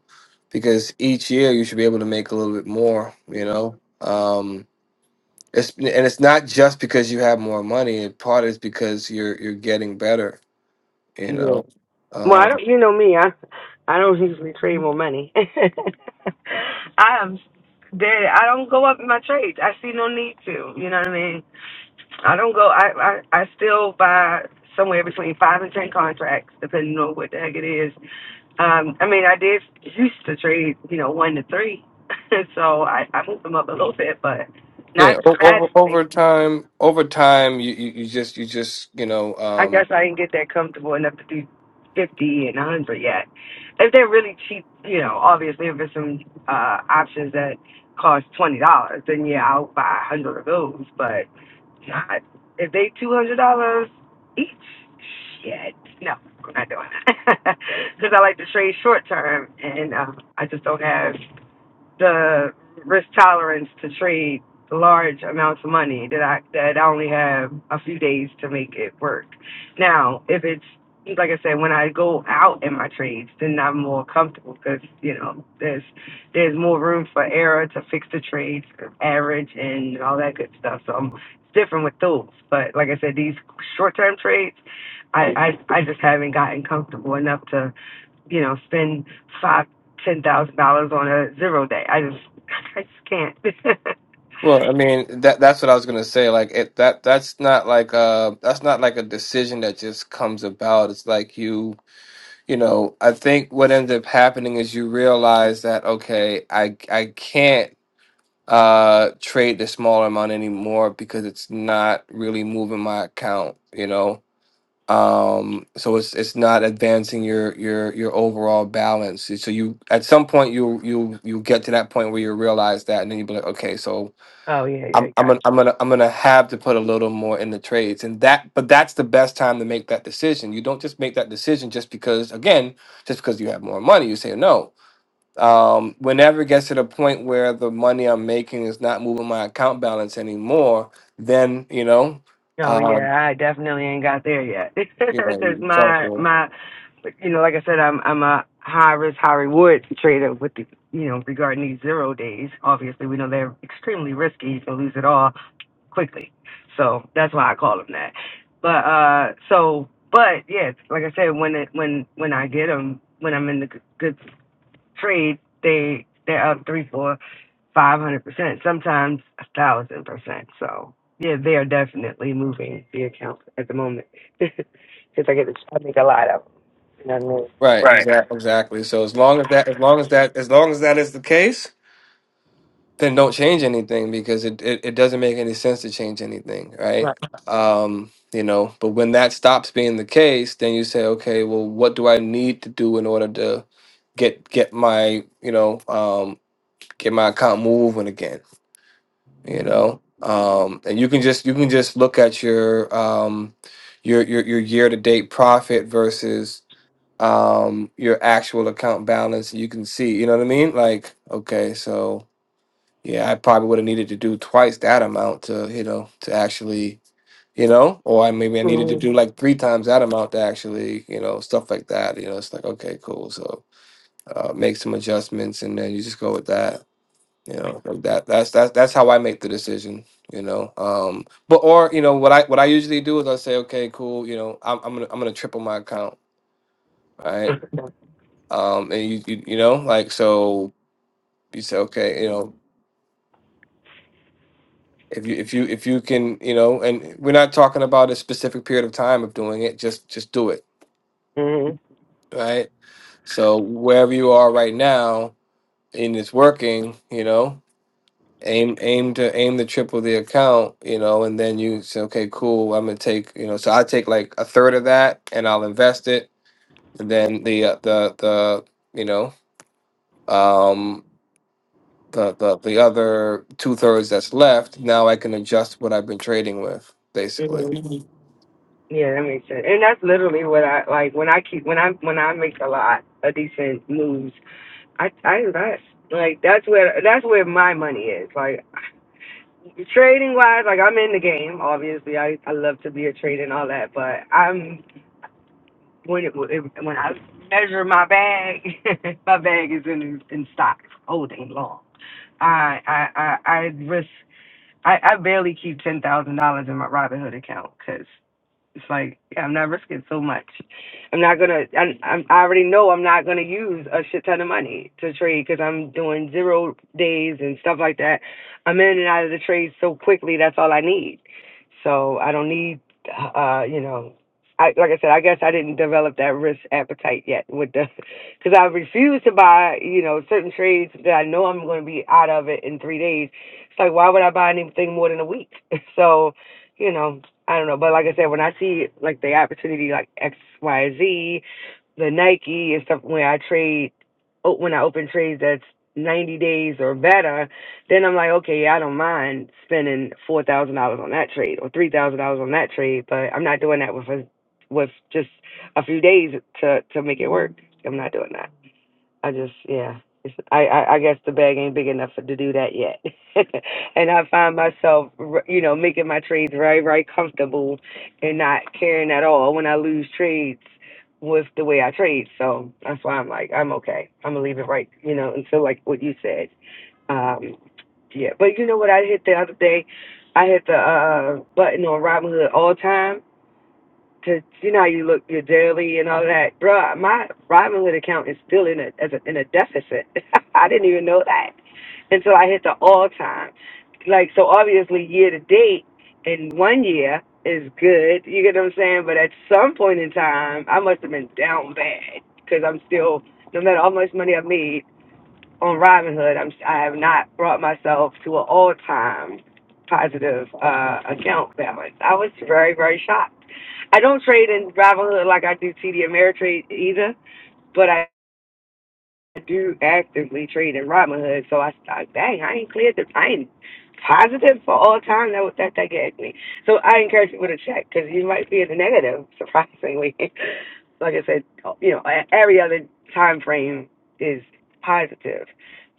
because each year you should be able to make a little bit more, you know. Um It's and it's not just because you have more money. In part is because you're you're getting better. You know, I um, don't. You know me. I I don't usually trade more money. <laughs> I am dead. I don't go up in my trades. I see no need to. You know what I mean? I don't go. I I, I still buy somewhere between five and ten contracts, depending on what the heck it is Um, I mean, I did used to trade, you know, one to three, <laughs> so I, I moved them up a little bit, but yeah. not o- Over over dramatically. time, over time, you, you, you just you just you know. I guess Um, I didn't get that comfortable enough to do fifty and a hundred yet. If they're really cheap, you know, obviously if it's some uh, options that cost twenty dollars, then yeah, I'll buy a hundred of those. But not if they two hundred dollars each. Shit, no, I'm not doing that <laughs> because I like to trade short term, and um, I just don't have the risk tolerance to trade large amounts of money that I that I only have a few days to make it work. Now, if it's like I said, when I go out in my trades, then I'm more comfortable because you know there's there's more room for error to fix the trades, average, and all that good stuff. So I'm, it's different with those. But like I said, these short-term trades, I, I I just haven't gotten comfortable enough to you know, spend five, ten thousand dollars on a zero day. I just, <laughs> I just can't. <laughs> well, I mean that that's what I was gonna say. Like it, that that's not like uh that's not like a decision that just comes about. It's like you you know. I think what ends up happening is you realize that okay, I I can't. uh trade the smaller amount anymore because it's not really moving my account you know um so it's it's not advancing your your your overall balance so so you at some point you you you get to that point where you realize that and then you be like okay so oh yeah, yeah, i'm i'm gotcha. gonna i'm gonna, I'm gonna have to put a little more in the trades and that but that's the best time to make that decision you don't just make that decision just because again just because you have more money you say no um, whenever it gets to the point where the money I'm making is not moving my account balance anymore, then you know, Oh um, yeah, I definitely ain't got there yet. <laughs> you know, Cause you start my, to my, you know, like I said, I'm, I'm a high risk, high reward trader with the, you know, regarding these zero days. Obviously, we know they're extremely risky. You can lose it all quickly. So that's why I call them that. But uh, so, but yeah, like I said, when it, when, when I get them, when I'm in the g- good trade, they they're up three, four, five hundred percent, sometimes a thousand percent. So yeah, they are definitely moving the accounts at the moment <laughs> because I get to, I make a lot of them. You know what I mean? right, exactly, exactly. So as long as that, as long as that, as long as that is the case, then don't change anything because it it, it doesn't make any sense to change anything, right? Right. Um, you know, but when that stops being the case, then you say, okay, well, what do I need to do in order to get get my you know um, get my account moving again? you know um and you can just you can just look at your um your your, your year to date profit versus um your actual account balance and you can see you know what i mean like okay so yeah i probably would have needed to do twice that amount to you know to actually you know or I, maybe i needed to do Mm-hmm. like three times that amount to actually you know stuff like that you know it's like okay cool so uh, make some adjustments and then you just go with that you know, like that that's that's that's how I make the decision. You know, um, but or you know what I what I usually do is I say, okay, cool. You know, I'm I'm gonna I'm gonna triple my account, right? Um, and you you, you know like so you say, okay, you know. If you if you if you can you know, and we're not talking about a specific period of time of doing it, just just do it, Mm-hmm. right? So wherever you are right now and it's working, you know, aim aim to aim to triple the account you know and then you say okay cool i'm gonna take you know so i take like a third of that and i'll invest it and then the uh, the the you know um the the, the other two thirds that's left now i can adjust what i've been trading with basically Mm-hmm. Yeah, that makes sense. And that's literally what I like when I keep when I when I make a lot of decent moves. I I invest. Like that's where that's where my money is. Like trading wise, like I'm in the game. Obviously, I I love to be a trader and all that, but I'm when it, when I measure my bag, <laughs> my bag is in in stock all day long. I I I, I risk. I, I barely keep ten thousand dollars in my Robinhood account because. It's like yeah, I'm not risking so much. I'm not gonna. I, I'm, I already know I'm not gonna use a shit ton of money to trade because I'm doing zero days and stuff like that. I'm in and out of the trade so quickly. That's all I need. So I don't need. Uh, you know, I like I said. I guess I didn't develop that risk appetite yet with the <laughs> because I refuse to buy. You know, certain trades that I know I'm gonna be out of it in three days. It's like why would I buy anything more than a week? <laughs> So. You know, I don't know, but like I said, when I see like the opportunity, like X, Y, Z, the Nike and stuff, when I trade, oh, when I open trades that's ninety days or better, then I'm like, okay, I don't mind spending four thousand dollars on that trade or three thousand dollars on that trade, but I'm not doing that with a, with just a few days to to make it work. I'm not doing that. I just, yeah. It's, I, I I guess the bag ain't big enough for, to do that yet, <laughs> and I find myself, r- you know, making my trades very, very comfortable, and not caring at all when I lose trades with the way I trade. So that's why I'm like, I'm okay. I'm gonna leave it right, you know, until like what you said. Um, yeah. But you know what? I hit the other day. I hit the uh, button on Robinhood all time to you know how you look your daily and all that, bruh. My Robinhood account is still in a as a in a deficit. <laughs> I didn't even know that until I hit the all time. Like so, obviously year to date in one year is good. You get what I'm saying? But at some point in time, I must have been down bad because I'm still no matter how much money I made on Robinhood, I'm I have not brought myself to an all time positive uh account balance. I was very very shocked. I don't trade in Robinhood like I do TD Ameritrade either, but I do actively trade in Robinhood. So I thought, dang, I ain't cleared the I ain't positive for all time. That was that that gagged me. So I encourage people to check because you might be in the negative, surprisingly. <laughs> like I said, you know, a- every other time frame is positive,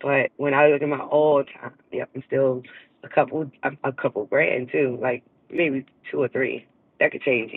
but when I look at my all time, yep, I'm still a couple, a, a couple grand too, like maybe two or three. That could change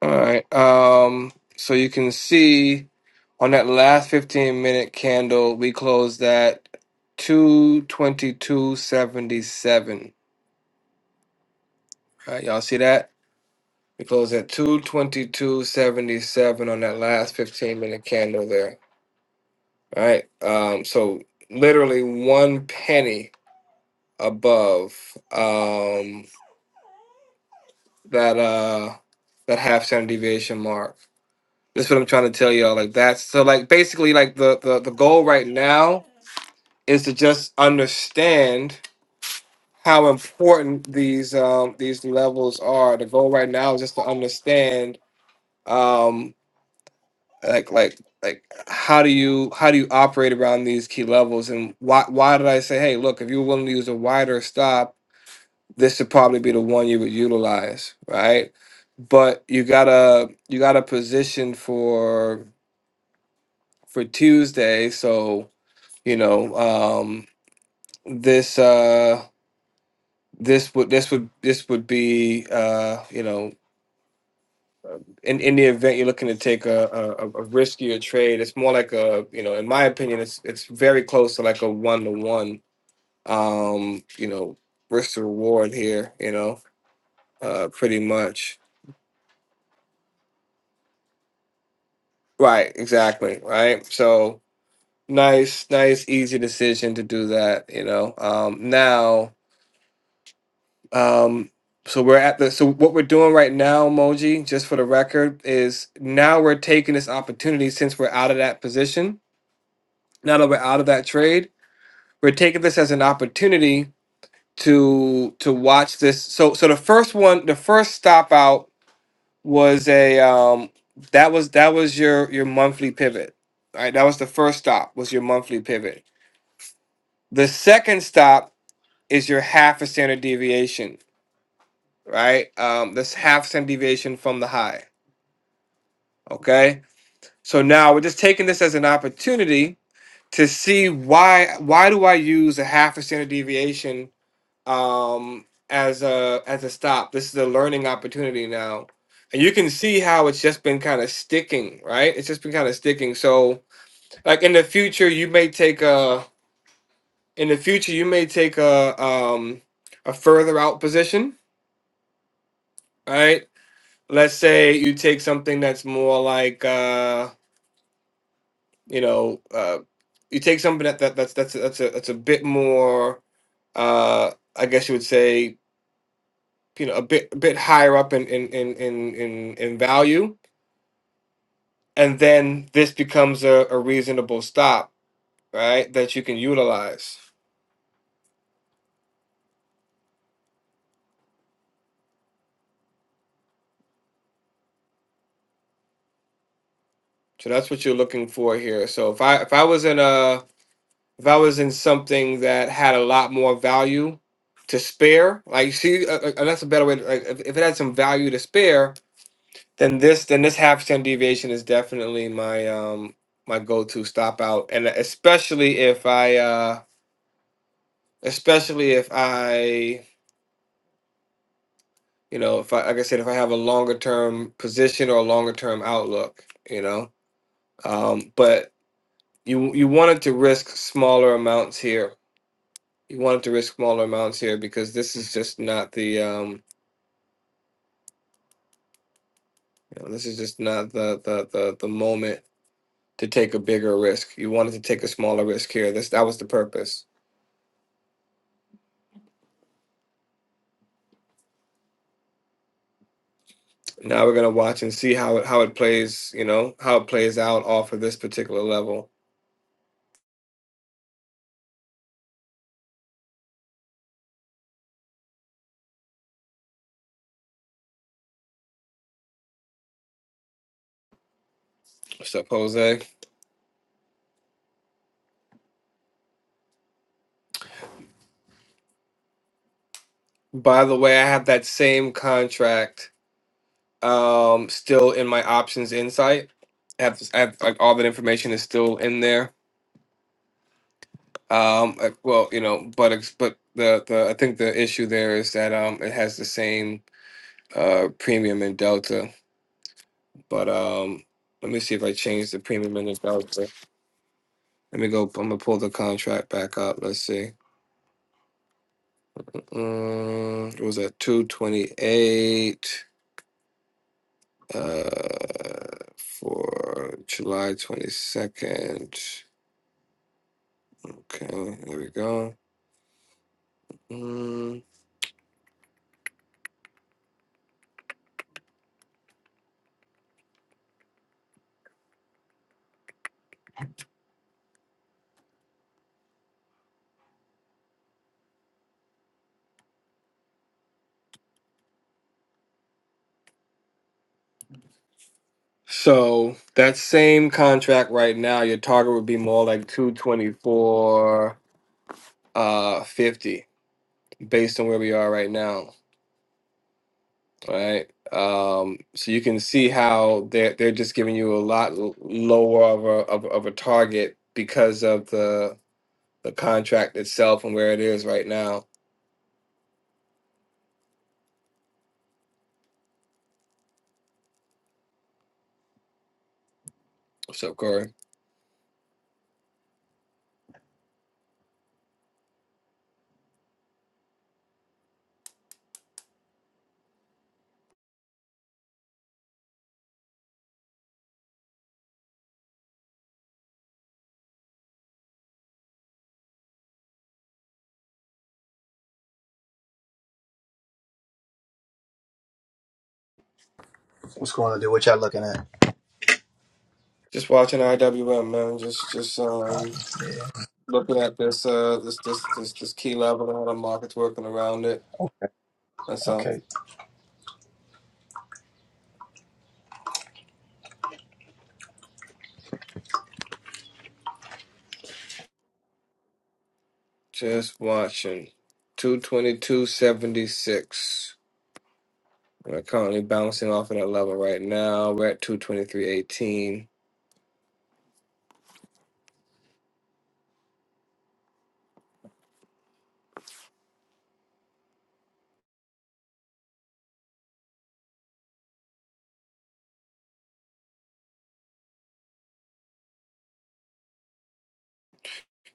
all right um so you can see on that last 15 minute candle we closed at 222.77 all right y'all see that We close at 222.77 on that last 15 minute candle there. All right. Um, so literally one penny above um that uh that half standard deviation mark. That's what I'm trying to tell y'all. Like that's so like basically like the, the the goal right now is to just understand how important these um these levels are. The goal right now is just to understand um, like like like how do you how do you operate around these key levels and why why did i say hey look if you are willing to use a wider stop this should probably be the one you would utilize right but you gotta you gotta position for for tuesday so you know um this uh this would this would this would be uh you know in, in the event you're looking to take a, a, a riskier trade, it's more like a, you know, in my opinion, it's it's very close to like a one to one, um, you know, risk to reward here, you know, uh, pretty much. Right, exactly, right. So nice, nice, easy decision to do that, you know. Um, now, um, so we're at the, so what we're doing right now, Moji, just for the record, is now we're taking this opportunity since we're out of that position. Now that we're out of that trade we're taking this as an opportunity to to watch this. So so the first one, the first stop out was a um that was that was your your monthly pivot. All right, that was the first stop was your monthly pivot. The second stop is your half a standard deviation, right? Um this half standard deviation from the high, okay? So now we're just taking this as an opportunity to see why why do I use a half a standard deviation um, as a as a stop. This is a learning opportunity now, and you can see how it's just been kind of sticking, right? It's just been kind of sticking. So, like in the future, you may take a in the future you may take a um, a further out position, right? Let's say you take something that's more like uh, you know uh, you take something that, that that's that's that's a that's a bit more uh, I guess you would say you know a bit a bit higher up in in in in in, in value and then this becomes a, a reasonable stop right that you can utilize so that's what you're looking for here so if i if i was in a if i was in something that had a lot more value to spare like see uh, uh, and that's a better way to, like if, if it had some value to spare then this then this half standard deviation is definitely my um my go-to stop out and especially if i uh especially if i You know, if I like I said, if I have a longer term position or a longer term outlook, you know, um, but you you wanted to risk smaller amounts here. You wanted to risk smaller amounts here because this is just not the um, you know, this is just not the the the the moment to take a bigger risk. You wanted to take a smaller risk here. This that was the purpose. Now we're gonna watch and see how it how it plays. You know how it plays out off of this particular level. What's up, Jose? By the way, I have that same contract um still in my options insight I have, I have like all that information is still in there um uh, well you know but it's- but the the i think the issue there is that um it has the same uh premium and delta but um let me see if i change the premium and the delta let me go i'm gonna pull the contract back up let's see um it was at 228 uh for july 22nd okay there we go Mm, so that same contract right now, your target would be more like 224 uh 50 based on where we are right now, right? Um, so you can see how they're they're just giving you a lot l- lower of a of, a- of a target because of the the contract itself and where it is right now. What's up, Corey? Just watching IWM, man. Just just um looking at this uh this this this this key level and how the market's working around it. That's all. Just watching. 222.76. We're currently bouncing off of that level right now. We're at 223.18.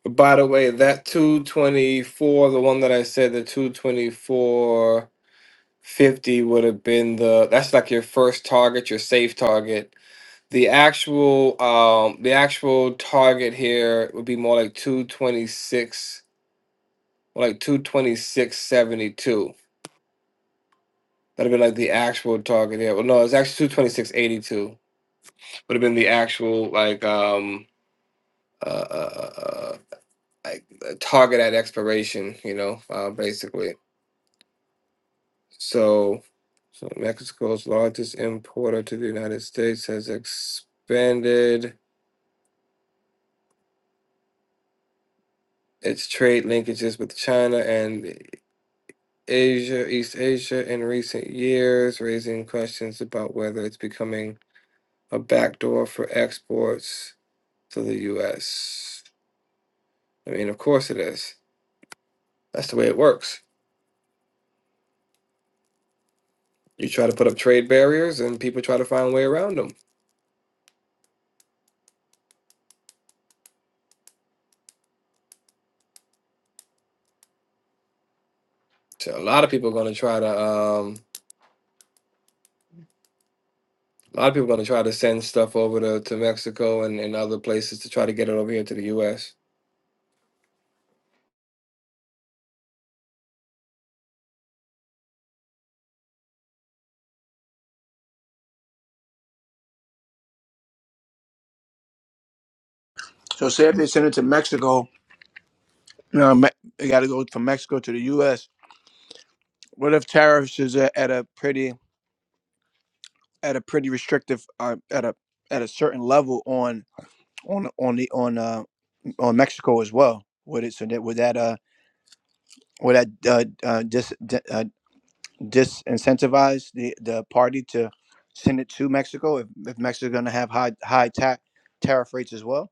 By the way, that 224, the one that I said, the 224.50 would have been the, that's like your first target, your safe target. The actual, um, the actual target here would be more like 226, more like 226.72. That'd have been like the actual target. Yeah. Well, no, it's actually two twenty six eighty two. Would have been the actual like um uh, uh, uh uh, like uh, target at expiration. You know, uh, basically. So, so Mexico's largest importer to the United States has expanded its trade linkages with China and Asia, East Asia, in recent years, raising questions about whether it's becoming a backdoor for exports to the U.S. I mean, of course it is. That's the way it works. You try to put up trade barriers, and people try to find a way around them. So a lot of people are going to try to. Um, a lot of people are going to try to send stuff over to, to Mexico and, and other places to try to get it over here to the U.S. So say if they send it to Mexico, you know, Me- they got to go from Mexico to the U.S. What if tariffs is at, at a pretty at a pretty restrictive uh, at a at a certain level on on on the on uh on Mexico as well? Would it so that would that uh would that uh, uh dis, disincentivize the, the party to send it to Mexico if, if Mexico's going to have high high ta- tariff rates as well?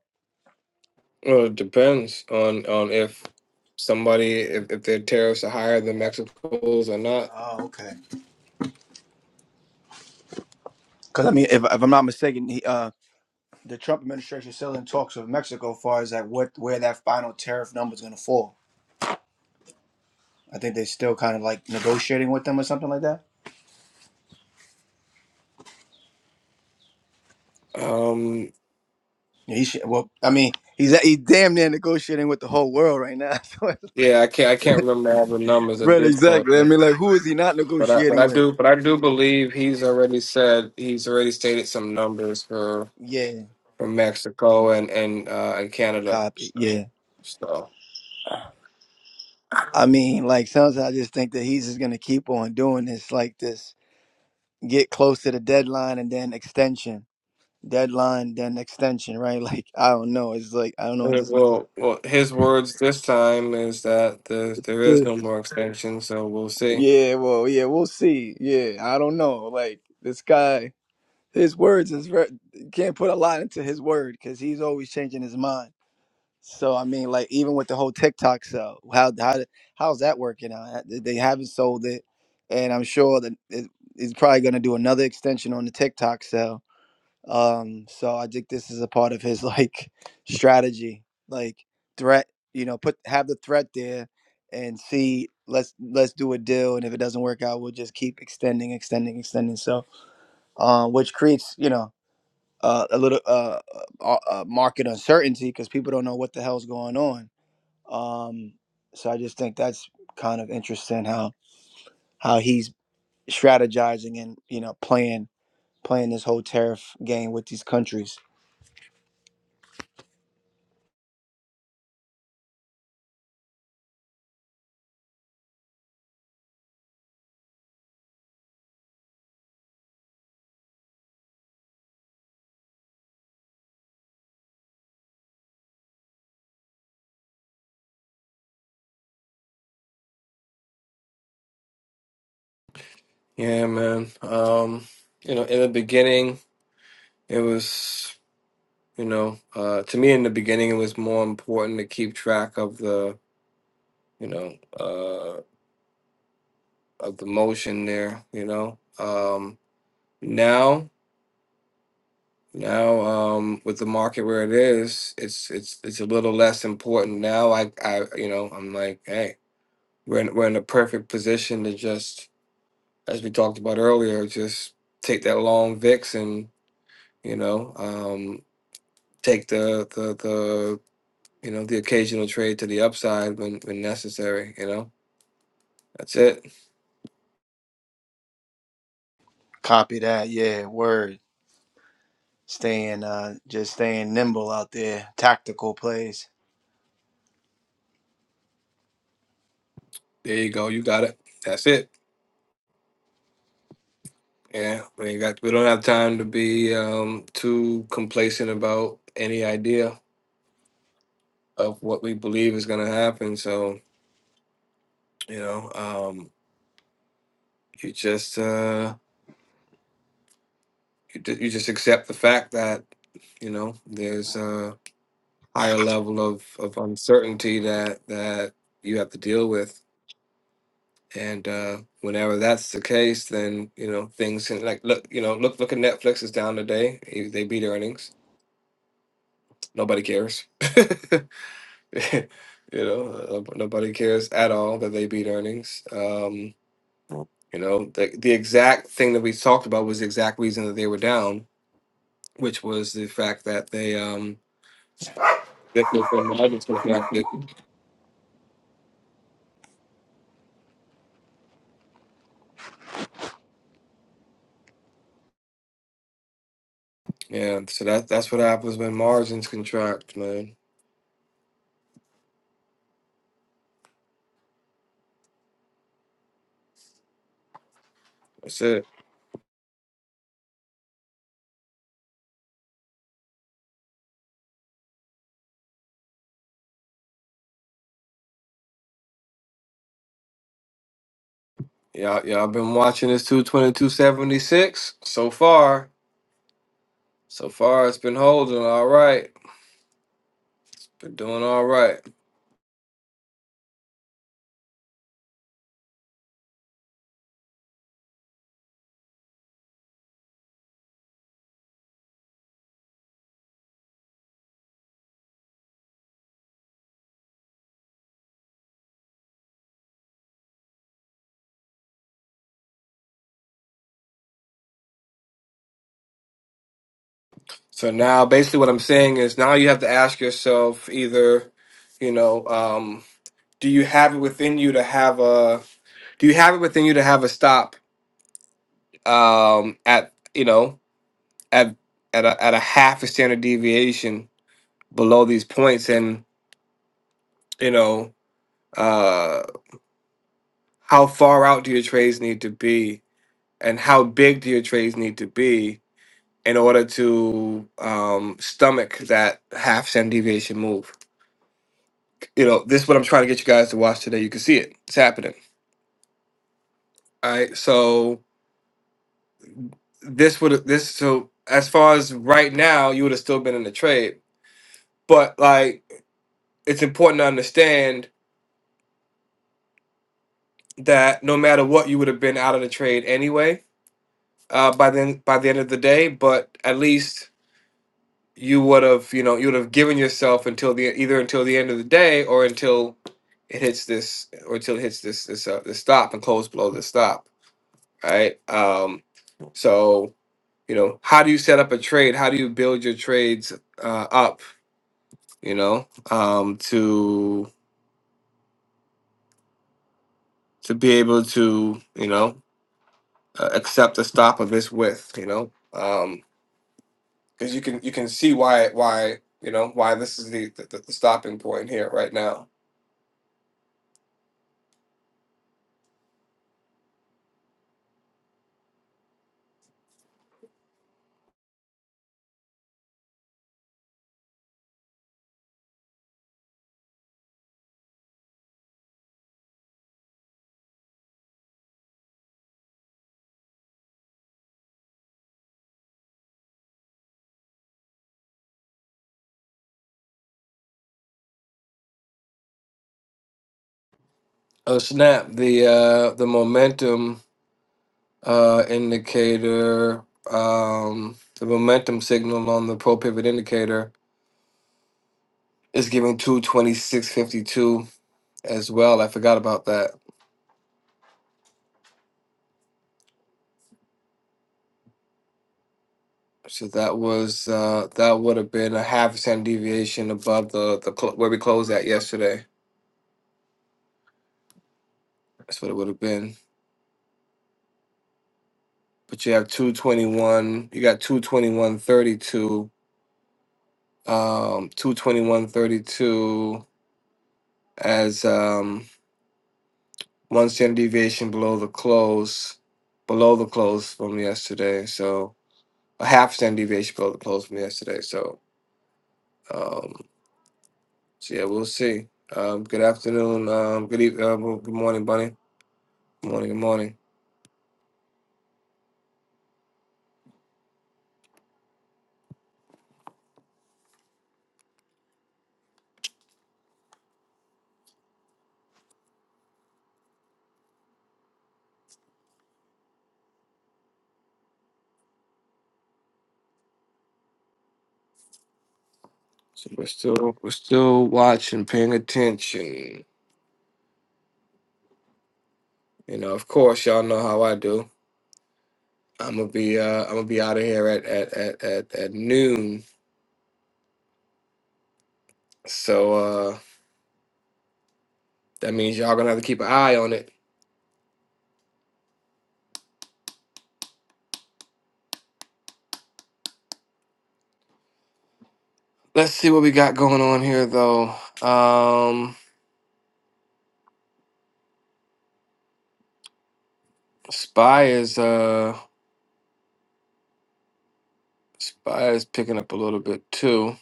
Well, it depends on on if somebody if, if their tariffs are higher than Mexico's or not. Oh, okay. Because I mean, if, if I'm not mistaken, he, uh, the Trump administration is still in talks with Mexico as far as like what where that final tariff number is going to fall. I think they're still kind of like negotiating with them or something like that. Um, Yeah, he should, well, I mean, he's he damn near negotiating with the whole world right now. <laughs> yeah, I can't I can't remember all the numbers So, at right, this point, exactly. I man. mean, like, who is he not but I but negotiating I with? do but I do believe he's already said he's already stated some numbers for Yeah, from Mexico and and uh, and Canada. copy. Yeah. So, I mean, like sometimes I just think that he's just gonna keep on doing this, like this, get close to the deadline and then extension, deadline then extension, right? <laughs> Like I don't know. It's like I don't know. uh, This, well, well, his words this time is that there there is this- no more extension. So we'll see. yeah, well, yeah, we'll see. Yeah, I don't know. Like this guy, his words is very, can't put a lot into his word because he's always changing his mind. So I mean, like even with the whole TikTok sell, how how how's that working out? They haven't sold it, and I'm sure that it, it's probably going to do another extension on the TikTok sell. Um, so I think this is a part of his like <laughs> strategy, like threat. You know, put have the threat there, and see let's let's do a deal, and if it doesn't work out, we'll just keep extending, extending, extending. So, uh, which creates you know uh, a little uh, uh, uh, market uncertainty because people don't know what the hell's going on um, so I just think that's kind of interesting how how he's strategizing and you know playing playing this whole tariff game with these countries. Yeah, man. Um, you know, in the beginning, it was you know uh, to me in the beginning it was more important to keep track of the you know uh, of the motion there. You know, um, now. Now, um, with the market where it is, it's it's it's a little less important now. I I you know I'm like, hey, we're in, we're in a perfect position to just, as we talked about earlier, just take that long VIX and you know um, take the the the you know the occasional trade to the upside when when necessary. You know, that's it. Copy that, yeah. Word, staying uh, just staying nimble out there, tactical plays. There you go. You got it. That's it. Yeah, we ain't got we don't have time to be um, too complacent about any idea of what we believe is going to happen. So you know, um, you just uh, you, ju- you just accept the fact that you know there's a higher level of of uncertainty that that you have to deal with, and uh, whenever that's the case, then you know things can like look you know look look at Netflix is down today. They they beat earnings. Nobody cares. <laughs> you know, uh, nobody cares at all that they beat earnings. Um, You know, the, the exact thing that we talked about was the exact reason that they were down, which was the fact that they um that their margins contracted. Yeah, so that that's what happens when margins contract, man. That's it. Y'all y'all been watching this two twenty two seventy six so far. So far, it's been holding all right. Been doing all right. So now, basically, what I'm saying is now you have to ask yourself either, you know, um, do you have it within you to have a do you have it within you to have a stop um, at you know at at a, at a half a standard deviation below these points, and you know uh, how far out do your trades need to be, and how big do your trades need to be in order to um, stomach that half standard deviation move? You know, this is what I'm trying to get you guys to watch today. You can see it; it's happening. All right, so this would this so as far as right now, you would have still been in the trade, but like it's important to understand that no matter what, you would have been out of the trade anyway. Uh, by then, by the end of the day, but at least you would have, you know, you would have given yourself until the either until the end of the day or until it hits this or until it hits this this uh, this stop and close below the stop, right? Um, so you know, how do you set up a trade? How do you build your trades uh, up? You know, um, to to be able to you know uh, accept the stop of this width. You know. Um, because you can you can see why why you know why this is the the, the stopping point here right now. Oh snap! The uh the momentum uh indicator um the momentum signal on the pro pivot indicator is giving two twenty six fifty two as well. I forgot about that. So that was uh that would have been a half standard deviation above the the cl- where we closed at yesterday. That's what it would have been. But you have two twenty one. You got two twenty one thirty two um, 221.32 as um, one standard deviation below the close, below the close from yesterday. So a half standard deviation below the close from yesterday. So, um, so yeah, we'll see. Um, good afternoon. Um, good evening, uh, well, Good morning, Bunny. Good morning. Good morning. So we're still we're still watching, paying attention. You know, of course, y'all know how I do. I'm gonna be uh, I'm gonna be out of here at at at at, at noon. So. uh. That means y'all gonna have to keep an eye on it. Let's see what we got going on here though. Um Spy is uh Spy is picking up a little bit too.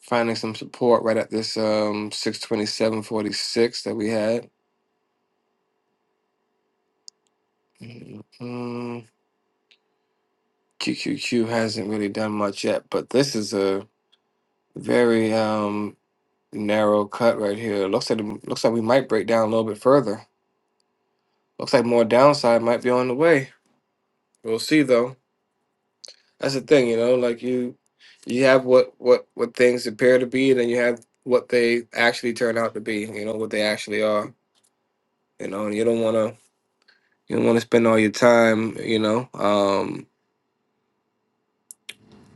Finding some support right at this um 627.46 that we had. mm QQQ hasn't really done much yet, but this is a very um narrow cut right here. Looks like looks like we might break down a little bit further. Looks like more downside might be on the way. We'll see though. That's the thing, you know, like you you have what what what things appear to be and then you have what they actually turn out to be, you know, what they actually are, you know, and you don't want to you don't want to spend all your time, you know, um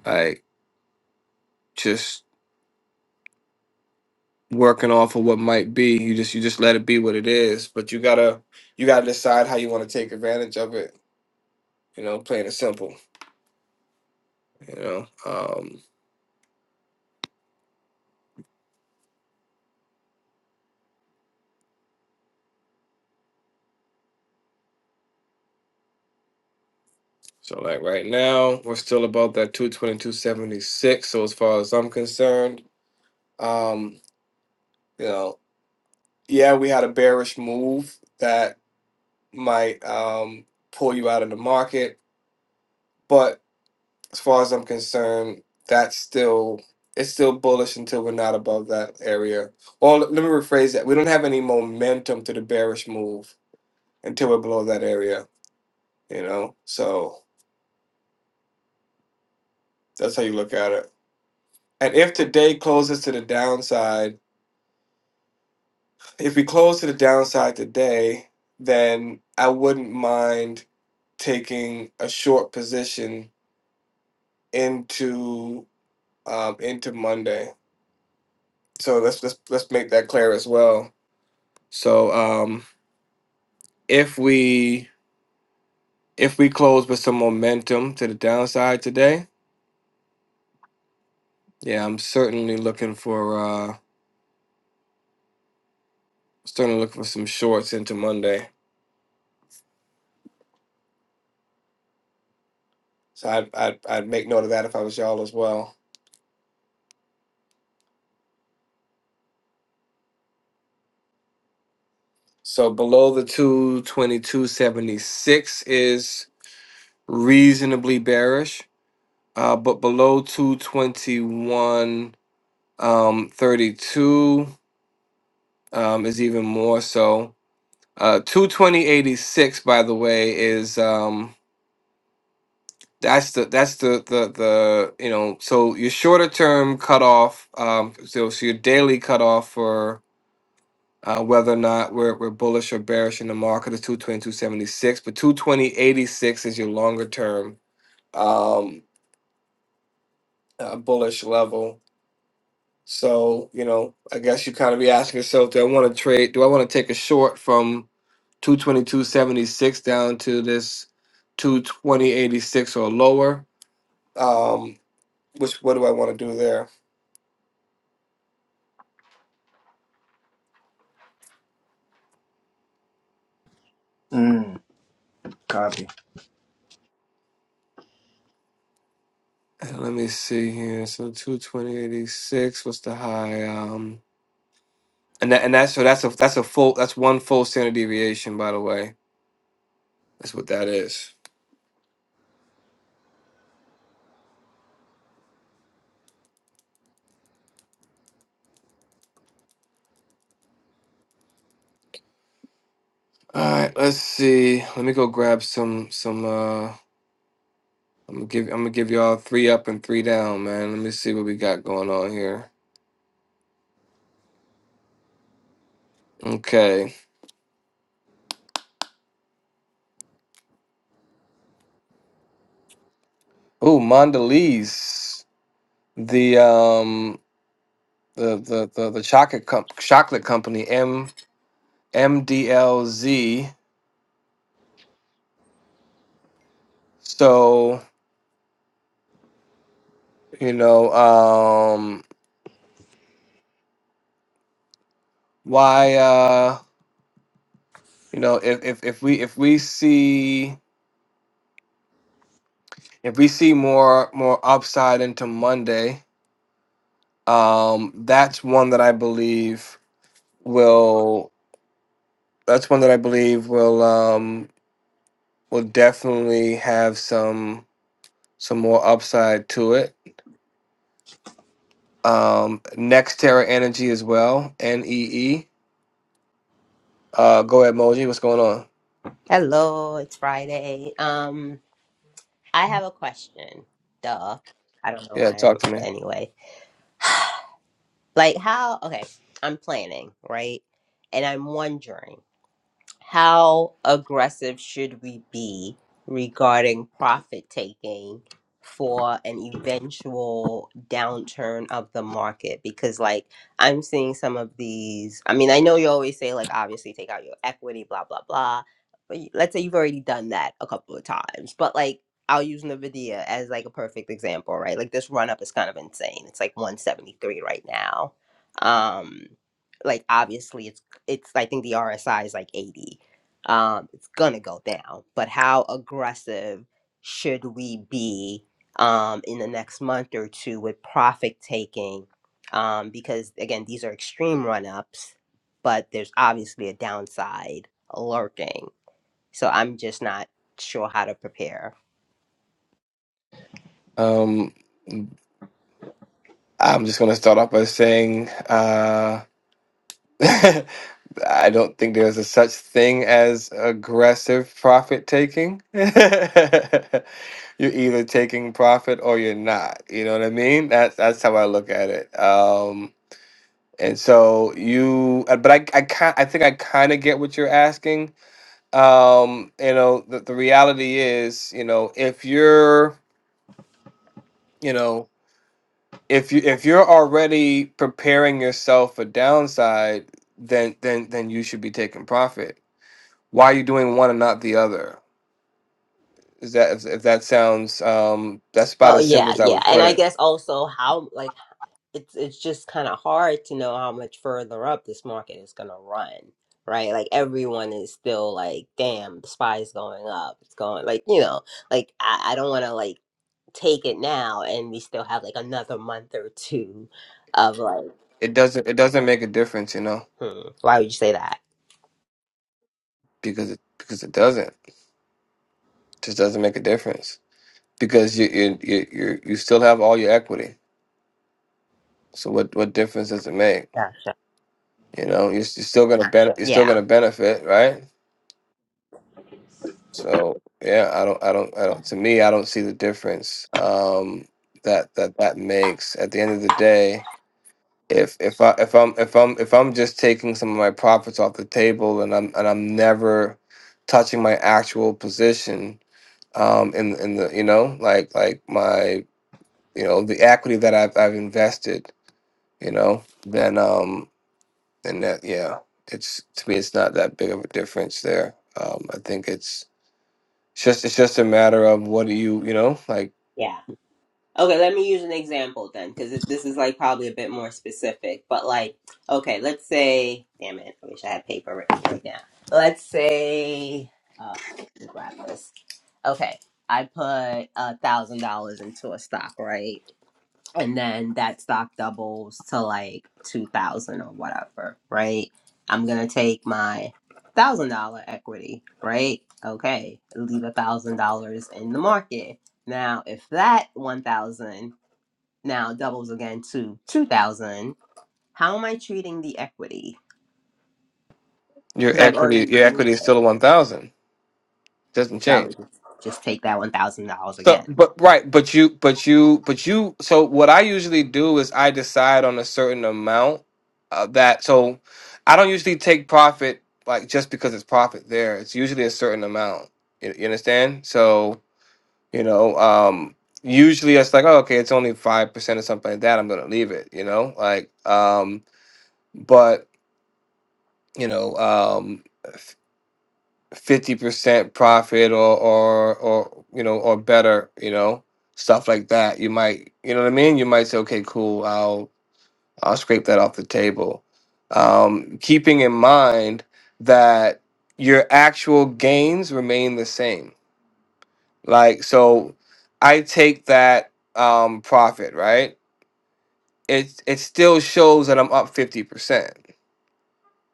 like just working off of what might be. You just you just let it be what it is, but you got to you got to decide how you want to take advantage of it, you know, plain and simple, you know. Um so like right now, we're still about that 222.76, so as far as I'm concerned, um, You know, yeah, we had a bearish move that might um, pull you out of the market, but as far as I'm concerned, that's still it's still bullish until we're not above that area. Well, let me rephrase that. We don't have any momentum to the bearish move until we're below that area. You know, so that's how you look at it. And if today closes to the downside. if we close to the downside today, then I wouldn't mind taking a short position into um, into Monday. So let's let's let's make that clear as well. So um, if we if we close with some momentum to the downside today, yeah, I'm certainly looking for uh, certainly looking for some shorts into Monday. So I'd I'd, I'd make note of that if I was y'all as well. So below the 222.76 is reasonably bearish, uh, but below 221.32 um, 32, um, is even more so. Uh, 220.86, by the way, is um, that's the that's the the the you know so your shorter term cutoff um, so, so your daily cutoff for uh, whether or not we're, we're bullish or bearish in the market is 222.76, but 220.86 is your longer term um, uh, bullish level. So, you know, I guess you kind of be asking yourself, do I want to trade? Do I want to take a short from 222.76 down to this 220.86 or lower? Um, which, what do I want to do there? Mm, copy. Uh, Let me see here. So 220.86, what's the high? Um, And that and that's so that's a that's a full that's one full standard deviation, by the way. That's what that is. All right, let's see. Let me go grab some some uh I'm gonna give I'm gonna give y'all three up and three down, man. Let me see what we got going on here. Okay. Oh, Mondelez. The um the the the, the chocolate comp- chocolate company M M D L Z. So, you know, um why uh, You know, if if if we if we see if we see more more upside into Monday, um, that's one that I believe will that's one that I believe will um will definitely have some some more upside to it. Um, next Terra Energy as well, N E E. Uh, go ahead, Moji. What's going on? Hello, it's Friday. Um, I have a question. Duh. I don't know Yeah, why I'm talk to me. anyway. Like how, okay, I'm planning, right? And I'm wondering how aggressive should we be regarding profit taking for an eventual downturn of the market because like i'm seeing some of these i mean i know you always say like obviously take out your equity blah blah blah but you- let's say you've already done that a couple of times but like i'll use nvidia as like a perfect example right like this run up is kind of insane it's like 173 right now um like obviously it's it's I think the RSI is like 80. Um, it's gonna go down, but how aggressive should we be um, in the next month or two with profit taking? Um, because again, these are extreme run ups, but there's obviously a downside lurking. So I'm just not sure how to prepare. Um, I'm just gonna start off by saying. uh. <laughs> I don't think there's a such thing as aggressive profit taking. <laughs> You're either taking profit or you're not. You know what I mean? That's that's how I look at it. Um, and so you, uh, but I, I kind, I think I kind of get what you're asking. Um, you know, the, the reality is, you know, if you're, you know, if you if you're already preparing yourself for downside, then then then you should be taking profit Why are you doing one and not the other? Is that if, if that sounds um that's about Well, as simple yeah, as I yeah, would and put I it. guess also how like it's it's just kind of hard to know how much further up this market is gonna run, right? Like everyone is still like, damn, the spy's going up. It's going like you know, like I, I don't want to like take it now, and we still have like another month or two of like, It doesn't it doesn't make a difference, you know, hmm, why would you say that? because it because it doesn't it just doesn't make a difference because you you you you you still have all your equity. So what what difference does it make? Gotcha. You know, you're, you're still gonna benefit. You're still Yeah, gonna benefit, right? So yeah, I don't I don't I don't. To me, I don't see the difference um that that that makes at the end of the day if if I if I'm if I'm if I'm just taking some of my profits off the table and I'm and I'm never touching my actual position um in in the you know like like my you know the equity that I've I've invested you know then um and that yeah it's to me it's not that big of a difference there um I think it's it's just it's just a matter of what do you you know like yeah. Okay, let me use an example then, because this is like probably a bit more specific. But like, okay, let's say, damn it, I wish I had paper written right now. Let's say, uh, let me grab this. Okay, I put a thousand dollars into a stock, right? and then that stock doubles to like 2000 or whatever right i'm gonna take my thousand dollar equity right okay leave a thousand dollars in the market now if that 1000 now doubles again to 2000 how am i treating the equity your because i've equity already your removed equity is it still a 1000 doesn't so i change would just just take that one thousand dollars So, again but right, but you, but you, but you. So, what I usually do is I decide on a certain amount of that. So, I don't usually take profit like just because it's profit there. It's usually a certain amount. You, you understand? So, you know, um, usually it's like, oh, okay, it's only five percent or something like that. I'm gonna leave it. You know, like, um, but you know, um, fifty percent profit or or or you know or better, you know, stuff like that. You might you know what I mean? You might say, okay, cool, I'll I'll scrape that off the table. Um, keeping in mind that your actual gains remain the same. Like so I take that um profit, right? It it still shows that I'm up fifty percent.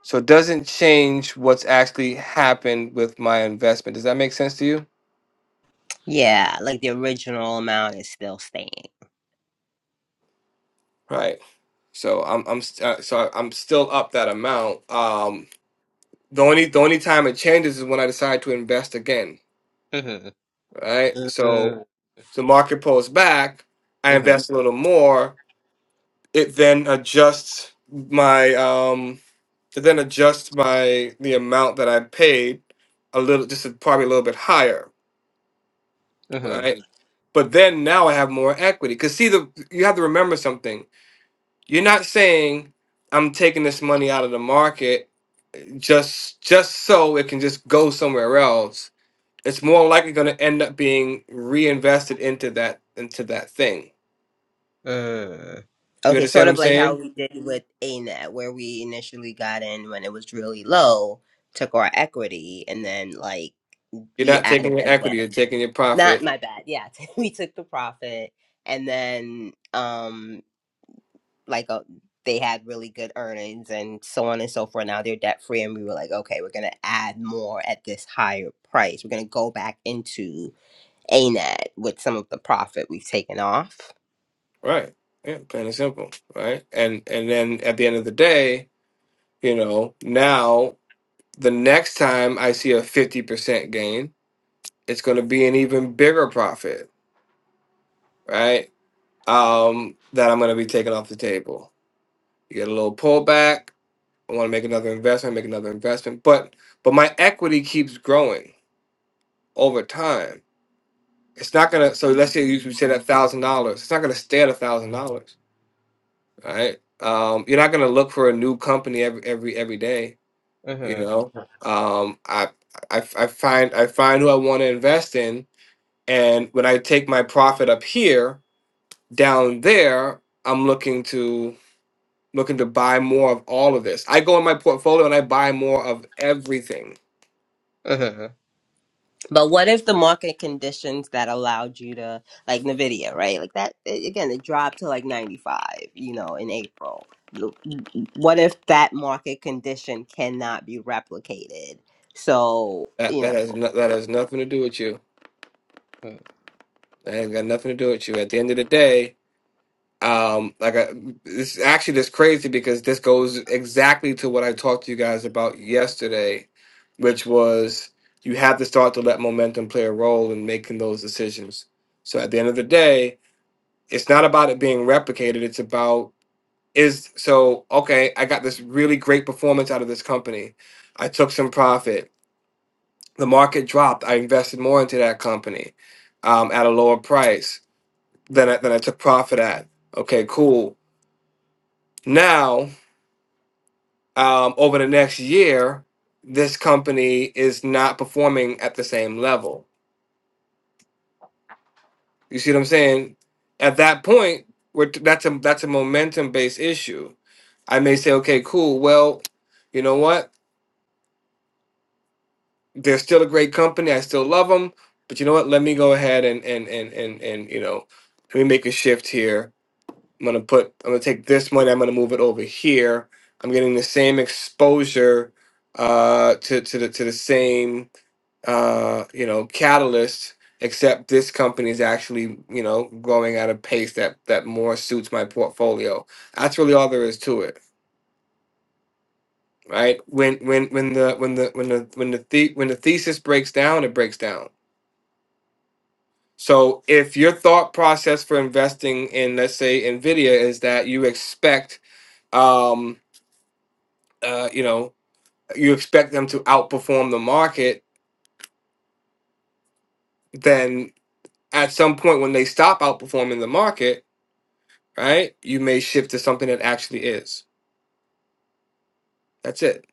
So it doesn't change what's actually happened with my investment. Does that make sense to you? yeah like the original amount is still staying Right. So I'm I'm st- uh, so I'm still up that amount. Um, the only the only time it changes is when I decide to invest again. Right. So Mhm. the market pulls back. I invest a little more. It then adjusts my um. It then adjusts my the amount that I paid a little, just a- probably a little bit higher. Right. But then now I have more equity. Cause see the you have to remember something. You're not saying I'm taking this money out of the market just just so it can just go somewhere else it's more likely going to end up being reinvested into that into that thing Mm. you Okay, sort understand what of i'm like how saying we did with A Net, where we initially got in when it was really low, took our equity, and then like you're we not taking added your again. equity you're taking your Not profit my bad. Yeah, <laughs> we took the profit, and then um like uh, they had really good earnings and so on and so forth. Now they're debt free, and we were like, okay, we're gonna add more at this higher price. We're gonna go back into A Net with some of the profit we've taken off. right yeah plain and simple right and and then at the end of the day you know now the next time i see a 50% gain it's going to be an even bigger profit right um that i'm going to be taking off the table you get a little pullback I want to make another investment, make another investment. But but my equity keeps growing over time. It's not gonna. So let's say you said a thousand dollars. It's not gonna stay at a thousand dollars, right? Um, you're not gonna look for a new company every every every day. You Mm-hmm. know, um, I, I I find I find who I want to invest in, and when I take my profit up here, down there, I'm looking to looking to buy more of all of this. I go in my portfolio and I buy more of everything But what if the market conditions that allowed you to, like Nvidia, right? Like that a- again, it dropped to like 95, you know, in April. L- What if that market condition cannot be replicated? So, That you know, that has no, that has nothing to do with you. Mm. That has got nothing to do with you. At the end of the day, um, like I, it's actually just crazy because this goes exactly to what I talked to you guys about yesterday, which was you have to start to let momentum play a role in making those decisions. So at the end of the day, it's not about it being replicated. It's about is so okay. I got this really great performance out of this company. I took some profit. the market dropped. I invested more into that company um, at a lower price than I, than I took profit at. Okay, cool. Now, um, over the next year, this company is not performing at the same level. You see what I'm saying? At that point, we're, that's a that's a momentum based issue. I may say, okay, cool. Well, you know what? They're still a great company. I still love them. But you know what? Let me go ahead and and and and and you know, let me make a shift here I'm gonna put I'm gonna take this money, I'm gonna move it over here. I'm getting the same exposure uh to, to the to the same uh you know catalyst, except this company is actually, you know, growing at a pace that that more suits my portfolio. That's really all there is to it. Right? When when when the when the when the when the, the when the thesis breaks down, it breaks down. So if your thought process for investing in let's say Nvidia is that you expect um, uh, you know, you expect them to outperform the market, then at some point when they stop outperforming the market, right, you may shift to something that actually is. That's it.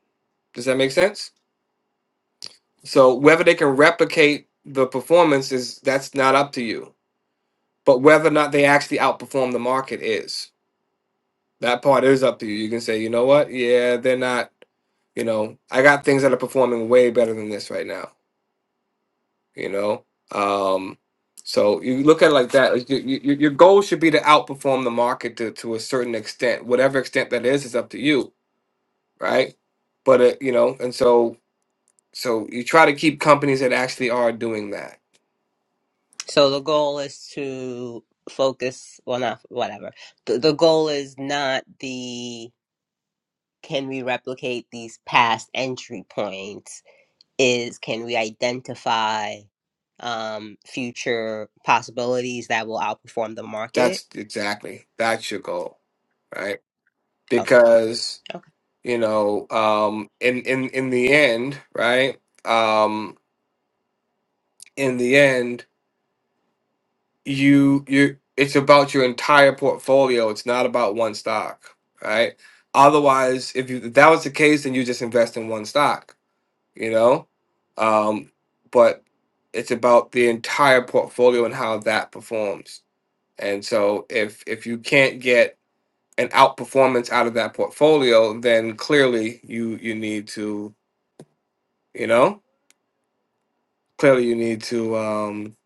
Does that make sense? So whether they can replicate the performance is that's not up to you. But whether or not they actually outperform the market is. That part is up to you. You can say, you know what? Yeah, they're not, you know, I got things that are performing way better than this right now you know um so you look at it like that like your, your your goal should be to outperform the market to, to a certain extent whatever extent that is is up to you right but uh, you know and so so you try to keep companies that actually are doing that so the goal is to focus, well, not whatever. The, the goal is not the can we replicate these past entry points is can we identify um, future possibilities that will outperform the market? that's exactly that's your goal right Okay, because okay, you know um in in in the end right um in the end you you it's about your entire portfolio it's not about one stock right otherwise if you if that was the case then you just invest in one stock you know um but it's about the entire portfolio and how that performs and so if if you can't get an outperformance out of that portfolio then clearly you you need to you know clearly you need to um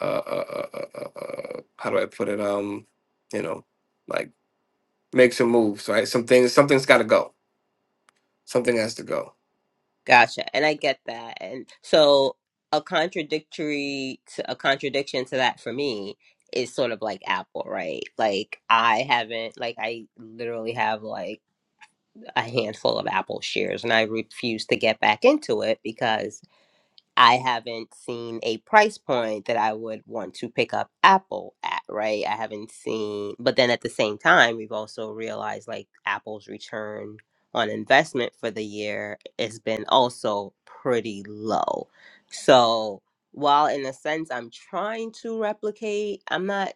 uh, uh, uh, uh, uh uh, how do i put it um you know like make some moves, right? Some things, something's got to go. Something has to go. gotcha. And I get that. And so a contradictory to, a contradiction to that for me is sort of like Apple, right? Like I haven't like I literally have like a handful of Apple shares and I refuse to get back into it because. I haven't seen a price point that I would want to pick up Apple at, right? I haven't seen, but then at the same time, we've also realized like Apple's return on investment for the year has been also pretty low. So while in a sense I'm trying to replicate, I'm not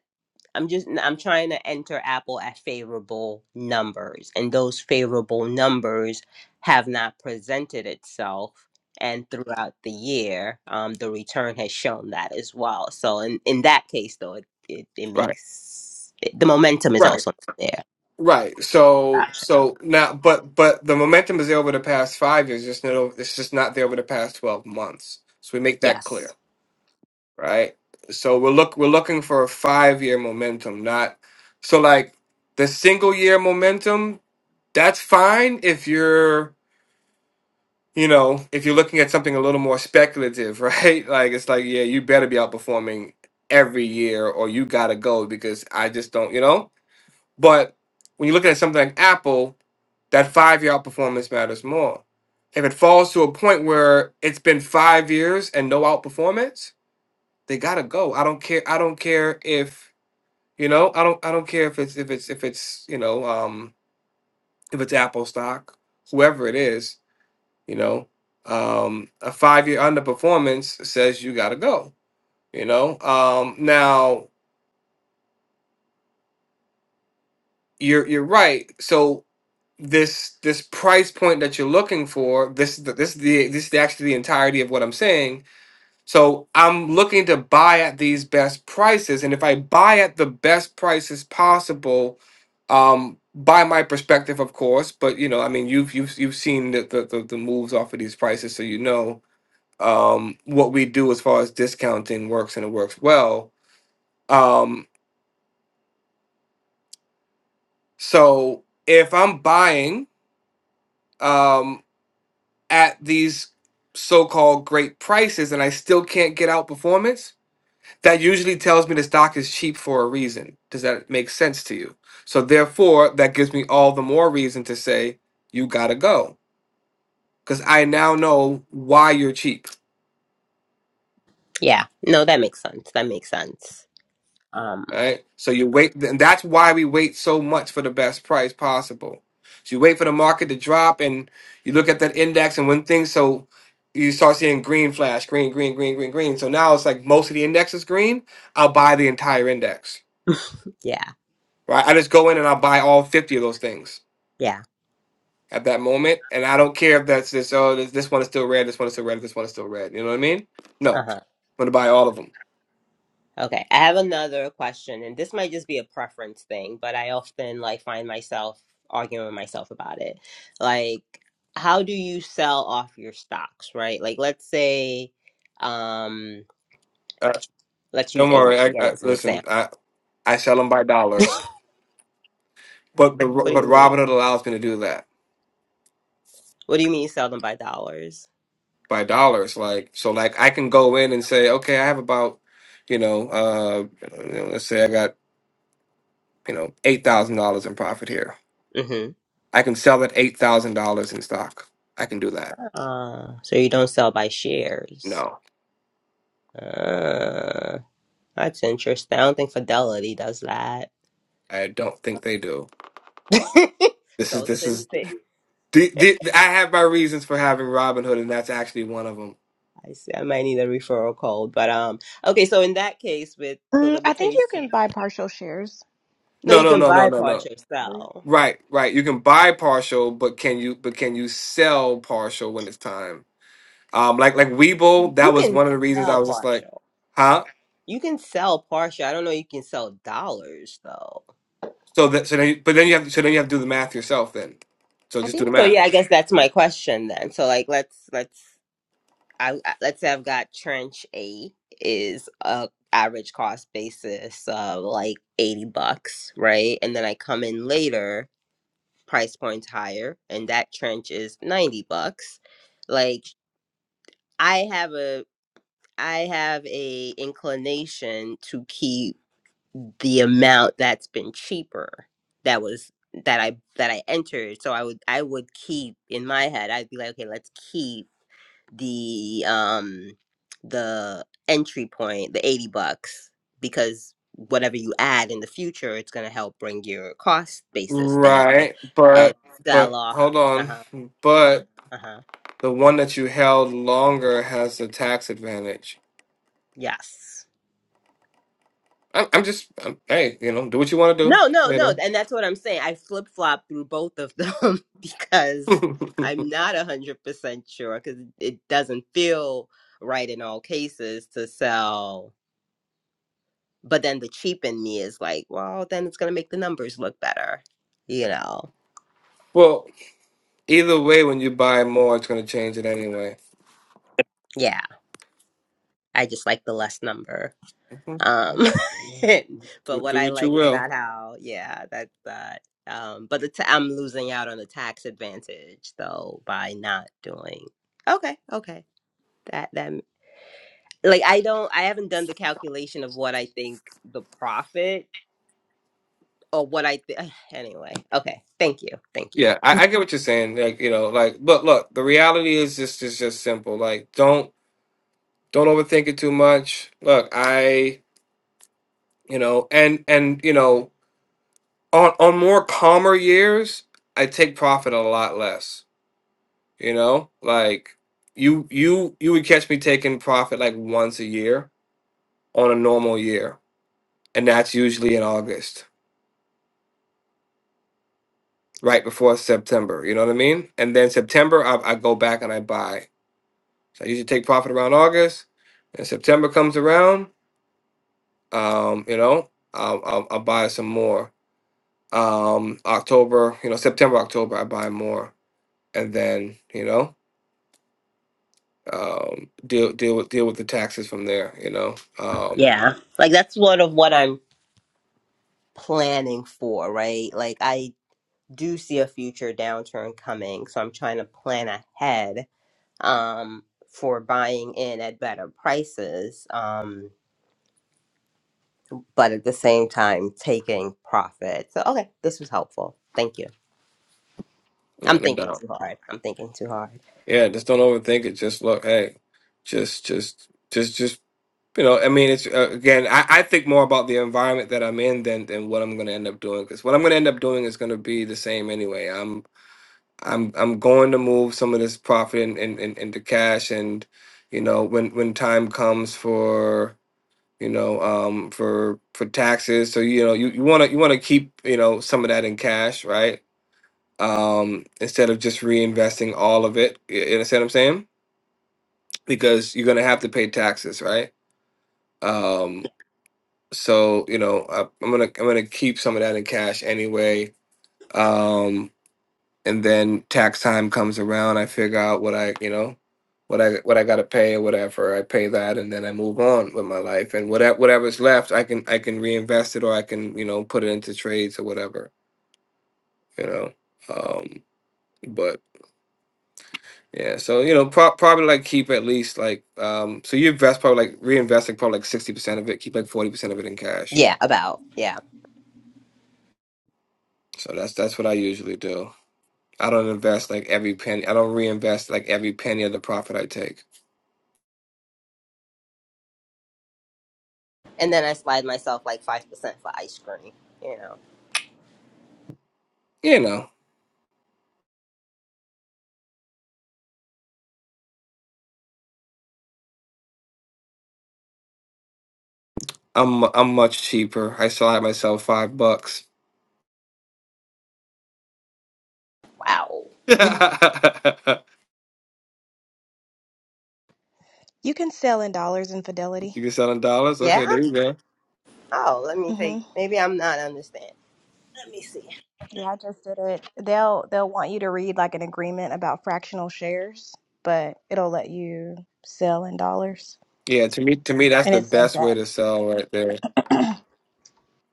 I'm just I'm trying to enter Apple at favorable numbers, and those favorable numbers have not presented itself. And throughout the year, um, the return has shown that as well. So in, in that case, though, it it, it Right. makes it, the momentum is Right. also there. Right. So Gotcha. so now but but the momentum is there over the past 5 years, just not over- it's just not there over the past 12 months. So we make that Yes. clear, right? So we're look we're looking for a 5-year momentum, not so like the single year momentum, that's fine if you're you know, if you're looking at something a little more speculative, <laughs> right? Like it's like, yeah, you better be outperforming every year or you gotta go because I just don't, you know? But when you're looking at something like Apple, that five year outperformance matters more. If it falls to a point where it's been five years and no outperformance, they gotta go. I don't care I don't care if you know, I don't I don't care if it's if it's if it's, you know, um if it's Apple stock, whoever it is you know, um, a five year underperformance says you got to go. You know, um, now you're you're right. So this this price point that you're looking for this is the, this is the this is the, actually the entirety of what I'm saying. So I'm looking to buy at these best prices, and if I buy at the best prices possible, um, by my perspective, of course. But you know, I mean, you've you've you've seen the the, the, the moves off of these prices, so you know um, what we do as far as discounting works and it works well. Um, so if I'm buying um, at these so-called great prices and I still can't get out performance, that usually tells me the stock is cheap for a reason. Does that make sense to you? So therefore, that gives me all the more reason to say you gotta go because I now know why you're cheap. Yeah. No, that makes sense. That makes sense. Um. Right? So you wait, and that's why we wait so much for the best price possible. So you wait for the market to drop, and you look at that index, and when things so you start seeing green flash, green, green, green, green, green. So now it's like most of the index is green. I'll buy the entire index, <laughs> Yeah. right? I just go in and I'll buy all fifty of those things Yeah. at that moment, and I don't care if that's this. Oh, this, this one is still red. This one is still red. This one is still red. You know what I mean? No, Uh I'm huh. gonna buy all of them. Okay, I have another question, and this might just be a preference thing, but I often like find myself arguing with myself about it. Like, how do you sell off your stocks, right? Like, let's say, um, Uh, let's use don't ANA worry. I, again I, as an listen, example. I I sell them by <laughs> dollars. But but What do but you mean? Robinhood allows me to do that What do you mean you sell them by dollars? by dollars. Like so, like I can go in and say, okay, I have about, you know, uh, you know, let's say I got you know eight thousand dollars in profit here. Mm-hmm. I can sell at eight thousand dollars in stock. I can do that. Uh, so you don't sell by shares. No, Uh, that's interesting. I don't think Fidelity does that. I don't think they do. <laughs> This is so this is since the, the, I have my reasons for having Robinhood, and that's actually one of them. I see. I might need a referral code, but um, okay. So in that case, with the Mm, I think you limitation, can buy partial shares no, No, you no, can on. no, no, buy no, no. partial sell. Right, right. You can buy partial, but can you but can you sell partial when it's time? Um, like like Weeble, You that was can one of the reasons I sell was just like, partial. huh? You can sell partial. I don't know. You can sell dollars though. So that so then you, but then you have so then you have to do the math yourself then. So I just do the think So yeah, math. I guess that's my question then. So like, let's let's I I- let's say I've got trench A is a average cost basis of like eighty bucks, right? And then I come in later, price points higher, and that trench is ninety bucks like. I have a I have a inclination to keep the amount that's been cheaper that was that I that I entered. So I would I would keep in my head, I'd be like, okay, let's keep the um the entry point, the 80 bucks, because whatever you add in the future, it's gonna help bring your cost basis down Right. and But sell but off. hold on. Uh-huh. But Uh-huh. the one that you held longer has a tax advantage. Yes. I'm I'm just I'm, hey, you know, do what you want to No, no, do, you know. no. And that's what I'm saying. I flip flop through both of them <laughs> because <laughs> I'm not 100% sure because it doesn't feel right in all cases to sell. But then the cheap in me is like, well, then it's going to make the numbers look better. You know? well, either way when you buy more it's going to change it anyway. Yeah. I just like the less number. Mhm. Um, <laughs> but Do, what do I what you like is will. that how, yeah, that's that. Um, but the ta- I'm losing out on the tax advantage though by not doing. Okay, okay. That that like I don't I haven't done the calculation of what I think the profit or what I th- <sighs> anyway. Okay, thank you, thank you. Yeah, I, I get what you're saying. Like, you know, like, but look, the reality is just is just simple. Like, don't don't overthink it too much. Look, I, you know, and and you know, on on more calmer years, I take profit a lot less. You know, like you you you would catch me taking profit like once a year on a normal year, and that's usually in August, right before September. You know what I mean? And then September, I, I go back and I buy. So I usually take profit around August, and September comes around. Um, you know, I'll, I'll, I'll buy some more. Um, October, you know, September, October, I buy more, and then you know, um, deal deal with deal with the taxes from there. You know, um, Yeah, like that's sort of what I'm planning for, right? Like I do see a future downturn coming, so I'm trying to plan ahead um for buying in at better prices, um, but at the same time taking profit. So okay, this was helpful. Thank you. yeah, I'm no thinking doubt. too hard. I'm thinking too hard. Yeah, just don't overthink it. Just look, hey, just just just just you know, I mean, it's uh, again, I, I think more about the environment that I'm in than than what I'm going to end up doing because what I'm going to end up doing is going to be the same anyway. I'm I'm going to move some of this profit in, in, in, into cash, and you know when when time comes for you know um for for taxes, so you know you you want to you want to keep you know some of that in cash, right? Um, instead of just reinvesting all of it, you you understand what I'm saying? Because you're gonna have to pay taxes, right? Um, so you know I, I'm gonna I'm gonna keep some of that in cash anyway. Um, and then tax time comes around i figure out what i you know what i what i got to pay or whatever i pay that and then i move on with my life and whatever whatever's left i can i can reinvest it or i can you know put it into trades or whatever you know um but yeah so you know pro- probably like keep at least like um so you invest probably like reinvesting probably like 60% of it keep like 40% of it in cash Yeah, about yeah. so that's that's what i usually do i don't invest like every penny i don't reinvest like every penny of the profit i take And then I slide myself like 5% for ice cream. You know, you know I'm I'm much cheaper. I sell it myself five bucks. wow. <laughs> you can you can sell in dollars in Fidelity. sell in dollars. Okay, Yeah? there you go. Oh, let me hmm take, maybe I'm not understanding. Let me see. Yeah, I just did it. They'll they'll want you to read like an agreement about fractional shares, but it'll let you sell in dollars, Yeah, to me, to me, that's and the it says best way that. to sell right there.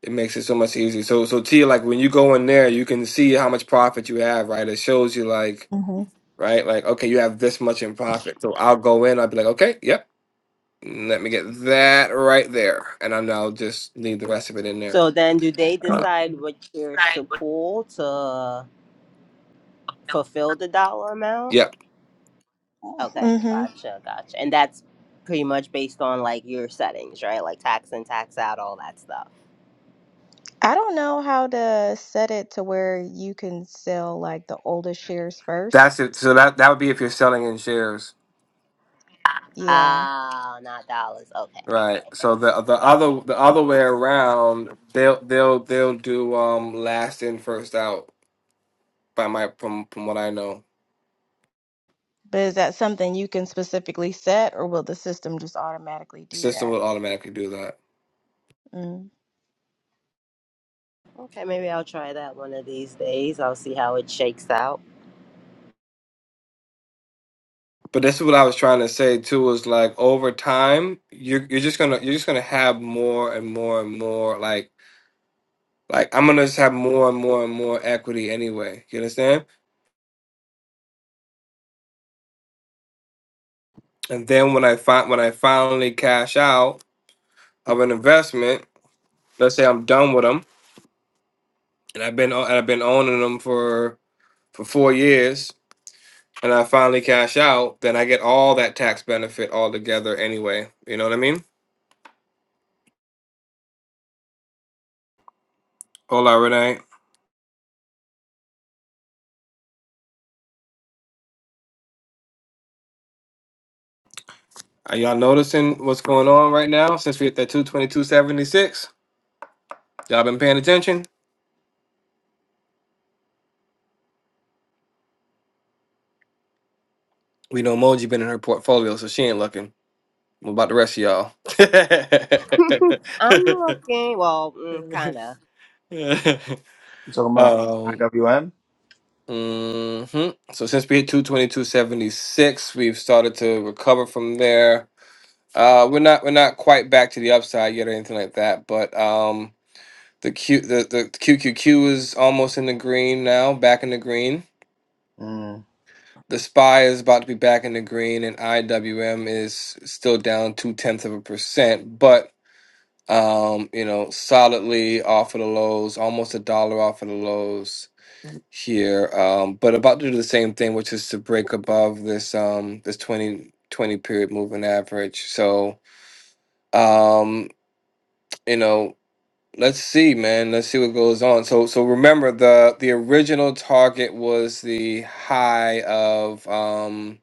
It makes it so much easier. So, so T, like when you go in there, you can see how much profit you have, right? It shows you, like, hmm right, like, okay, you have this much in profit. So I'll go in, I'll be like, okay, yep, let me get that right there, and I'm now just leave the rest of it in there. So then do they Uh, decide which shares to pull to fulfill the dollar amount? yep, Okay, Mm-hmm. gotcha, gotcha. And that's pretty much based on like your settings, right? Like tax in, tax out, all that stuff. I don't know how to set it to where you can sell like the oldest shares that's first. it. So that that would be if you're selling in shares. Yeah. Ah, not dollars. Okay, Right. okay. So the the other the other way around, they'll they'll they'll do um last in first out by my from from what I know. But is that something you can specifically set, or will the system just automatically The do system that? will automatically do that. Mm. Okay, maybe I'll try that one of these days. I'll see how it shakes out. But this is what I was trying to say too is like over time you're you're just gonna you're just gonna have more and more and more like like I'm gonna just have more and more and more equity anyway. You understand? And then when I find when I finally cash out of an investment, let's say I'm done with them and I've been o- and I've been owning them for for four years and I finally cash out, then I get all that tax benefit all together anyway. You know what I mean? Hola, Renee. Are y'all noticing what's going on right now since we hit that 222.76? Y'all been paying attention? We know Moji been in her portfolio, so she ain't looking. What about the rest of y'all? <laughs> I'm looking. Well, mm, kind of. <laughs> You talking about um, IWM? mhm. So since we hit 222.76, we've started to recover from there Uh, we're not we're not quite back to the upside yet or anything like that, but um, the Q the, the QQQ is almost in the green now, back in the green. Mm, The SPY is about to be back in the green, and IWM is still down two tenths of a percent, but um, you know, solidly off of the lows, almost a dollar off of the lows here. Um, but about to do the same thing, which is to break above this um this 20 20 period moving average. So um, you know. Let's see, man. Let's see what goes on. So, so remember the the original target was the high of um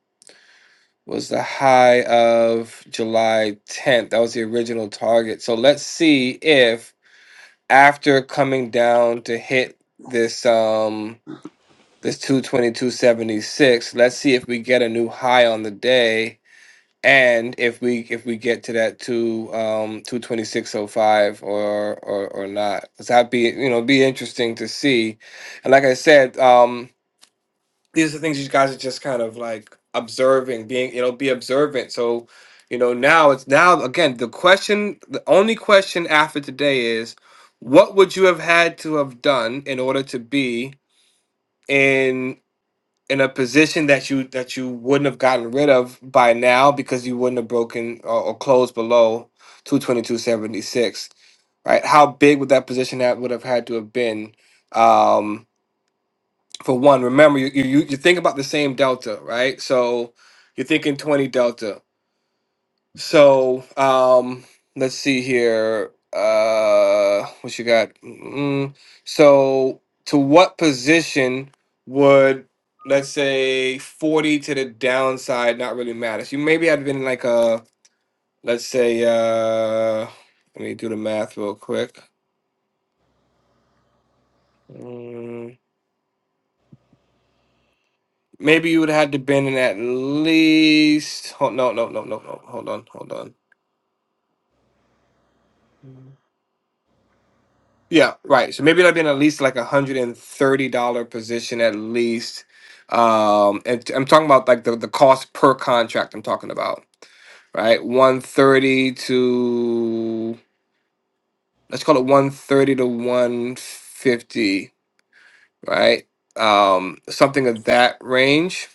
was the high of July 10th. That was the original target. So let's see if after coming down to hit this um this 222.76, let's see if we get a new high on the day and if we if we get to that two um two twenty six oh five or or or not, because that'd be you know be interesting to see. And like I said, um, these are things you guys are just kind of like observing, being you know be observant. So you know now it's now again the question, the only question after today is, what would you have had to have done in order to be in in a position that you that you wouldn't have gotten rid of by now because you wouldn't have broken or, or closed below 222.76 right how big would that position that would have had to have been um for one remember you you, you you think about the same delta right so you're thinking 20 delta so, um, let's see here. Uh, what you got? Mm, so, to what position would let's say 40 to the downside not really matter? So, you maybe I'd been like a let's say, uh, let me do the math real quick. Mm, maybe you would have had to been in at least. Hold, no, no, no, no, no. Hold on, hold on. Yeah, right. So maybe that'd been at least like a hundred and thirty dollar position at least. Um, and t- I'm talking about like the, the cost per contract. I'm talking about right, one thirty to let's call it one thirty to one fifty, right? Um, something of that range.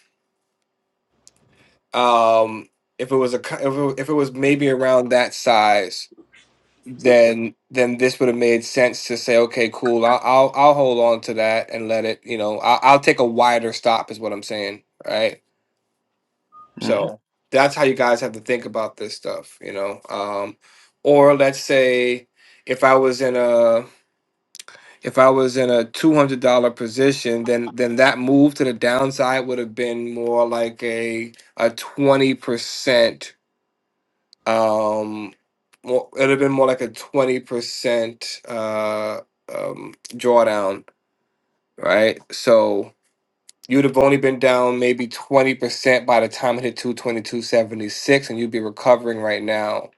Um, if it was a co- if it, if it was maybe around that size, then then this would have made sense to say, okay, cool, I'll I'll, I'll hold on to that and let it, you know, I'll, I'll take a wider stop, is what I'm saying, right? So Yeah. mhm. that's how you guys have to think about this stuff, you know. Um, or let's say if I was in a if I was in a two hundred dollar position, then then that move to the downside would have been more like a a twenty percent Um, well, it'd have been more like a 20% uh, um, drawdown, right? So you'd have only been down maybe 20% by the time it hit 222.76, and you'd be recovering right now.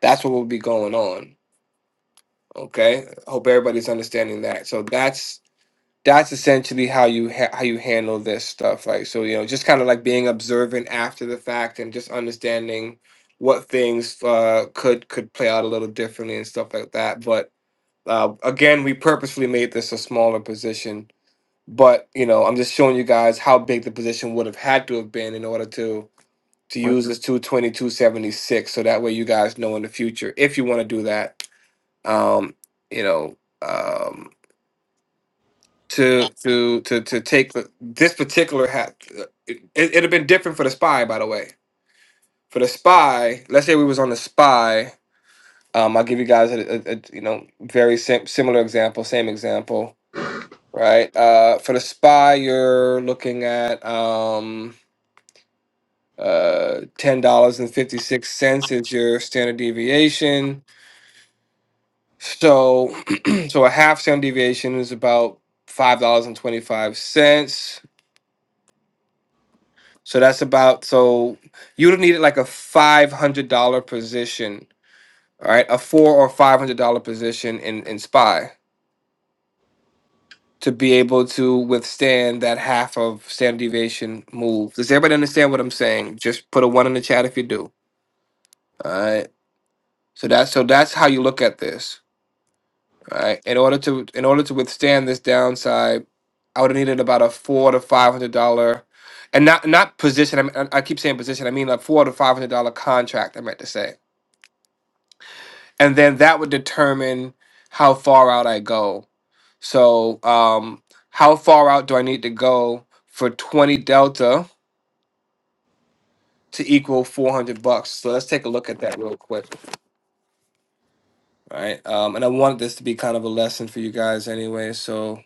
That's what will be going on. Okay. Hope everybody's understanding that. So that's that's essentially how you ha- how you handle this stuff like so you know just kind of like being observant after the fact and just understanding what things uh could could play out a little differently and stuff like that but uh again we purposefully made this a smaller position but you know i'm just showing you guys how big the position would have had to have been in order to to use this 22276 so that way you guys know in the future if you want to do that um you know um to to to to take the, this particular hat. uh, It, it'd have been different for the spy, by the way. For the spy, let's say we was on the spy. Um, I'll give you guys a, a, a you know very sim- similar example, same example, right? Uh, for the spy, you're looking at um uh ten dollars and fifty six cents is your standard deviation. So <clears throat> so a half standard deviation is about five dollars and twenty five cents So that's about so you would have needed like a five hundred dollar position, all right, a four or five hundred dollar position in in spy to be able to withstand that half of standard deviation move. Does everybody understand what I'm saying? Just put a one in the chat if you do. All right. So that's so that's how you look at this. All right. In order to in order to withstand this downside, I would have needed about a four to five hundred dollar and not not position. I, mean, I I keep saying position. I mean a four to five hundred dollar contract. I meant to say. and then that would determine how far out I go. So, um, how far out do I need to go for 20 delta to equal 400 bucks? So let's take a look at that real quick. All right. Um, and I wanted this to be kind of a lesson for you guys anyway. So,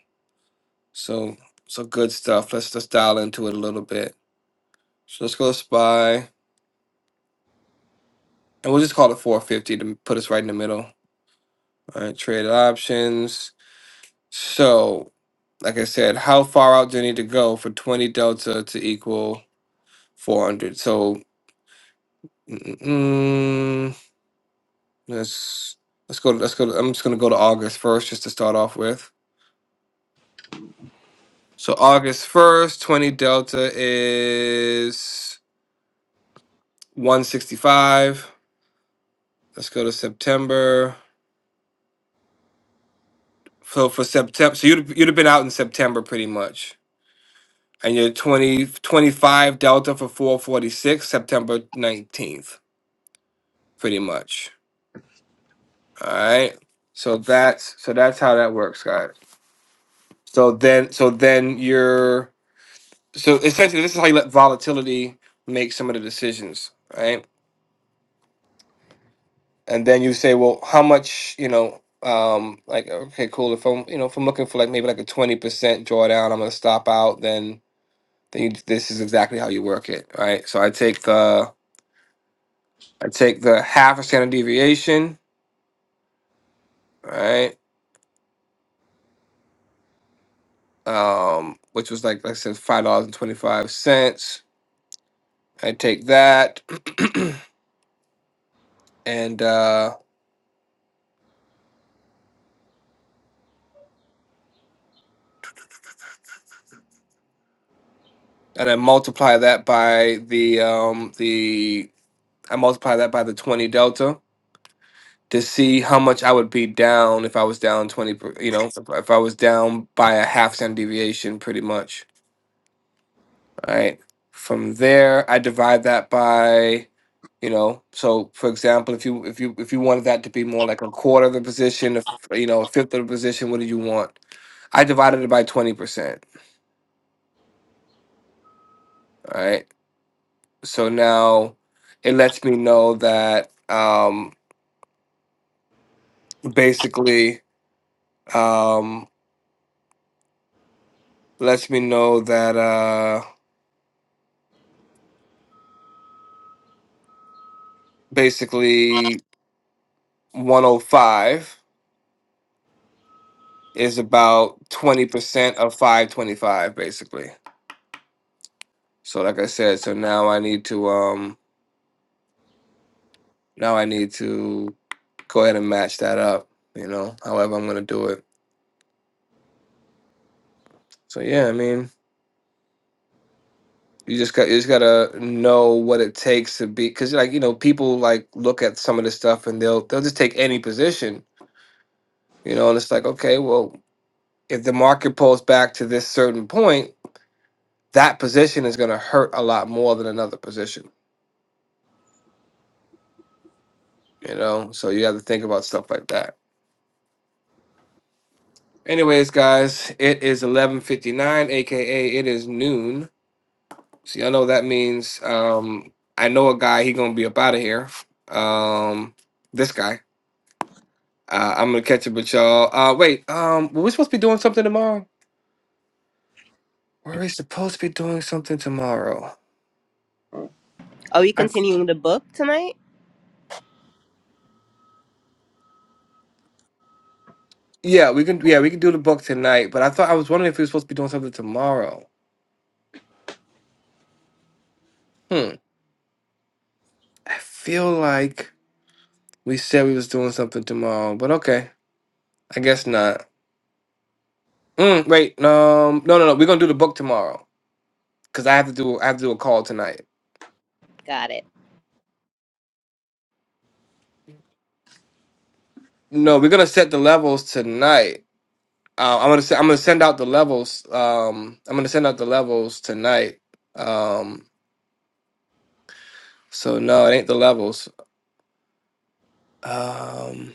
so, so good stuff. Let's let's dial into it a little bit. So let's go spy and we'll just call it 450 to put us right in the middle. All right. Trade options. So, like I said, how far out do I need to go for 20 delta to equal 400? So, mm, let's let's go. Let's go. To, I'm just gonna go to August first, just to start off with. So August first, 20 delta is 165. Let's go to September. So for September, so you'd you'd have been out in September pretty much, and you're 20 twenty-five delta for 446 September 19th, pretty much. All right. So that's so that's how that works, guys. So then so then you're so essentially this is how you let volatility make some of the decisions, right? And then you say, well, how much, you know, um, like okay, cool. If I'm you know, if I'm looking for like maybe like a twenty percent drawdown, I'm gonna stop out, then then you, this is exactly how you work it, right? So I take the I take the half a standard deviation, right? Um, which was like, like I said, five dollars and twenty five cents I take that <clears throat> and uh and I multiply that by the um the I multiply that by the 20 delta to see how much I would be down if I was down 20 per, you know if, if I was down by a half standard deviation pretty much all right from there I divide that by you know so for example if you if you if you wanted that to be more like a quarter of the position if you know a fifth of the position what do you want I divided it by 20% all right So now it lets me know that um, basically um, lets me know that uh, basically 105 is about 20% of 525 basically. So like I said, so now I need to um now I need to go ahead and match that up, you know, however I'm going to do it. So yeah, I mean you just got you just gotta know what it takes to be because like you know people like look at some of this stuff and they'll they'll just take any position you know and it's like okay well if the market pulls back to this certain point that position is going to hurt a lot more than another position you know so you have to think about stuff like that anyways guys it is 11.59 aka it is noon so y'all know that means um i know a guy he gonna be up out of here um this guy Uh, I'm gonna catch up with y'all. Uh, wait, um, were we supposed to be doing something tomorrow? Were we supposed to be doing something tomorrow? Are we I, th- continuing the book tonight? yeah, we can. Yeah, we can do the book tonight. But I thought I was wondering if we were supposed to be doing something tomorrow. Hmm. I feel like we said we was doing something tomorrow, but okay, I guess not. Mm, wait, no, no, no, no. We're gonna do the book tomorrow because I have to do. I have to do a call tonight. Got it. No, we're gonna set the levels tonight. Uh, I'm gonna se- I'm gonna send out the levels. Um, I'm gonna send out the levels tonight. Um, so no, it ain't the levels. Um,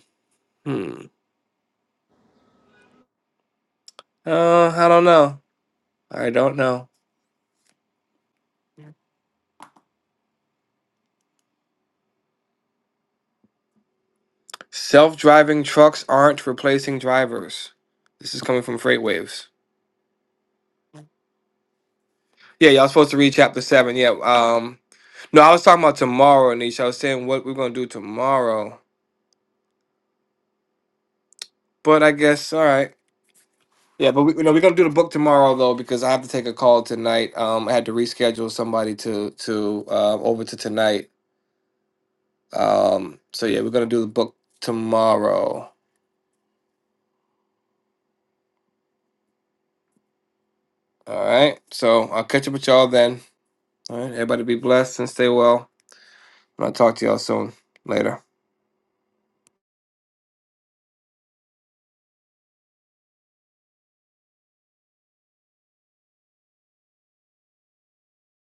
hmm. Uh, I don't know. I don't know. Self-driving trucks aren't replacing drivers. This is coming from Freightwaves. Yeah, y'all supposed to read chapter seven. Yeah. Um. No, I was talking about tomorrow, Nisha. I was saying what we're gonna do tomorrow. But I guess all right. Yeah, but we, you know we're gonna do the book tomorrow though because I have to take a call tonight. Um, I had to reschedule somebody to to uh, over to tonight. Um, so yeah, we're gonna do the book tomorrow. All right. So I'll catch up with y'all then. All right. Everybody be blessed and stay well. And I'll talk to y'all soon. Later.